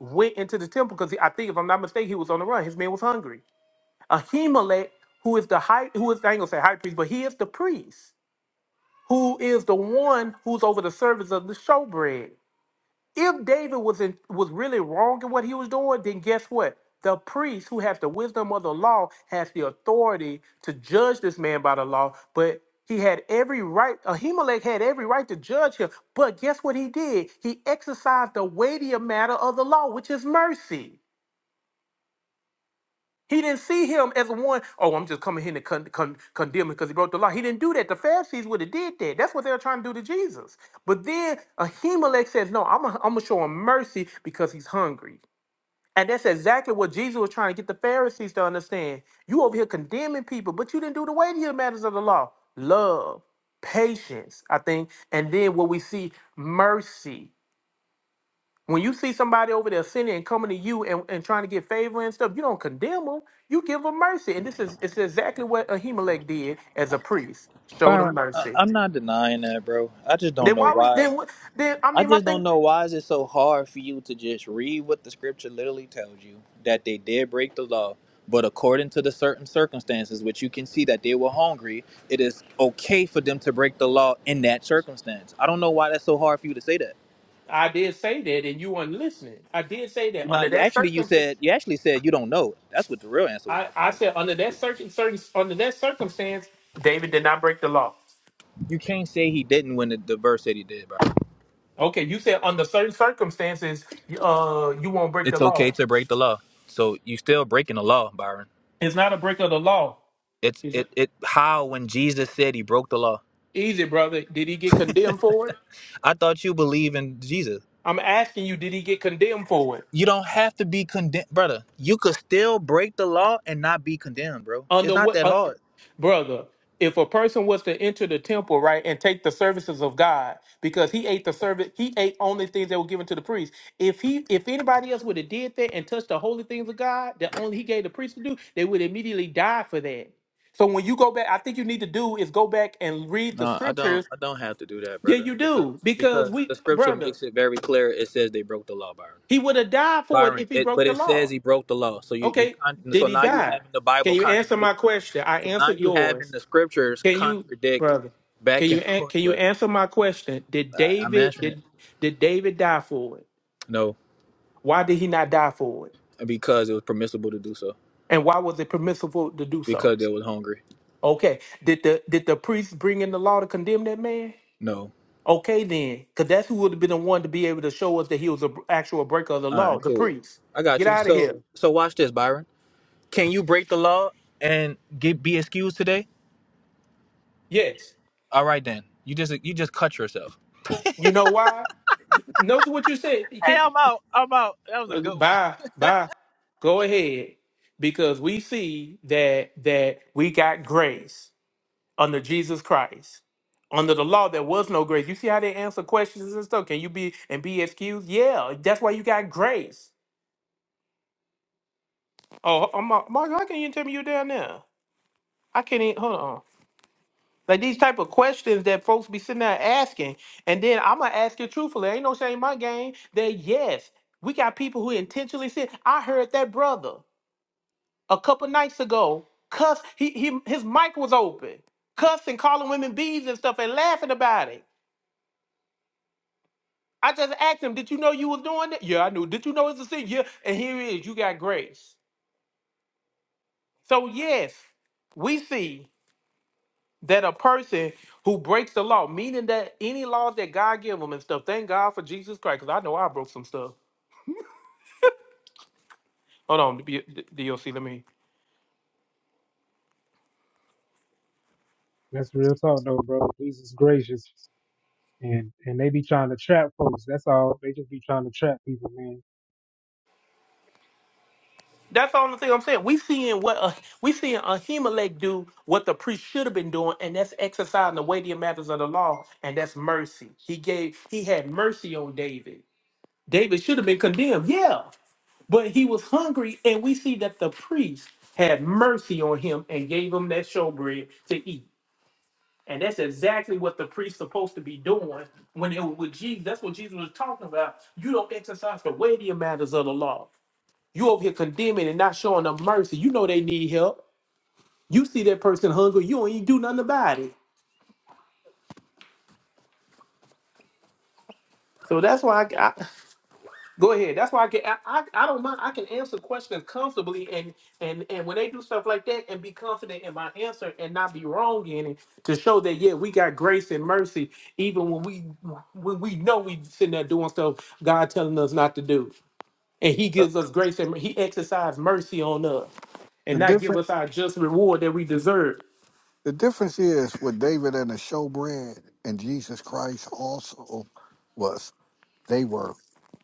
Speaker 1: went into the temple because I think, if I'm not mistaken, he was on the run. His man was hungry Ahimelech, who is the high, who is I ain't gonna say high priest, but he is the priest, who is the one who's over the service of the showbread. If David was in, was really wrong in what he was doing, then guess what? The priest, who has the wisdom of the law, has the authority to judge this man by the law. But he had every right. Ahimelech had every right to judge him. But guess what he did? He exercised the weightier matter of the law, which is mercy. He didn't see him as one, oh, I'm just coming here to con- con- condemn him because he broke the law. He didn't do that. The Pharisees would have did that. That's what they were trying to do to Jesus. But then Ahimelech says, no, I'm going to show him mercy because he's hungry. And that's exactly what Jesus was trying to get the Pharisees to understand. You over here condemning people, but you didn't do the weightier matters of the law. Love, patience, I think. And then what we see, mercy. When you see somebody over there sinning and coming to you and, and trying to get favor and stuff, you don't condemn them. You give them mercy. And this is it's exactly what Ahimelech did as a priest. Showed them
Speaker 5: Byron, I,
Speaker 1: mercy.
Speaker 5: I'm not denying that, bro. I just don't
Speaker 1: Then
Speaker 5: know
Speaker 1: why we
Speaker 5: why.
Speaker 1: then what then I
Speaker 5: I
Speaker 1: mean my
Speaker 5: just don't
Speaker 1: thing
Speaker 5: know why is it so hard for you to just read what the scripture literally tells you that they did break the law, but according to the certain circumstances, which you can see that they were hungry, it is okay for them to break the law in that circumstance. I don't know why that's so hard for you to say that.
Speaker 1: I did say that and you weren't listening. I did say that under
Speaker 5: Not you
Speaker 1: that
Speaker 5: actually you
Speaker 1: circumstance
Speaker 5: said you actually said you don't know. That's what the real answer
Speaker 1: I,
Speaker 5: was.
Speaker 1: I said under that certain, certain under that circumstance, David did not break the law.
Speaker 5: You can't say he didn't when the, the verse said he did, bro.
Speaker 1: Okay, you said under certain circumstances, uh you won't break the
Speaker 5: It's okay
Speaker 1: law.
Speaker 5: to break the law. So you still breaking the law, Byron.
Speaker 1: It's not a break of the law.
Speaker 5: It's it it how when Jesus said he broke the law.
Speaker 1: Easy, brother. Did he get condemned for it?
Speaker 5: I thought you believe in Jesus.
Speaker 1: I'm asking you, did he get condemned for it?
Speaker 5: You don't have to be condemned, brother. You could still break the law and not be condemned, bro. It's
Speaker 1: Under
Speaker 5: not
Speaker 1: what,
Speaker 5: that
Speaker 1: uh,
Speaker 5: hard.
Speaker 1: brother? If a person was to enter the temple, right, and take the services of God, because he ate the service, he ate only things that were given to the priest. If he, if anybody else would have did that and touched the holy things of God that only he gave the priest to do, they would immediately die for that. So when you go back, I think you need to do is go back and read the
Speaker 5: No, I don't.
Speaker 1: scriptures.
Speaker 5: I don't have to do that,
Speaker 1: Yeah,
Speaker 5: brother,
Speaker 1: you
Speaker 5: because
Speaker 1: do, because
Speaker 5: because
Speaker 1: we,
Speaker 5: the scripture
Speaker 1: brother,
Speaker 5: makes it very clear. It says they broke the law, Byron.
Speaker 1: he would have died for it
Speaker 5: Byron.
Speaker 1: if he
Speaker 5: It,
Speaker 1: broke
Speaker 5: but
Speaker 1: the
Speaker 5: it says
Speaker 1: law.
Speaker 5: he broke the law. So you you
Speaker 1: Okay,
Speaker 5: con-
Speaker 1: did
Speaker 5: so
Speaker 1: he
Speaker 5: now you
Speaker 1: die?
Speaker 5: having the
Speaker 1: Can
Speaker 5: Bible
Speaker 1: you answer
Speaker 5: contradict.
Speaker 1: my question? I
Speaker 5: So now
Speaker 1: answered
Speaker 5: you having
Speaker 1: yours.
Speaker 5: the scriptures
Speaker 1: Can you,
Speaker 5: contradict
Speaker 1: brother? Can
Speaker 5: back
Speaker 1: you
Speaker 5: and
Speaker 1: an- can
Speaker 5: forth,
Speaker 1: you
Speaker 5: brother.
Speaker 1: answer my question? Did
Speaker 5: I, I'm
Speaker 1: David
Speaker 5: answering it.
Speaker 1: did did David die for it?
Speaker 5: No,
Speaker 1: Why did he not die for it?
Speaker 5: because it was permissible to do so.
Speaker 1: And why was it permissible to do so?
Speaker 5: Because they was hungry.
Speaker 1: Okay, did the did the priest bring in the law to condemn that man?
Speaker 5: No.
Speaker 1: Okay, then, because that's who would have been the one to be able to show us that he was an actual breaker of the
Speaker 5: All right,
Speaker 1: law, the
Speaker 5: cool.
Speaker 1: priest.
Speaker 5: I got
Speaker 1: Get
Speaker 5: you.
Speaker 1: out of
Speaker 5: So,
Speaker 1: here.
Speaker 5: so watch this, Byron. Can you break the law and get be excused today?
Speaker 1: Yes.
Speaker 5: All right, then. You just you just cut yourself.
Speaker 1: You know why? Notice what you said.
Speaker 5: Hey, I'm out. I'm out. That was a
Speaker 1: Uh,
Speaker 5: good one.
Speaker 1: Bye, bye. Go ahead, because we see that that we got grace under Jesus Christ. Under the law, there was no grace. You see how they answer questions and stuff. Can you be and be excused? Yeah, that's why you got grace. Oh, I'm, uh, Mark, how can you tell me you're down there? I can't even hold on. Like these type of questions that folks be sitting there asking, and then I'm gonna ask you truthfully. Ain't no shame in my game. That yes, we got people who intentionally sin. I heard that brother. a couple nights ago, cuss he, he his mic was open, cussing, calling women bees and stuff, and laughing about it. I just asked him, "Did you know you was doing it?" Yeah, I knew. Did you know it's a sin? Yeah, and here it is. You got grace. So yes, we see that a person who breaks the law, meaning that any laws that God give them and stuff. Thank God for Jesus Christ, because I know I broke some stuff. Hold on, D- D- DOC, let me.
Speaker 6: That's real talk though, bro. Jesus gracious. And and they be trying to trap folks. That's all. They just be trying to trap people, man.
Speaker 1: That's all the thing I'm saying. We seeing what uh, we seeing Ahimelech do what the priest should have been doing, and that's exercising the weightier matters of the law, and that's mercy. He gave he had mercy on David. David should have been condemned, yeah, but he was hungry, and we see that the priest had mercy on him and gave him that showbread to eat. And that's exactly what the priest's supposed to be doing when it was with Jesus. That's what Jesus was talking about. You don't exercise the weightier matters of the law. You over here condemning and not showing them mercy. You know they need help. You see that person hungry. You don't even do nothing about it. So that's why I, I- go ahead. That's why I can I, I, I don't mind. I can answer questions comfortably and and and when they do stuff like that and be confident in my answer and not be wrong in it to show that yeah we got grace and mercy even when we when we know we sitting there doing stuff God telling us not to do and He
Speaker 7: Uh,
Speaker 1: gives us grace and He exercises mercy on us and
Speaker 7: The
Speaker 1: not give
Speaker 7: different
Speaker 1: us our just reward that we deserve.
Speaker 7: the difference is with David and the showbread and Jesus Christ also was they were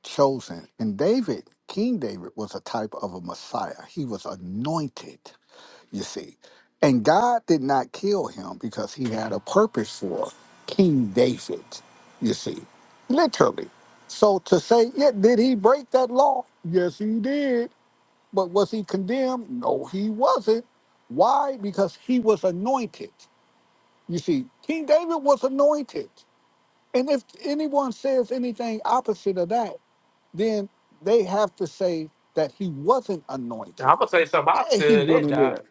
Speaker 7: chosen. And David, King David, was a type of a Messiah. He was anointed, you see. And God did not kill him because he had a purpose for King David, you see. Literally. So to say, yeah, did he break that law? Yes, he did But was he condemned? No, he wasn't. Why? Because he was anointed. You see, King David was anointed. And if anyone says anything opposite of that, then they have to say that he wasn't anointed.
Speaker 1: I'm gonna say something
Speaker 7: Yeah, he
Speaker 1: opposite of
Speaker 7: went
Speaker 1: that,
Speaker 7: in
Speaker 1: Doc.
Speaker 7: there.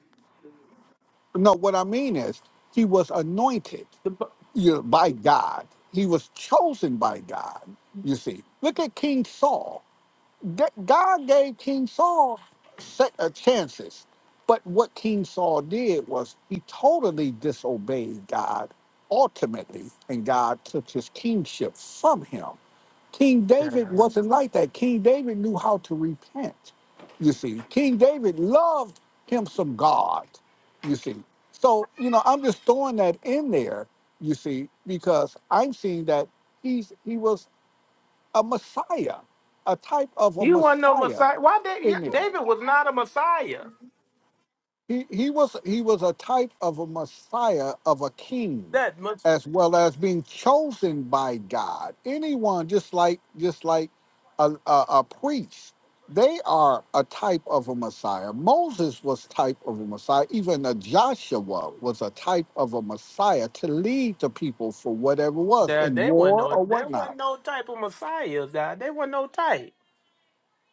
Speaker 7: No, what I mean is he was anointed
Speaker 1: The, bu-
Speaker 7: you know, by God. He was chosen by God. You see, look at King Saul. G- God gave King Saul se- uh, chances, but what King Saul did was he totally disobeyed God ultimately, and God took his kingship from him. King
Speaker 1: yeah,
Speaker 7: David
Speaker 1: I know.
Speaker 7: wasn't like that. King David knew how to repent. You see, King David loved him some God. You see, so you know I'm just throwing that in there. You see, because I'm seeing that he's he was a Messiah, a type of a
Speaker 1: he wasn't no
Speaker 7: Messiah
Speaker 1: Messiah. Why David?
Speaker 7: in there.
Speaker 1: David was not a Messiah.
Speaker 7: He he was he was a type of a Messiah of a king,
Speaker 1: That much.
Speaker 7: as well as being chosen by God. Anyone just like just like a, a, a priest, they are a type of a Messiah. Moses was type of a Messiah. Even a Joshua was a type of a Messiah to lead the people for whatever was
Speaker 1: That
Speaker 7: in
Speaker 1: they wasn't
Speaker 7: war
Speaker 1: no.
Speaker 7: or
Speaker 1: There
Speaker 7: whatnot
Speaker 1: wasn't no type of Messiah. Doc. They wasn't no type.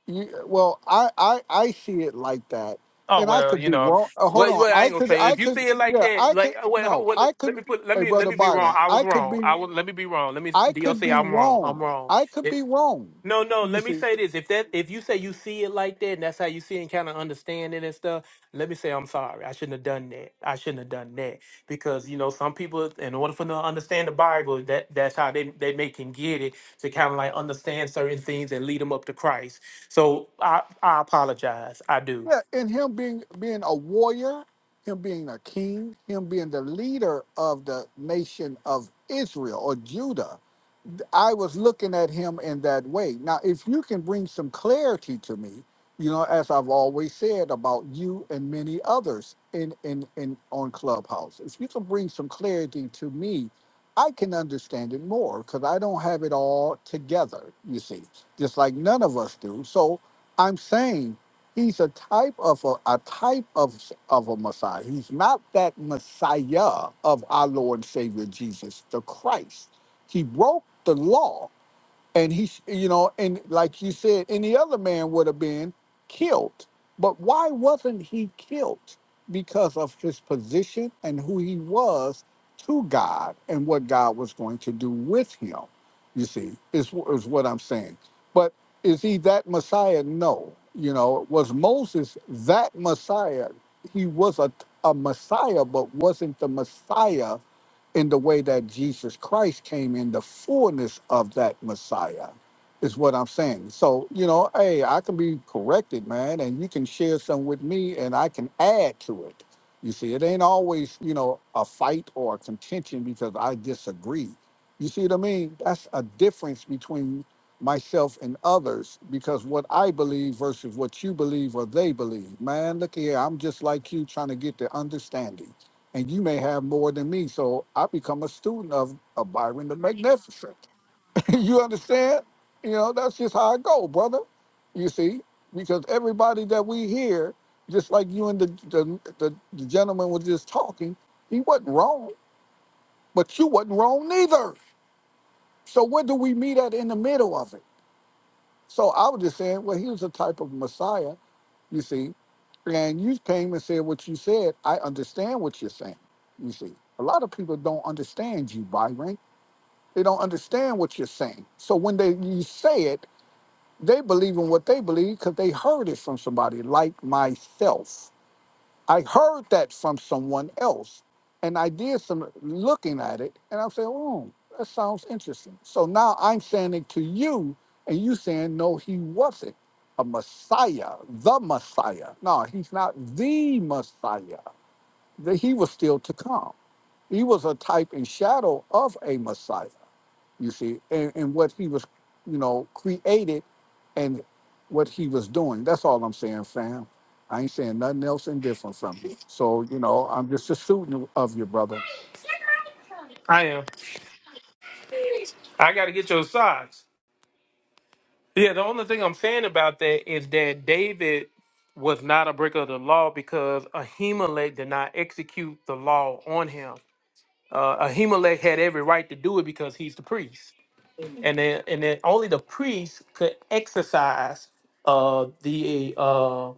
Speaker 7: You, well, I, I I see it like that,
Speaker 1: Oh
Speaker 7: and I
Speaker 1: well,
Speaker 7: could
Speaker 1: you
Speaker 7: be
Speaker 1: know.
Speaker 7: wrong. Uh, hold
Speaker 1: Well,
Speaker 7: on,
Speaker 1: well, I
Speaker 7: I
Speaker 1: ain't gonna
Speaker 7: could
Speaker 1: say.
Speaker 7: I
Speaker 1: If you
Speaker 7: could
Speaker 1: see it like
Speaker 7: yeah
Speaker 1: that,
Speaker 7: I could
Speaker 1: like uh, well, ho-
Speaker 7: no
Speaker 1: well,
Speaker 7: I
Speaker 1: let
Speaker 7: could
Speaker 1: me put. Let
Speaker 7: hey
Speaker 1: me let
Speaker 7: brother
Speaker 1: me be wrong.
Speaker 7: Byron
Speaker 1: I was
Speaker 7: I could
Speaker 1: wrong.
Speaker 7: be
Speaker 1: I was. Let me be wrong. Let me
Speaker 7: I could
Speaker 1: DLC.
Speaker 7: be
Speaker 1: I'm wrong.
Speaker 7: wrong
Speaker 1: I'm wrong.
Speaker 7: I could be wrong.
Speaker 1: No, no.
Speaker 7: You
Speaker 1: Let me
Speaker 7: see,
Speaker 1: say this: if that, if you say you see it like that, and that's how you see it, and kind of understand it and stuff, let me say I'm sorry. I shouldn't have done that. I shouldn't have done that because you know some people, in order for them to understand the Bible, that that's how they they make can get it to kind of like understand certain things and lead them up to Christ. So I I apologize. I do.
Speaker 7: yeah, and him being being a warrior, him being a king, him being the leader of the nation of Israel or Judah I was looking at him in that way. Now, if you can bring some clarity to me, you know, as I've always said about you and many others in in in on Clubhouse, if you can bring some clarity to me, I can understand it more because I don't have it all together. You see, just like none of us do. So I'm saying he's a type of a, a type of of a Messiah. He's not that Messiah of our Lord and Savior Jesus the Christ he broke the law, and he, sh- you know, and like you said, any other man would have been killed. But why wasn't he killed? Because of his position and who he was to God and what God was going to do with him. You see, is is what I'm saying. But is he that Messiah? No. You know, was Moses that Messiah? He was a, a Messiah, but wasn't the Messiah in the way that Jesus Christ came in the fullness of that Messiah, is what I'm saying. So, you know, hey, I can be corrected, man, and you can share some with me and I can add to it. You see, it ain't always, you know, a fight or a contention because I disagree. You see what I mean? That's a difference between myself and others because what I believe versus what you believe or they believe. Man, look here, I'm just like you trying to get the understanding and you may have more than me. So I become a student of, of Byron the Magnificent. you understand? You know, that's just how I go, brother. You see, because everybody that we hear, just like you and the the, the, the gentleman was just talking, he wasn't wrong, but you wasn't wrong neither. So where do we meet at in the middle of it? So I was just saying, well, he was a type of Messiah, you see, And you came and said what you said. I understand what you're saying. You see, a lot of people don't understand you, Byron. They don't understand what you're saying. So when they you say it, they believe in what they believe because they heard it from somebody like myself. I heard that from someone else, and I did some looking at it, and I'm saying, "Oh, that sounds interesting." So now I'm saying it to you, and you saying, "No, he wasn't a Messiah, the Messiah. No, he's not the Messiah. That he was still to come. He was a type and shadow of a Messiah." you see, and, and what he was, you know, created and what he was doing. That's all I'm saying, fam. I ain't saying nothing else indifferent from you. So, you know, I'm just a student of you, brother.
Speaker 1: I am. I got to get your size. Yeah, the only thing I'm saying about that is that David was not a breaker of the law because Ahimelech did not execute the law on him. Uh, Ahimelech had every right to do it because he's the priest and then and then only the priest could exercise uh the uh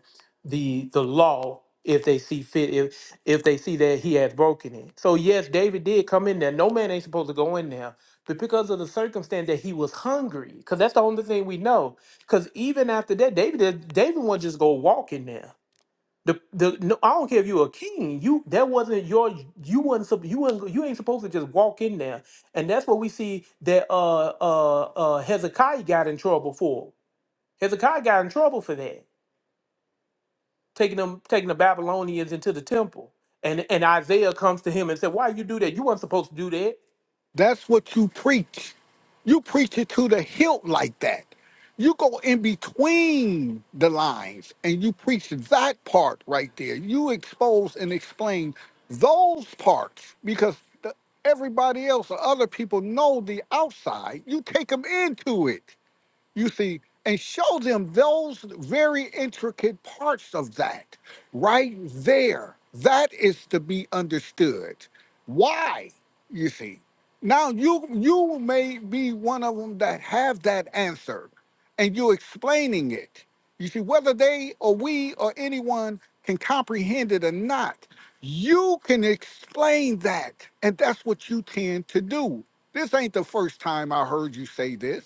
Speaker 1: the the law if they see fit if if they see that he has broken it so yes david did come in there no man ain't supposed to go in there but because of the circumstance that he was hungry because that's the only thing we know because even after that david did david won't just go walk in there the the no, I don't care if you were a king. You that wasn't your you wasn't sup- you wasn't you ain't supposed to just walk in there. And that's what we see that uh uh uh Hezekiah got in trouble for. Hezekiah got in trouble for that, taking them taking the Babylonians into the temple. And and Isaiah comes to him and said, "Why you do that? You weren't supposed to do that."
Speaker 7: That's what you preach. You preach it to the hilt like that. You go in between the lines and you preach that part right there. You expose and explain those parts because the, everybody else or other people know the outside. You take them into it you see, and show them those very intricate parts of that right there. That is to be understood. Why, you see. Now you you may be one of them that have that answer and you explaining it. You see, whether they or we or anyone can comprehend it or not, you can explain that. And that's what you tend to do. This ain't the first time I heard you say this.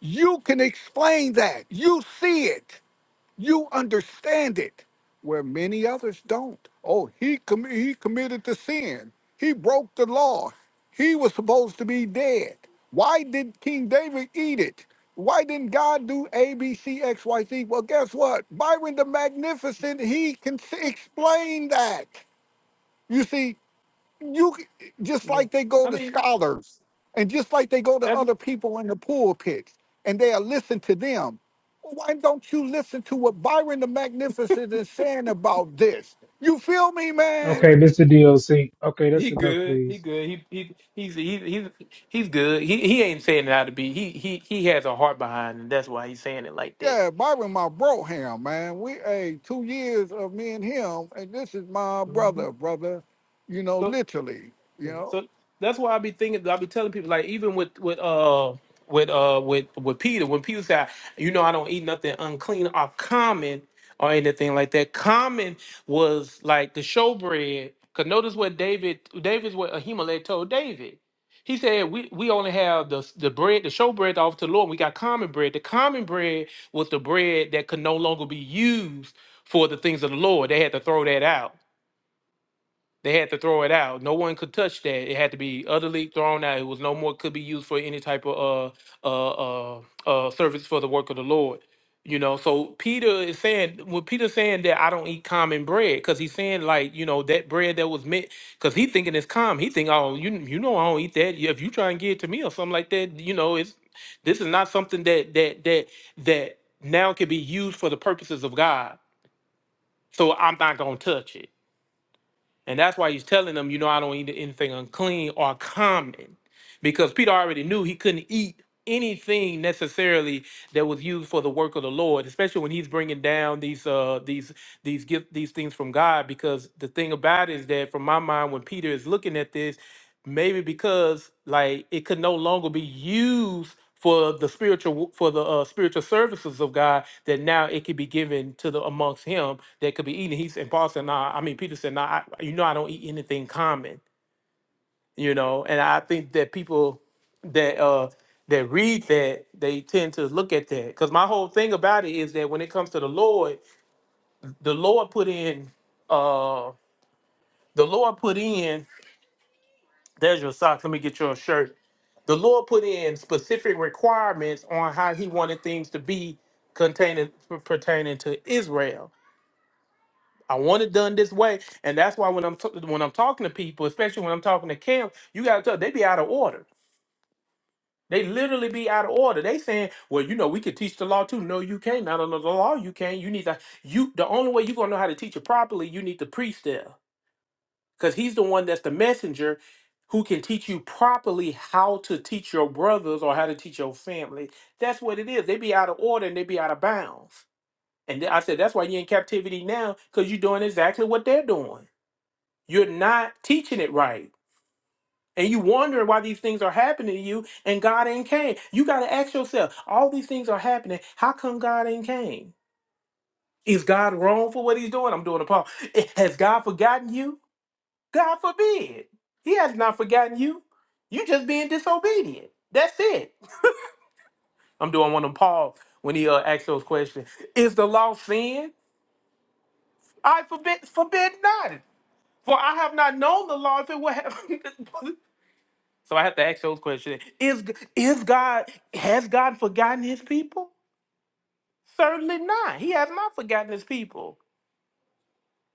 Speaker 7: You can explain that. You see it. You understand it, where many others don't. Oh, he com- he committed the sin. He broke the law. He was supposed to be dead. Why did King David eat it? Why didn't God do A, B, C, X, Y, Z? Well, guess what? Byron the Magnificent, he can s- explain that. You see, you c- just
Speaker 1: Yeah,
Speaker 7: like they go
Speaker 1: I
Speaker 7: to
Speaker 1: mean
Speaker 7: scholars and just like they go to
Speaker 1: that's
Speaker 7: other people in the pulpit and they'll listen to them why don't you listen to what byron the magnificent is saying about this you feel me man
Speaker 6: Okay, Mr. DLC. Okay,
Speaker 1: he
Speaker 6: that's enough,
Speaker 1: good. He
Speaker 6: please.
Speaker 1: good. He he he's he's he's, he's good. He he ain't saying it out to be. He he he has a heart behind, and that's why he's saying it like
Speaker 7: yeah byron my bro ham man we hey two years of me and him and this is my
Speaker 1: that.
Speaker 7: brother brother you know
Speaker 1: So
Speaker 7: literally you
Speaker 1: yeah,
Speaker 7: know
Speaker 1: so that's why I be thinking. I be telling people like even with with uh with uh with with Peter when Peter said, you know, I don't eat nothing unclean or common or anything like that. Common was like the showbread. Cause notice what David David's what Ahimelech told David. He said, we, we only have the, the bread, the showbread to offer to the Lord. We got common bread. The common bread was the bread that could no longer be used for the things of the Lord. They had to throw that out. They had to throw it out. No one could touch that. It had to be utterly thrown out. It was no more could be used for any type of uh uh uh, uh service for the work of the Lord. You know, so Peter is saying when Peter's saying that I don't eat common bread, because he's saying like you know that bread that was meant, because he thinking it's common. He think oh you you know I don't eat that. If you try and give it to me or something like that, you know it's this is not something that that that that now can be used for the purposes of God. So I'm not gonna touch it. And that's why he's telling them, you know, I don't eat anything unclean or common because Peter already knew he couldn't eat anything necessarily that was used for the work of the Lord, especially when he's bringing down these uh these these gift these things from God because the thing about it is that from my mind when Peter is looking at this maybe because like it could no longer be used for the spiritual wo- for the uh, spiritual services of God that now it could be given to the amongst him that could be eaten. He's and Paul said, "Nah." I mean, Peter said, "Nah. I, you know, I don't eat anything common." you know and i think that people that uh that read that they tend to look at that because my whole thing about it is that when it comes to the lord the lord put in uh the lord put in there's your socks let me get your shirt the lord put in specific requirements on how he wanted things to be containing pertaining to israel I want it done this way, and that's why when I'm t- when I'm talking to people, especially when I'm talking to Cam, you gotta tell they be out of order They literally be out of order. They saying, well, you know, we could teach the law too. No, you can't. Not under the law, you can't. You need to you the only way you're gonna know how to teach it properly, you need the priest there. Because he's the one that's the messenger who can teach you properly how to teach your brothers or how to teach your family. That's what it is. They be out of order and they be out of bounds. And th- I said, that's why you're in captivity now, because you're doing exactly what they're doing. You're not teaching it right and you wonder why these things are happening to you and God ain't came. You got to ask yourself, all these things are happening. How come God ain't came? Is God wrong for what he's doing? I'm doing a Paul. Eh, Has God forgotten you? God forbid. He has not forgotten you. You just being disobedient. That's it. I'm doing one of Paul when he uh, asks those questions. Is the law sin? I forbid forbid not. For I have not known the law if it would have. So I have to ask those questions. Is is God has God forgotten his people? Certainly not. He has not forgotten his people.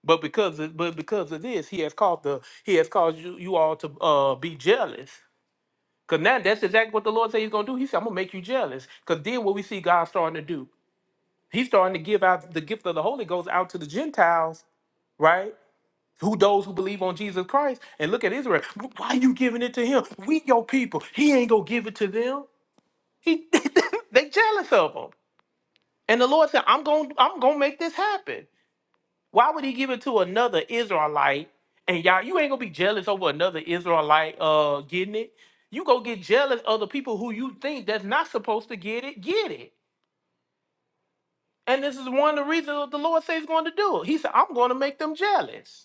Speaker 1: But because of, but because of this, he has called the he has caused you, you all to uh, be jealous. Cause now that's exactly what the Lord said he's gonna do. He said, I'm gonna make you jealous. Cause then what we see God starting to do. He's starting to give out the gift of the Holy Ghost out to the Gentiles, right? Who those who believe on Jesus Christ and look at Israel. Why are you giving it to him? We your people. He ain't gonna give it to them. He, they jealous of him. And the Lord said, I'm going to I'm going to make this happen. Why would he give it to another Israelite? And y'all, you ain't going to be jealous over another Israelite uh getting it. You go get jealous of the people who you think that's not supposed to get it, get it. And this is one of the reasons that the Lord says he's going to do it. He said, I'm going to make them jealous.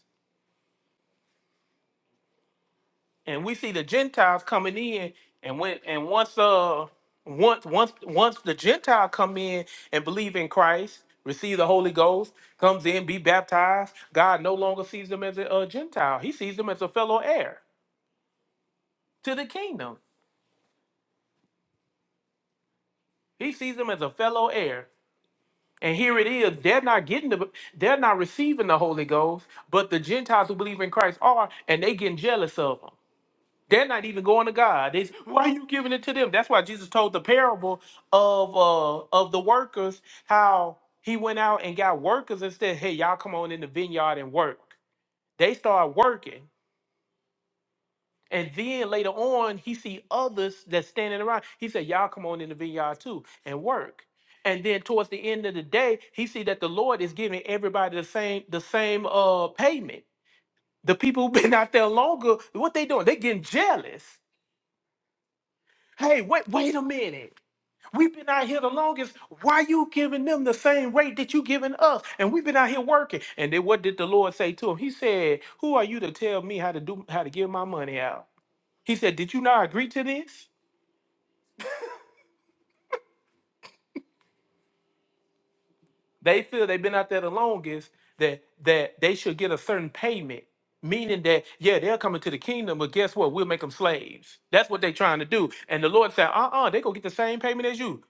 Speaker 1: and we see the Gentiles coming in, and when and once uh once once once the Gentile come in and believe in Christ, receive the Holy Ghost, comes in, be baptized, God no longer sees them as a, uh Gentile. He sees them as a fellow heir to the kingdom. He sees them as a fellow heir. And here it is, they're not getting the they're not receiving the Holy Ghost, but the Gentiles who believe in Christ are, and they getting jealous of them. They're not even going to God. They, why are you giving it to them? That's why Jesus told the parable of uh of the workers, how he went out and got workers and said, Hey, y'all come on in the vineyard and work. They start working. And then later on, he see others that's standing around. He said, Y'all come on in the vineyard too and work. And then towards the end of the day, he see that the Lord is giving everybody the same, the same uh payment. The people who've been out there longer, what they doing? They getting jealous Hey, wait, wait a minute. We've been out here the longest. Why you giving them the same rate that you giving us? And we've been out here working. And then what did the Lord say to him? He said, Who are you to tell me how to do how to give my money out? He said, Did you not agree to this? They feel they've been out there the longest that that they should get a certain payment, meaning that yeah, they're coming to the kingdom, but guess what? We'll make them slaves. That's what they're trying to do. And the Lord said, uh-uh, they gonna get the same payment as you.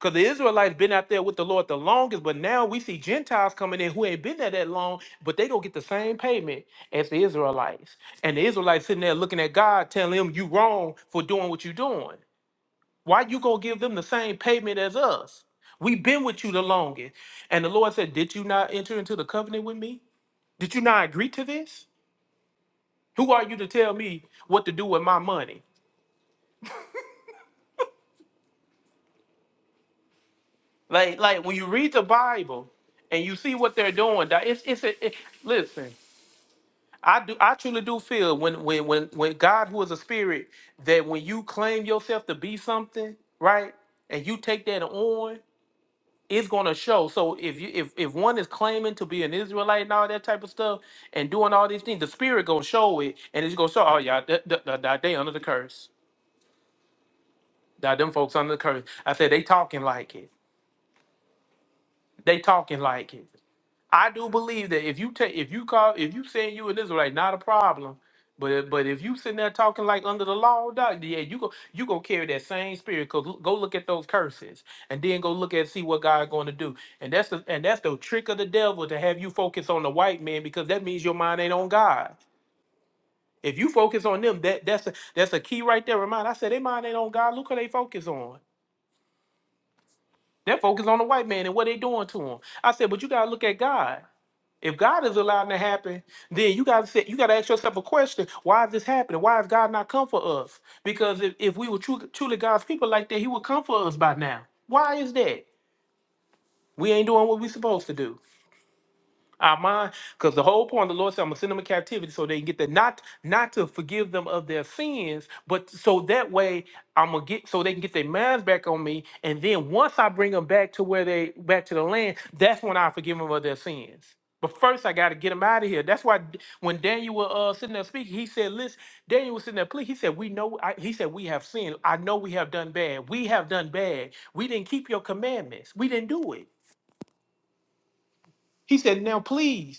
Speaker 1: Because the Israelites been out there with the Lord the longest, but now we see Gentiles coming in who ain't been there that long, but they gonna get the same payment as the Israelites. And the Israelites sitting there looking at God, telling him you wrong for doing what you're doing. Why you gonna give them the same payment as us? We've been with you the longest. And the Lord said, Did you not enter into the covenant with me? Did you not agree to this? Who are you to tell me what to do with my money? Like, like when you read the Bible and you see what they're doing, that it's it's a, it, listen. I do I truly do feel when when when when God who is a spirit that when you claim yourself to be something, right? And you take that on it's going to show. So if you if if one is claiming to be an Israelite and all that type of stuff and doing all these things, the spirit gonna show it, and it's gonna show. Oh yeah, th- th- th- th- they under the curse. That them folks under the curse. I said they talking like it. They talking like it. I do believe that if you take if you call if you saying you an Israelite, not a problem. But if- but if you sitting there talking like under the law, dog, yeah, you go you go carry that same spirit. Cause l- go look at those curses, and then go look at see what God going to do. And that's the and that's the trick of the devil to have you focus on the white man because that means your mind ain't on God. If you focus on them, that that's a, that's a key right there. Remind I said they mind ain't on God. Look who they focus on. They're focused on the white man and what they doing to him. I said, but you gotta look at God. If God is allowing it to happen, then you gotta say, you gotta ask yourself a question: Why is this happening? Why has God not come for us? Because if, if we were true, truly God's people like that, He would come for us by now. Why is that? We ain't doing what we supposed to do our mind because the whole point of the lord said i'm going to send them in captivity so they can get that not not to forgive them of their sins but so that way i'm going to get so they can get their minds back on me and then once i bring them back to where they back to the land that's when i forgive them of their sins but first i got to get them out of here that's why D- when daniel was uh, sitting there speaking he said listen daniel was sitting there pleading he said we know I, he said we have sinned i know we have done bad we have done bad we didn't keep your commandments we didn't do it he said now please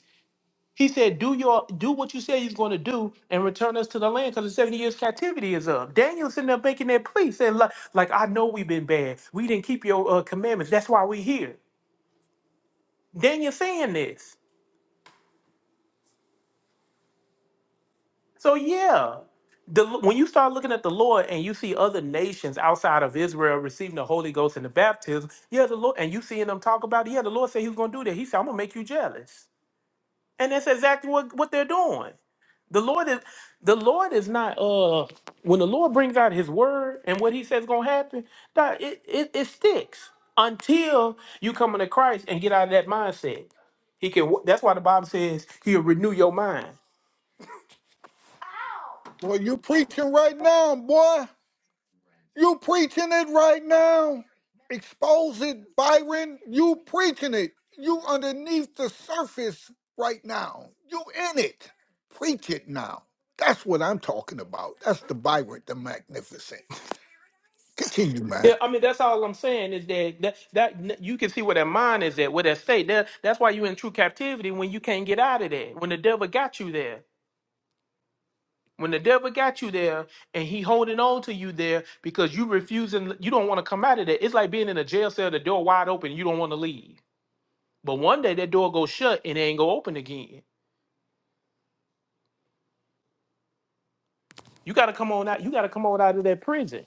Speaker 1: he said, "Do your do what you say he's going to do, and return us to the land, because the seventy years captivity is up." Daniel's sitting there making that plea, saying, "Like, like, I know we've been bad. We didn't keep your uh, commandments. That's why we're here." Daniel saying this. So yeah, the, when you start looking at the Lord and you see other nations outside of Israel receiving the Holy Ghost and the baptism, yeah, the Lord, and you seeing them talk about it, yeah, the Lord said He was going to do that. He said, "I'm going to make you jealous." And that's exactly what, what they're doing. The Lord is the Lord is not uh when the Lord brings out his word and what he says gonna happen, that it, it, it sticks until you come into Christ and get out of that mindset. He can that's why the Bible says he'll renew your mind.
Speaker 7: well you preaching right now boy You preaching it right now. Expose it, Byron. You preaching it. You underneath the surface right now. You in it. Preach it now. That's what I'm talking about. That's the Byron the Magnificent. Continue,
Speaker 1: Yeah,
Speaker 7: man.
Speaker 1: I mean that's all I'm saying is that that, that you can see where that mind is at, where that state. That, that's why you are in true captivity when you can't get out of there, when the devil got you there. When the devil got you there and he holding on to you there because you refusing, you don't want to come out of there. It's like being in a jail cell, the door wide open, you don't want to leave. But one day that door goes shut and it ain't go open again. You gotta come on out. You gotta come on out of that prison.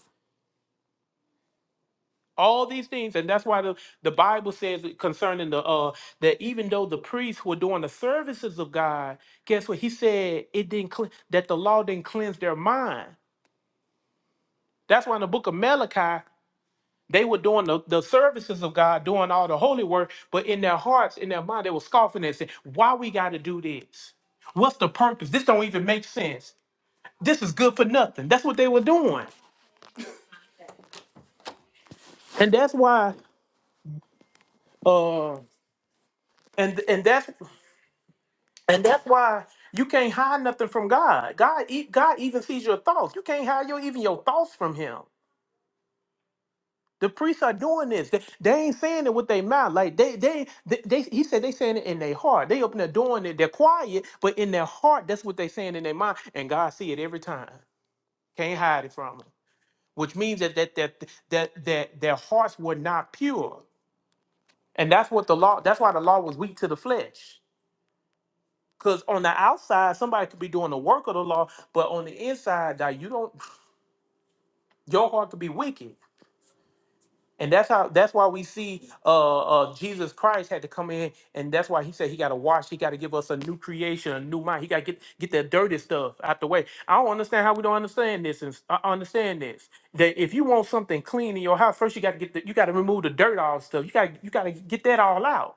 Speaker 1: All these things, and that's why the, the Bible says concerning the uh that even though the priests were doing the services of God, guess what? He said it didn't cle- that the law didn't cleanse their mind. That's why in the book of Malachi They were doing the, the services of God, doing all the holy work, but in their hearts, in their mind, they were scoffing and saying, Why we gotta do this? What's the purpose? This don't even make sense. This is good for nothing. That's what they were doing. And that's why uh and and that's and that's why you can't hide nothing from God. God e- God even sees your thoughts. You can't hide your even your thoughts from him. The priests are doing this. They, they ain't saying it with their mouth. Like they, they, they, they- he said they saying it in their heart. They open their door and they- they're quiet, but in their heart, that's what they saying in their mind. And God see it every time. Can't hide it from them. Which means that that that that that their hearts were not pure. And that's what the law. That's why the law was weak to the flesh. Because on the outside, somebody could be doing the work of the law, but on the inside, that you don't. Your heart could be wicked. And that's how that's why we see uh, uh Jesus Christ had to come in and that's why he said he gotta wash, he gotta give us a new creation, a new mind. He gotta get get that dirty stuff out the way. I don't understand how we don't understand this and s- I I understand this. That if you want something clean in your house, first you gotta get the you gotta remove the dirt all stuff. You gotta you gotta get that all out.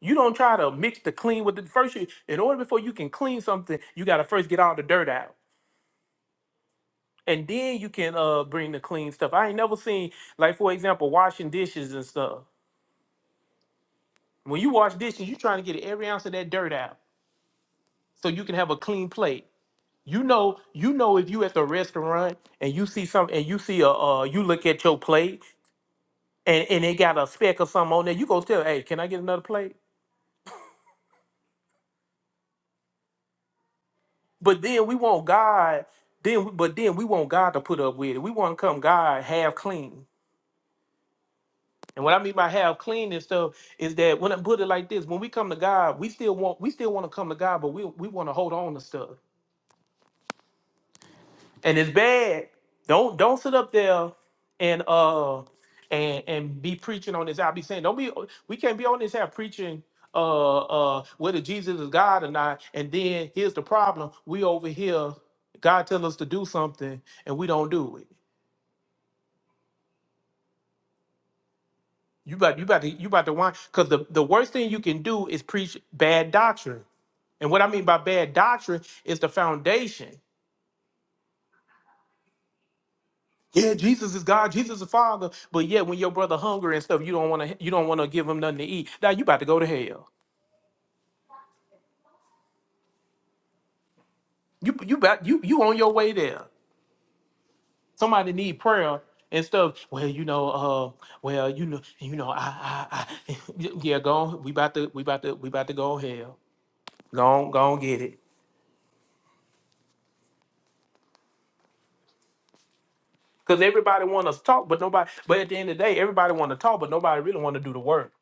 Speaker 1: You don't try to mix the clean with the first you in order before you can clean something, you gotta first get all the dirt out. And then you can uh bring the clean stuff. I ain't never seen like for example washing dishes and stuff. When you wash dishes, you're trying to get every ounce of that dirt out so you can have a clean plate. You know, you know if you at the restaurant and you see some and you see a uh you look at your plate and, and it got a speck or something on there, you go tell, hey, can I get another plate? But then we want God, then but then we want God to put up with it. We want to come God half clean. And what I mean by half clean and stuff is that when I put it like this, when we come to God, we still want we still want to come to God, but we we want to hold on to stuff. and it's bad. Don't don't sit up there and uh and and be preaching on this. I'll be saying, don't be. We can't be on this half preaching uh uh whether Jesus is God or not. And then here's the problem: we over here, God tell us to do something and we don't do it. You about you about to you about to want because the the worst thing you can do is preach bad doctrine. And what I mean by bad doctrine is the foundation. Yeah, Jesus is God, Jesus is Father, but yet when your brother hungry and stuff, you don't want to you don't want to give him nothing to eat. Now you about to go to hell. You you about you you on your way there. Somebody need prayer and stuff. Well, you know, uh, well, you know, you know, I, I, I yeah, go on. We about to we about to we about to go to hell. Go on, go on, get it. Cause everybody want to talk, but nobody. But at the end of the day, everybody want to talk, but nobody really want to do the work.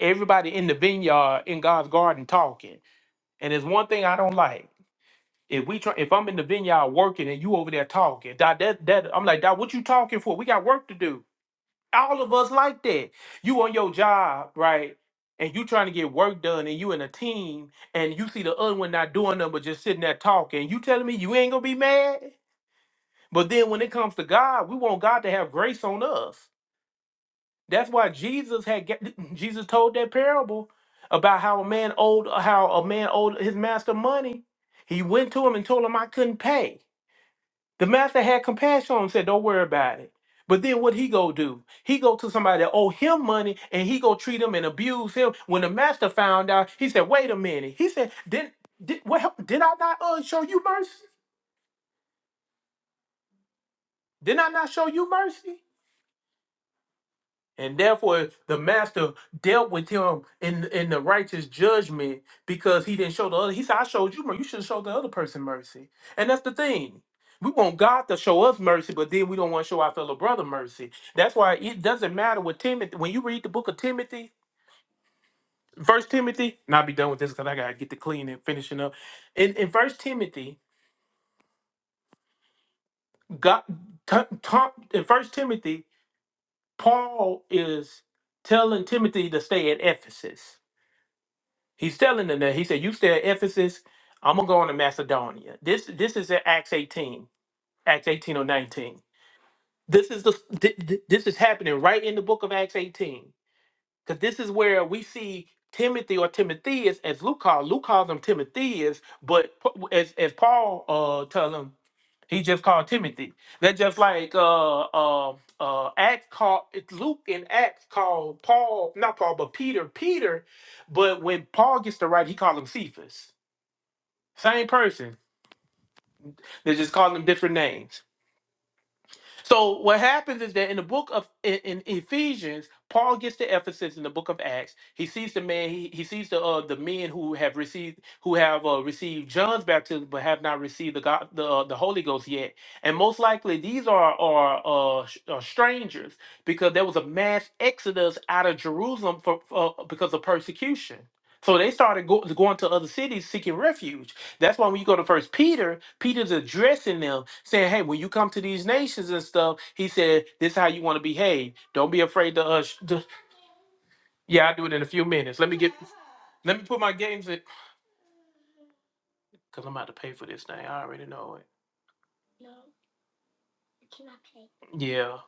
Speaker 1: Everybody in the vineyard in God's garden talking, and it's one thing I don't like. If we try, if I'm in the vineyard working and you over there talking, that that, that I'm like, Doc, what you talking for? We got work to do. All of us like that. You on your job, right? And you trying to get work done, and you in a team, and you see the other one not doing nothing but just sitting there talking. You telling me you ain't gonna be mad? But then when it comes to God, we want God to have grace on us. That's why Jesus had ga- Jesus told that parable about how a man owed how a man owed his master money. He went to him and told him I couldn't pay. The master had compassion on him, said, Don't worry about it. But then what he go do? He go to somebody that owe him money and he go treat him and abuse him. When the master found out, he said, Wait a minute. He said, Did, did, what, hap- did I not uh, show you mercy? Did I not show you mercy? And therefore, the master dealt with him in in the righteous judgment because he didn't show the other. He said, "I showed you mercy. You should have showed the other person mercy." And that's the thing. We want God to show us mercy, but then we don't want to show our fellow brother mercy. That's why it doesn't matter with Timothy. When you read the book of Timothy, First Timothy, and I'll be done with this because I gotta get to clean and finishing up. In in First Timothy, God, t- t- in First Timothy, Paul is telling Timothy to stay at Ephesus He's telling them that he said, "You stay at Ephesus. I'm gonna go on to Macedonia." This this is at Acts 18, Acts 18 or 19. This is the th- th- this is happening right in the book of Acts 18 because this is where we see Timothy or Timotheus, as Luke called Luke calls them Timotheus, but Pa- as as Paul uh tell him. He just called Timothy. That's just like uh uh uh Acts called it's Luke in Acts called Paul, not Paul, but Peter, Peter. But when Paul gets to write, he called him Cephas. Same person. They just call him different names. So what happens is that in the book of in, in Ephesians, Paul gets to Ephesus in the book of Acts. He sees the man. He, he sees the uh, the men who have received who have uh, received John's baptism but have not received the God the uh, the Holy Ghost yet. And most likely these are are uh, sh- uh, strangers because there was a mass exodus out of Jerusalem for, for because of persecution. So they started go, going to other cities seeking refuge. That's why when you go to First Peter, Peter's addressing them, saying, "Hey, when you come to these nations and stuff, he said, this is how you want to behave. Don't be afraid to uh, sh- to- yeah, I'll do it in a few minutes. Let me get, let me put my games in, cause I'm about to pay for this thing. I already know it. Yeah,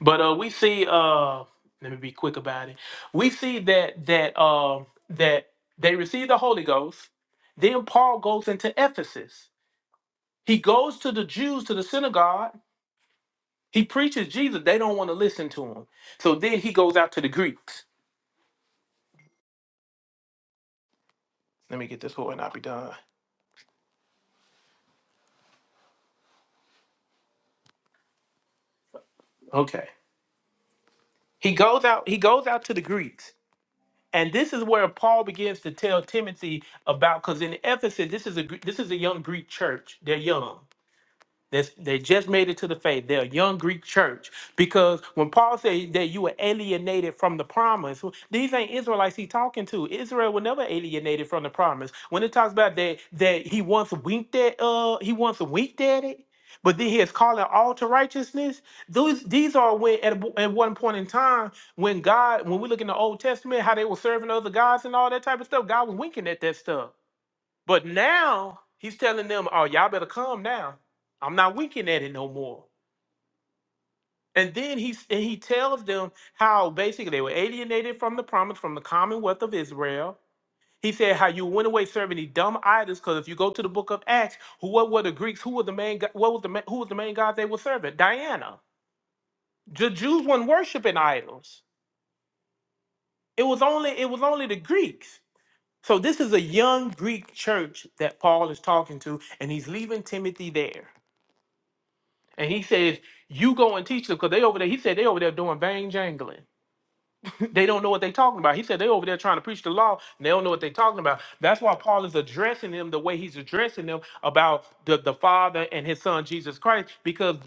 Speaker 1: but uh, we see, uh, let me be quick about it. We see that that um that they receive the Holy Ghost. Then Paul goes into Ephesus. He goes to the Jews to the synagogue He preaches Jesus. They don't want to listen to him. So then he goes out to the Greeks. Let me get this whole and I'll be done. Okay. He goes out, he goes out to the Greeks. And this is where Paul begins to tell Timothy about because in Ephesus, this is a Gr- this is a young Greek church. They're young. That's, they just made it to the faith. They're a young Greek church. Because when Paul said that you were alienated from the promise, these ain't Israelites he talking to. Israel were never alienated from the promise. When it talks about that that he once winked at uh he once winked at it, but then he is calling all to righteousness. Those these are when at, a- at one point in time when God, when we look in the old testament, how they were serving other gods and all that type of stuff, God was winking at that stuff. But now he's telling them, "Oh, y'all better come now. I'm not winking at it no more." And then he s- and he tells them how basically they were alienated from the promise from the Commonwealth of Israel. He said how you went away serving the dumb idols because if you go to the Book of Acts, who what were the Greeks? Who were the main? go- What was the ma- who was the main god they were serving? Diana. The Jews weren't worshiping idols. It was only it was only the Greeks. So this is a young Greek church that Paul is talking to, and he's leaving Timothy there. And he says, You go and teach them because they over there. He said they over there doing vain jangling. they don't know what they talking about. He said they over there trying to preach the law and they don't know what they talking about. That's why Paul is addressing them the way he's addressing them about the, the Father and his son Jesus Christ because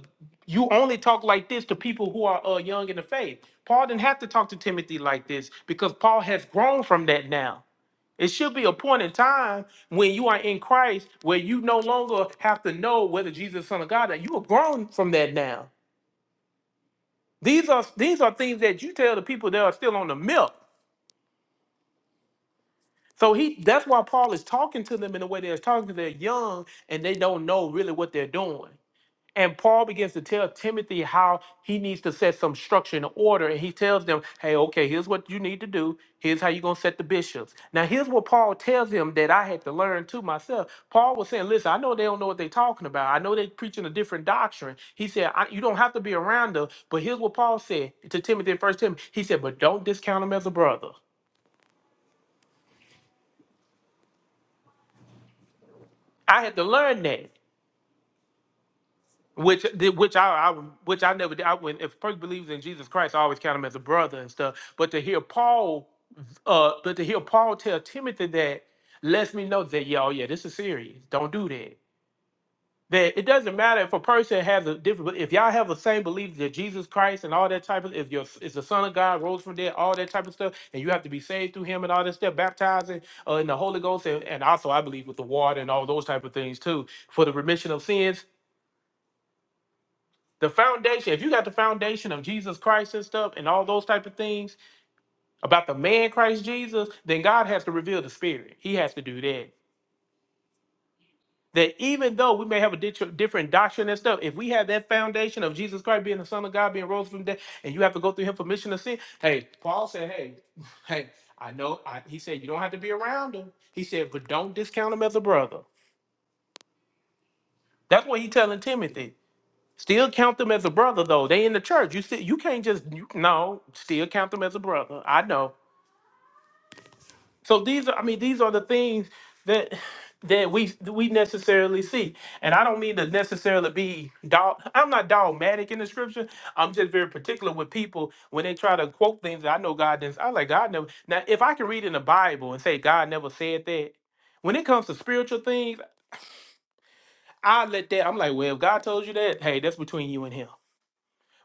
Speaker 1: you only talk like this to people who are uh, young in the faith. Paul didn't have to talk to Timothy like this because Paul has grown from that now. It should be a point in time when you are in Christ where you no longer have to know whether Jesus is the Son of God. That you are grown from that now. These are these are things that you tell the people that are still on the milk. So he that's why Paul is talking to them in the way they're talking. They're young and they don't know really what they're doing. And Paul begins to tell Timothy how he needs to set some structure and order. And he tells them, hey, okay, here's what you need to do. Here's how you're going to set the bishops. Now, here's what Paul tells him that I had to learn to myself. Paul was saying, listen, I know they don't know what they're talking about. I know they're preaching a different doctrine. He said, I, you don't have to be around them. But here's what Paul said to Timothy in 1 Timothy. He said, but don't discount them as a brother. I had to learn that. Which did which I, I which I never did. I, when if a person believes in Jesus Christ, I always count him as a brother and stuff. But to hear Paul, uh, but to hear Paul tell Timothy that lets me know that y'all, yeah, this is serious. Don't do that. That it doesn't matter if a person has a different. If y'all have the same belief that Jesus Christ and all that type of, if you're is the Son of God rose from dead, all that type of stuff, and you have to be saved through Him and all that stuff, baptizing uh, in the Holy Ghost, and, and also I believe with the water and all those type of things too for the remission of sins the foundation if you got the foundation of jesus christ and stuff and all those type of things about the man christ jesus then god has to reveal the spirit he has to do that that even though we may have a ditch- different doctrine and stuff if we have that foundation of jesus christ being the son of god being rose from the dead and you have to go through him for mission of sin hey paul said hey hey i know I, he said you don't have to be around him he said but don't discount him as a brother that's what he's telling timothy Still count them as a brother though. They in the church. You see, you can't just you, no. Still count them as a brother. I know. So these are. I mean, these are the things that that we we necessarily see. And I don't mean to necessarily be dog. I'm not dogmatic in the scripture. I'm just very particular with people when they try to quote things that I know God didn't. I like God never. Now, if I can read in the Bible and say God never said that, when it comes to spiritual things, I let that. I'm like, well, if God told you that, hey, that's between you and Him.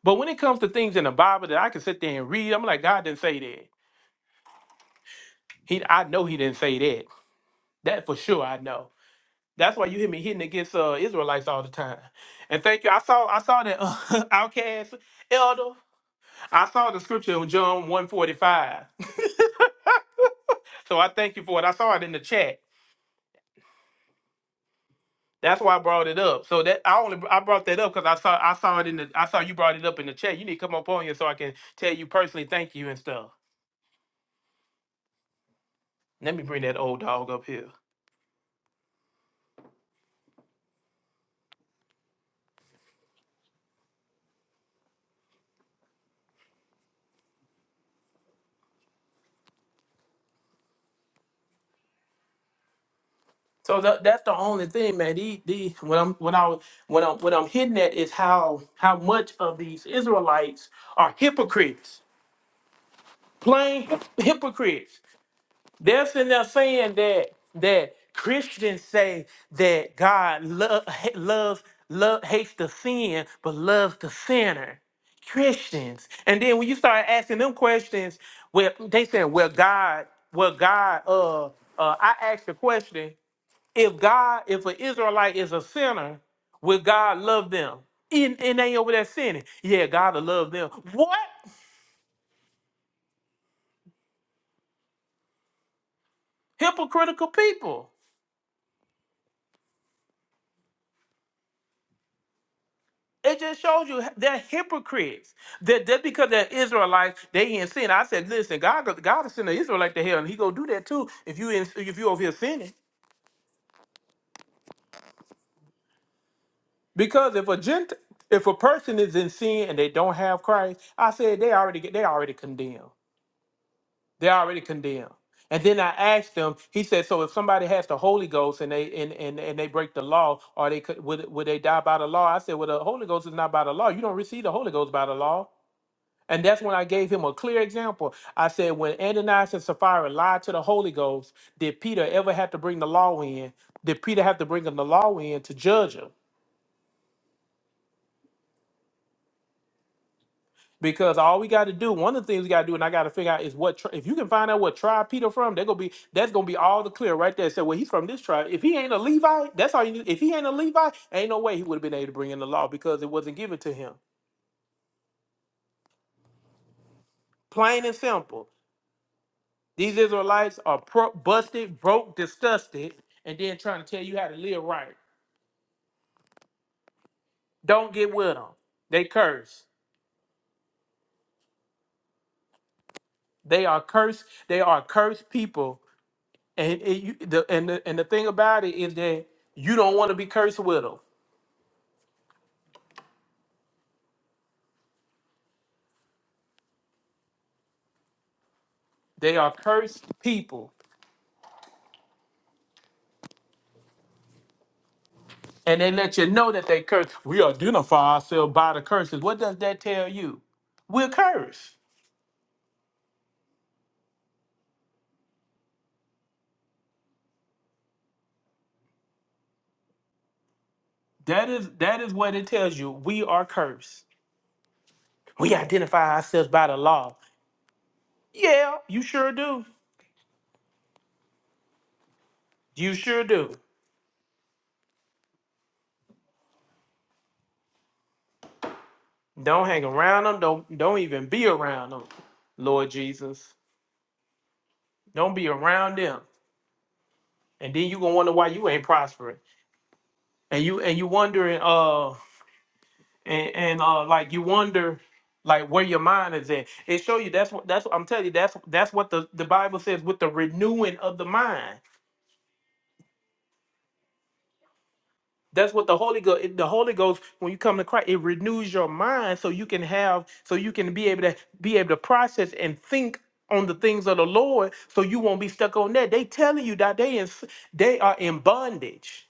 Speaker 1: But when it comes to things in the Bible that I can sit there and read, I'm like, God didn't say that. He, I know He didn't say that. That for sure, I know. That's why you hear me hitting against uh, Israelites all the time. And thank you. I saw, I saw that uh, outcast elder. I saw the scripture in John 145. so I thank you for it. I saw it in the chat. That's why I brought it up. So that I only I brought that up because I saw I saw it in the I saw you brought it up in the chat. You need to come up on here so I can tell you personally thank you and stuff. Let me bring that old dog up here. So that, that's the only thing, man. These, these, what I'm, what I, what I'm, what I'm hitting at is how, how much of these Israelites are hypocrites, plain hip- hypocrites. They're sitting there saying that that Christians say that God love, loves, love hates the sin, but loves the sinner. Christians, and then when you start asking them questions, well, they saying, well, God, well, God, uh, uh, I asked the question. If God, if an Israelite is a sinner, will God love them? And, and they over there sinning. Yeah, God will love them. What? Hypocritical people. It just shows you they're hypocrites. That that because they're Israelites, they ain't sin. I said, listen, God, God will send an Israelite to hell, and He gonna do that too if you in, if you over here sinning. Because if a gent, if a person is in sin and they don't have Christ, I said they already get they already condemned. They're already condemned. And then I asked them, he said, so if somebody has the Holy Ghost and they and, and, and they break the law, are they could would, would they die by the law? I said, Well, the Holy Ghost is not by the law. You don't receive the Holy Ghost by the law. And that's when I gave him a clear example. I said, when Ananias and Sapphira lied to the Holy Ghost, did Peter ever have to bring the law in? Did Peter have to bring him the law in to judge her? Because all we got to do, one of the things we got to do, and I got to figure out is what tri- if you can find out what tribe Peter from, they're gonna be that's gonna be all the clear right there. So well, he's from this tribe. If he ain't a Levite, that's all you need. If he ain't a Levite, ain't no way he would have been able to bring in the law because it wasn't given to him. Plain and simple. These Israelites are pro- busted, broke, disgusted, and then trying to tell you how to live right. Don't get with them. They curse. They are cursed. They are cursed people. And it, you, the, and the, and the thing about it is that you don't want to be cursed with them. They are cursed people. And they let you know that they curse. We identify ourselves by the curses. What does that tell you? We're cursed. That is that is what it tells you. We are cursed. We identify ourselves by the law. Yeah, you sure do. You sure do. Don't hang around them. Don't don't even be around them, Lord Jesus. Don't be around them. And then you gonna wonder why you ain't prospering. And you and you wondering, uh. and and uh like you wonder like where your mind is at it show you that's what that's what i'm telling you that's that's what the the bible says with the renewing of the mind that's what the holy ghost the holy ghost when you come to christ it renews your mind so you can have so you can be able to be able to process and think on the things of the lord so you won't be stuck on that they telling you that they in, they are in bondage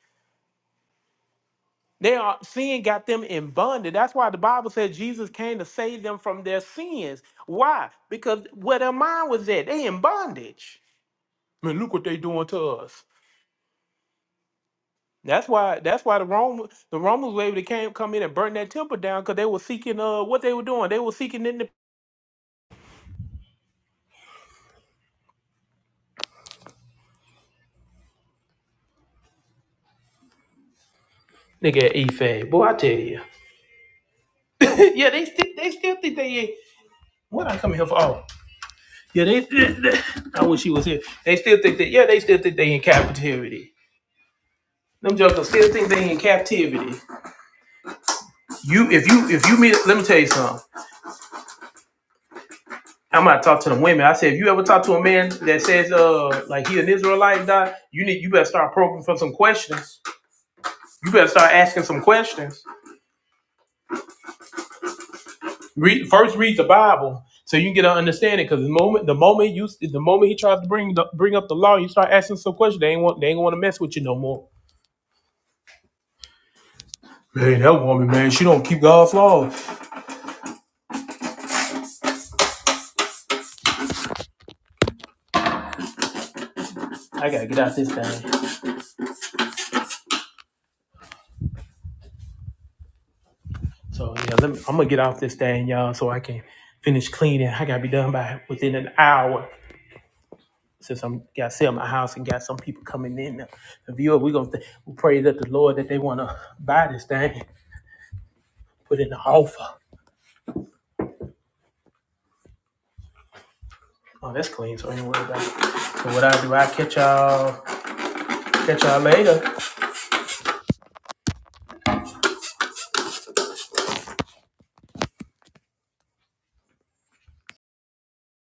Speaker 1: They are sin got them in bondage. That's why the Bible says Jesus came to save them from their sins. Why? Because where their mind was at, they in bondage. Man, look what they doing to us. That's why. That's why the Rome, the Romans were able to came, come in and burn that temple down because they were seeking. Uh, what they were doing? They were seeking in the nigga Ephah. Boy, I tell you. yeah, they still they still think they. What I come here for? Oh, yeah, they, they, they- I wish he was here. They still think that. Yeah, they still think they in captivity. Them jokers still think they in captivity. You if you if you meet let me tell you something. I'm gonna talk to the women. I said if you ever talk to a man that says uh like he an Israelite die, you need you better start probing for some questions. You better start asking some questions. Read first read the Bible so you can get an understanding. Because the moment the moment you the moment he tries to bring the, bring up the law, you start asking some questions. They ain't want they ain't gonna want to mess with you no more. Man, that woman, man, she don't keep God's laws. I gotta get out this thing. So yeah, let me, I'm gonna get off this thing, y'all, so I can finish cleaning. I gotta be done by within an hour. Since I'm got to sell my house and got some people coming in to, to view we gonna th- we pray that the Lord that they wanna buy this thing, put in the offer. Oh, that's clean, so anyway, ain't So what I do, I catch y'all catch y'all later.